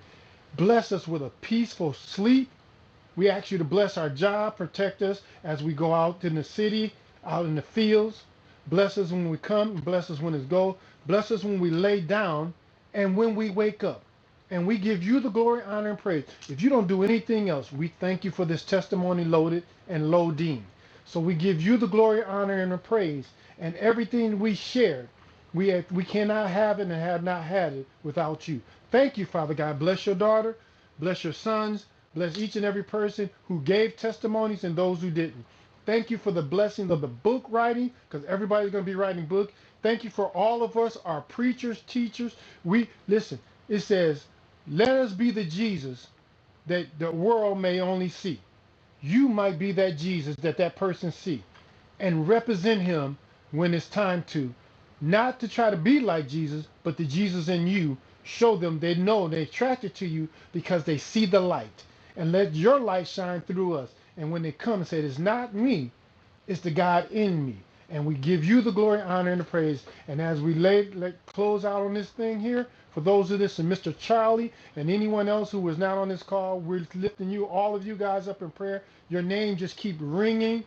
[SPEAKER 2] bless us with a peaceful sleep we ask you to bless our job, protect us as we go out in the city, out in the fields. Bless us when we come, bless us when we go. Bless us when we lay down and when we wake up. And we give you the glory, honor, and praise. If you don't do anything else, we thank you for this testimony loaded and loading. So we give you the glory, honor, and the praise. And everything we shared, we, we cannot have it and have not had it without you. Thank you, Father God. Bless your daughter. Bless your sons. Bless each and every person who gave testimonies and those who didn't. Thank you for the blessing of the book writing, because everybody's going to be writing book. Thank you for all of us, our preachers, teachers. We listen. It says, "Let us be the Jesus that the world may only see." you might be that Jesus that that person see and represent him when it's time to not to try to be like Jesus but the Jesus in you show them they know they're attracted to you because they see the light and let your light shine through us and when they come and say it's not me it's the God in me. And we give you the glory, honor, and the praise. And as we lay, let, close out on this thing here, for those of this and Mr. Charlie and anyone else who was not on this call, we're lifting you, all of you guys up in prayer. Your name just keep ringing.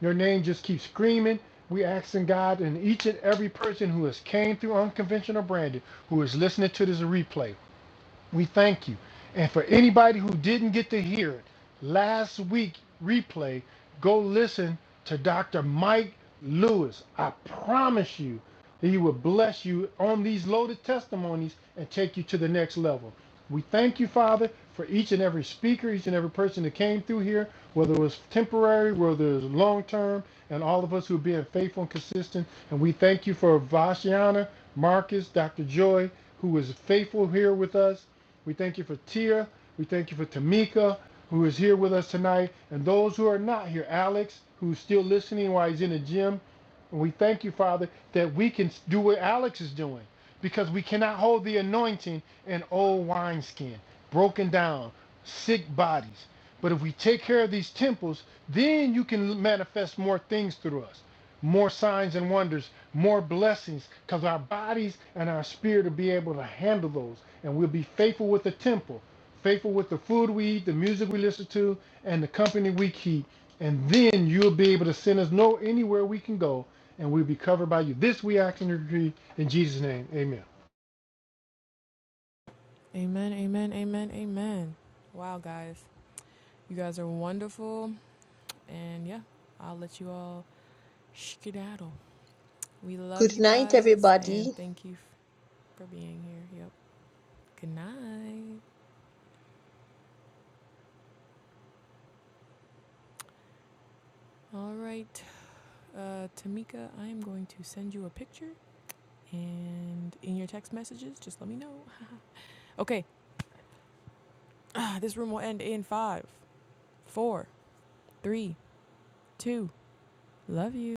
[SPEAKER 2] Your name just keeps screaming. We asking God and each and every person who has came through Unconventional Branding, who is listening to this replay, we thank you. And for anybody who didn't get to hear it, last week replay, go listen to Dr. Mike Lewis. I promise you that he will bless you on these loaded testimonies and take you to the next level. We thank you, Father, for each and every speaker, each and every person that came through here, whether it was temporary, whether it was long term, and all of us who are being faithful and consistent. And we thank you for Vashiana, Marcus, Dr. Joy, who is faithful here with us. We thank you for Tia. We thank you for Tamika who is here with us tonight, and those who are not here. Alex, who's still listening while he's in the gym. And we thank you, Father, that we can do what Alex is doing because we cannot hold the anointing in old wineskin, broken down, sick bodies. But if we take care of these temples, then you can manifest more things through us, more signs and wonders, more blessings, because our bodies and our spirit will be able to handle those. And we'll be faithful with the temple faithful with the food we eat, the music we listen to, and the company we keep. And then you'll be able to send us know anywhere we can go, and we'll be covered by you. This we ask and agree in Jesus' name. Amen.
[SPEAKER 1] Amen, amen, amen, amen. Wow, guys. You guys are wonderful. And yeah, I'll let you all skedaddle. We love
[SPEAKER 7] Good
[SPEAKER 1] you
[SPEAKER 7] night,
[SPEAKER 1] guys
[SPEAKER 7] everybody.
[SPEAKER 1] and thank you for being here. Yep. Good night. All right. Uh, Tamika, I am going to send you a picture, and in your text messages, just let me know. Okay, *sighs* ah, this room will end in five, four, three, two. Love you.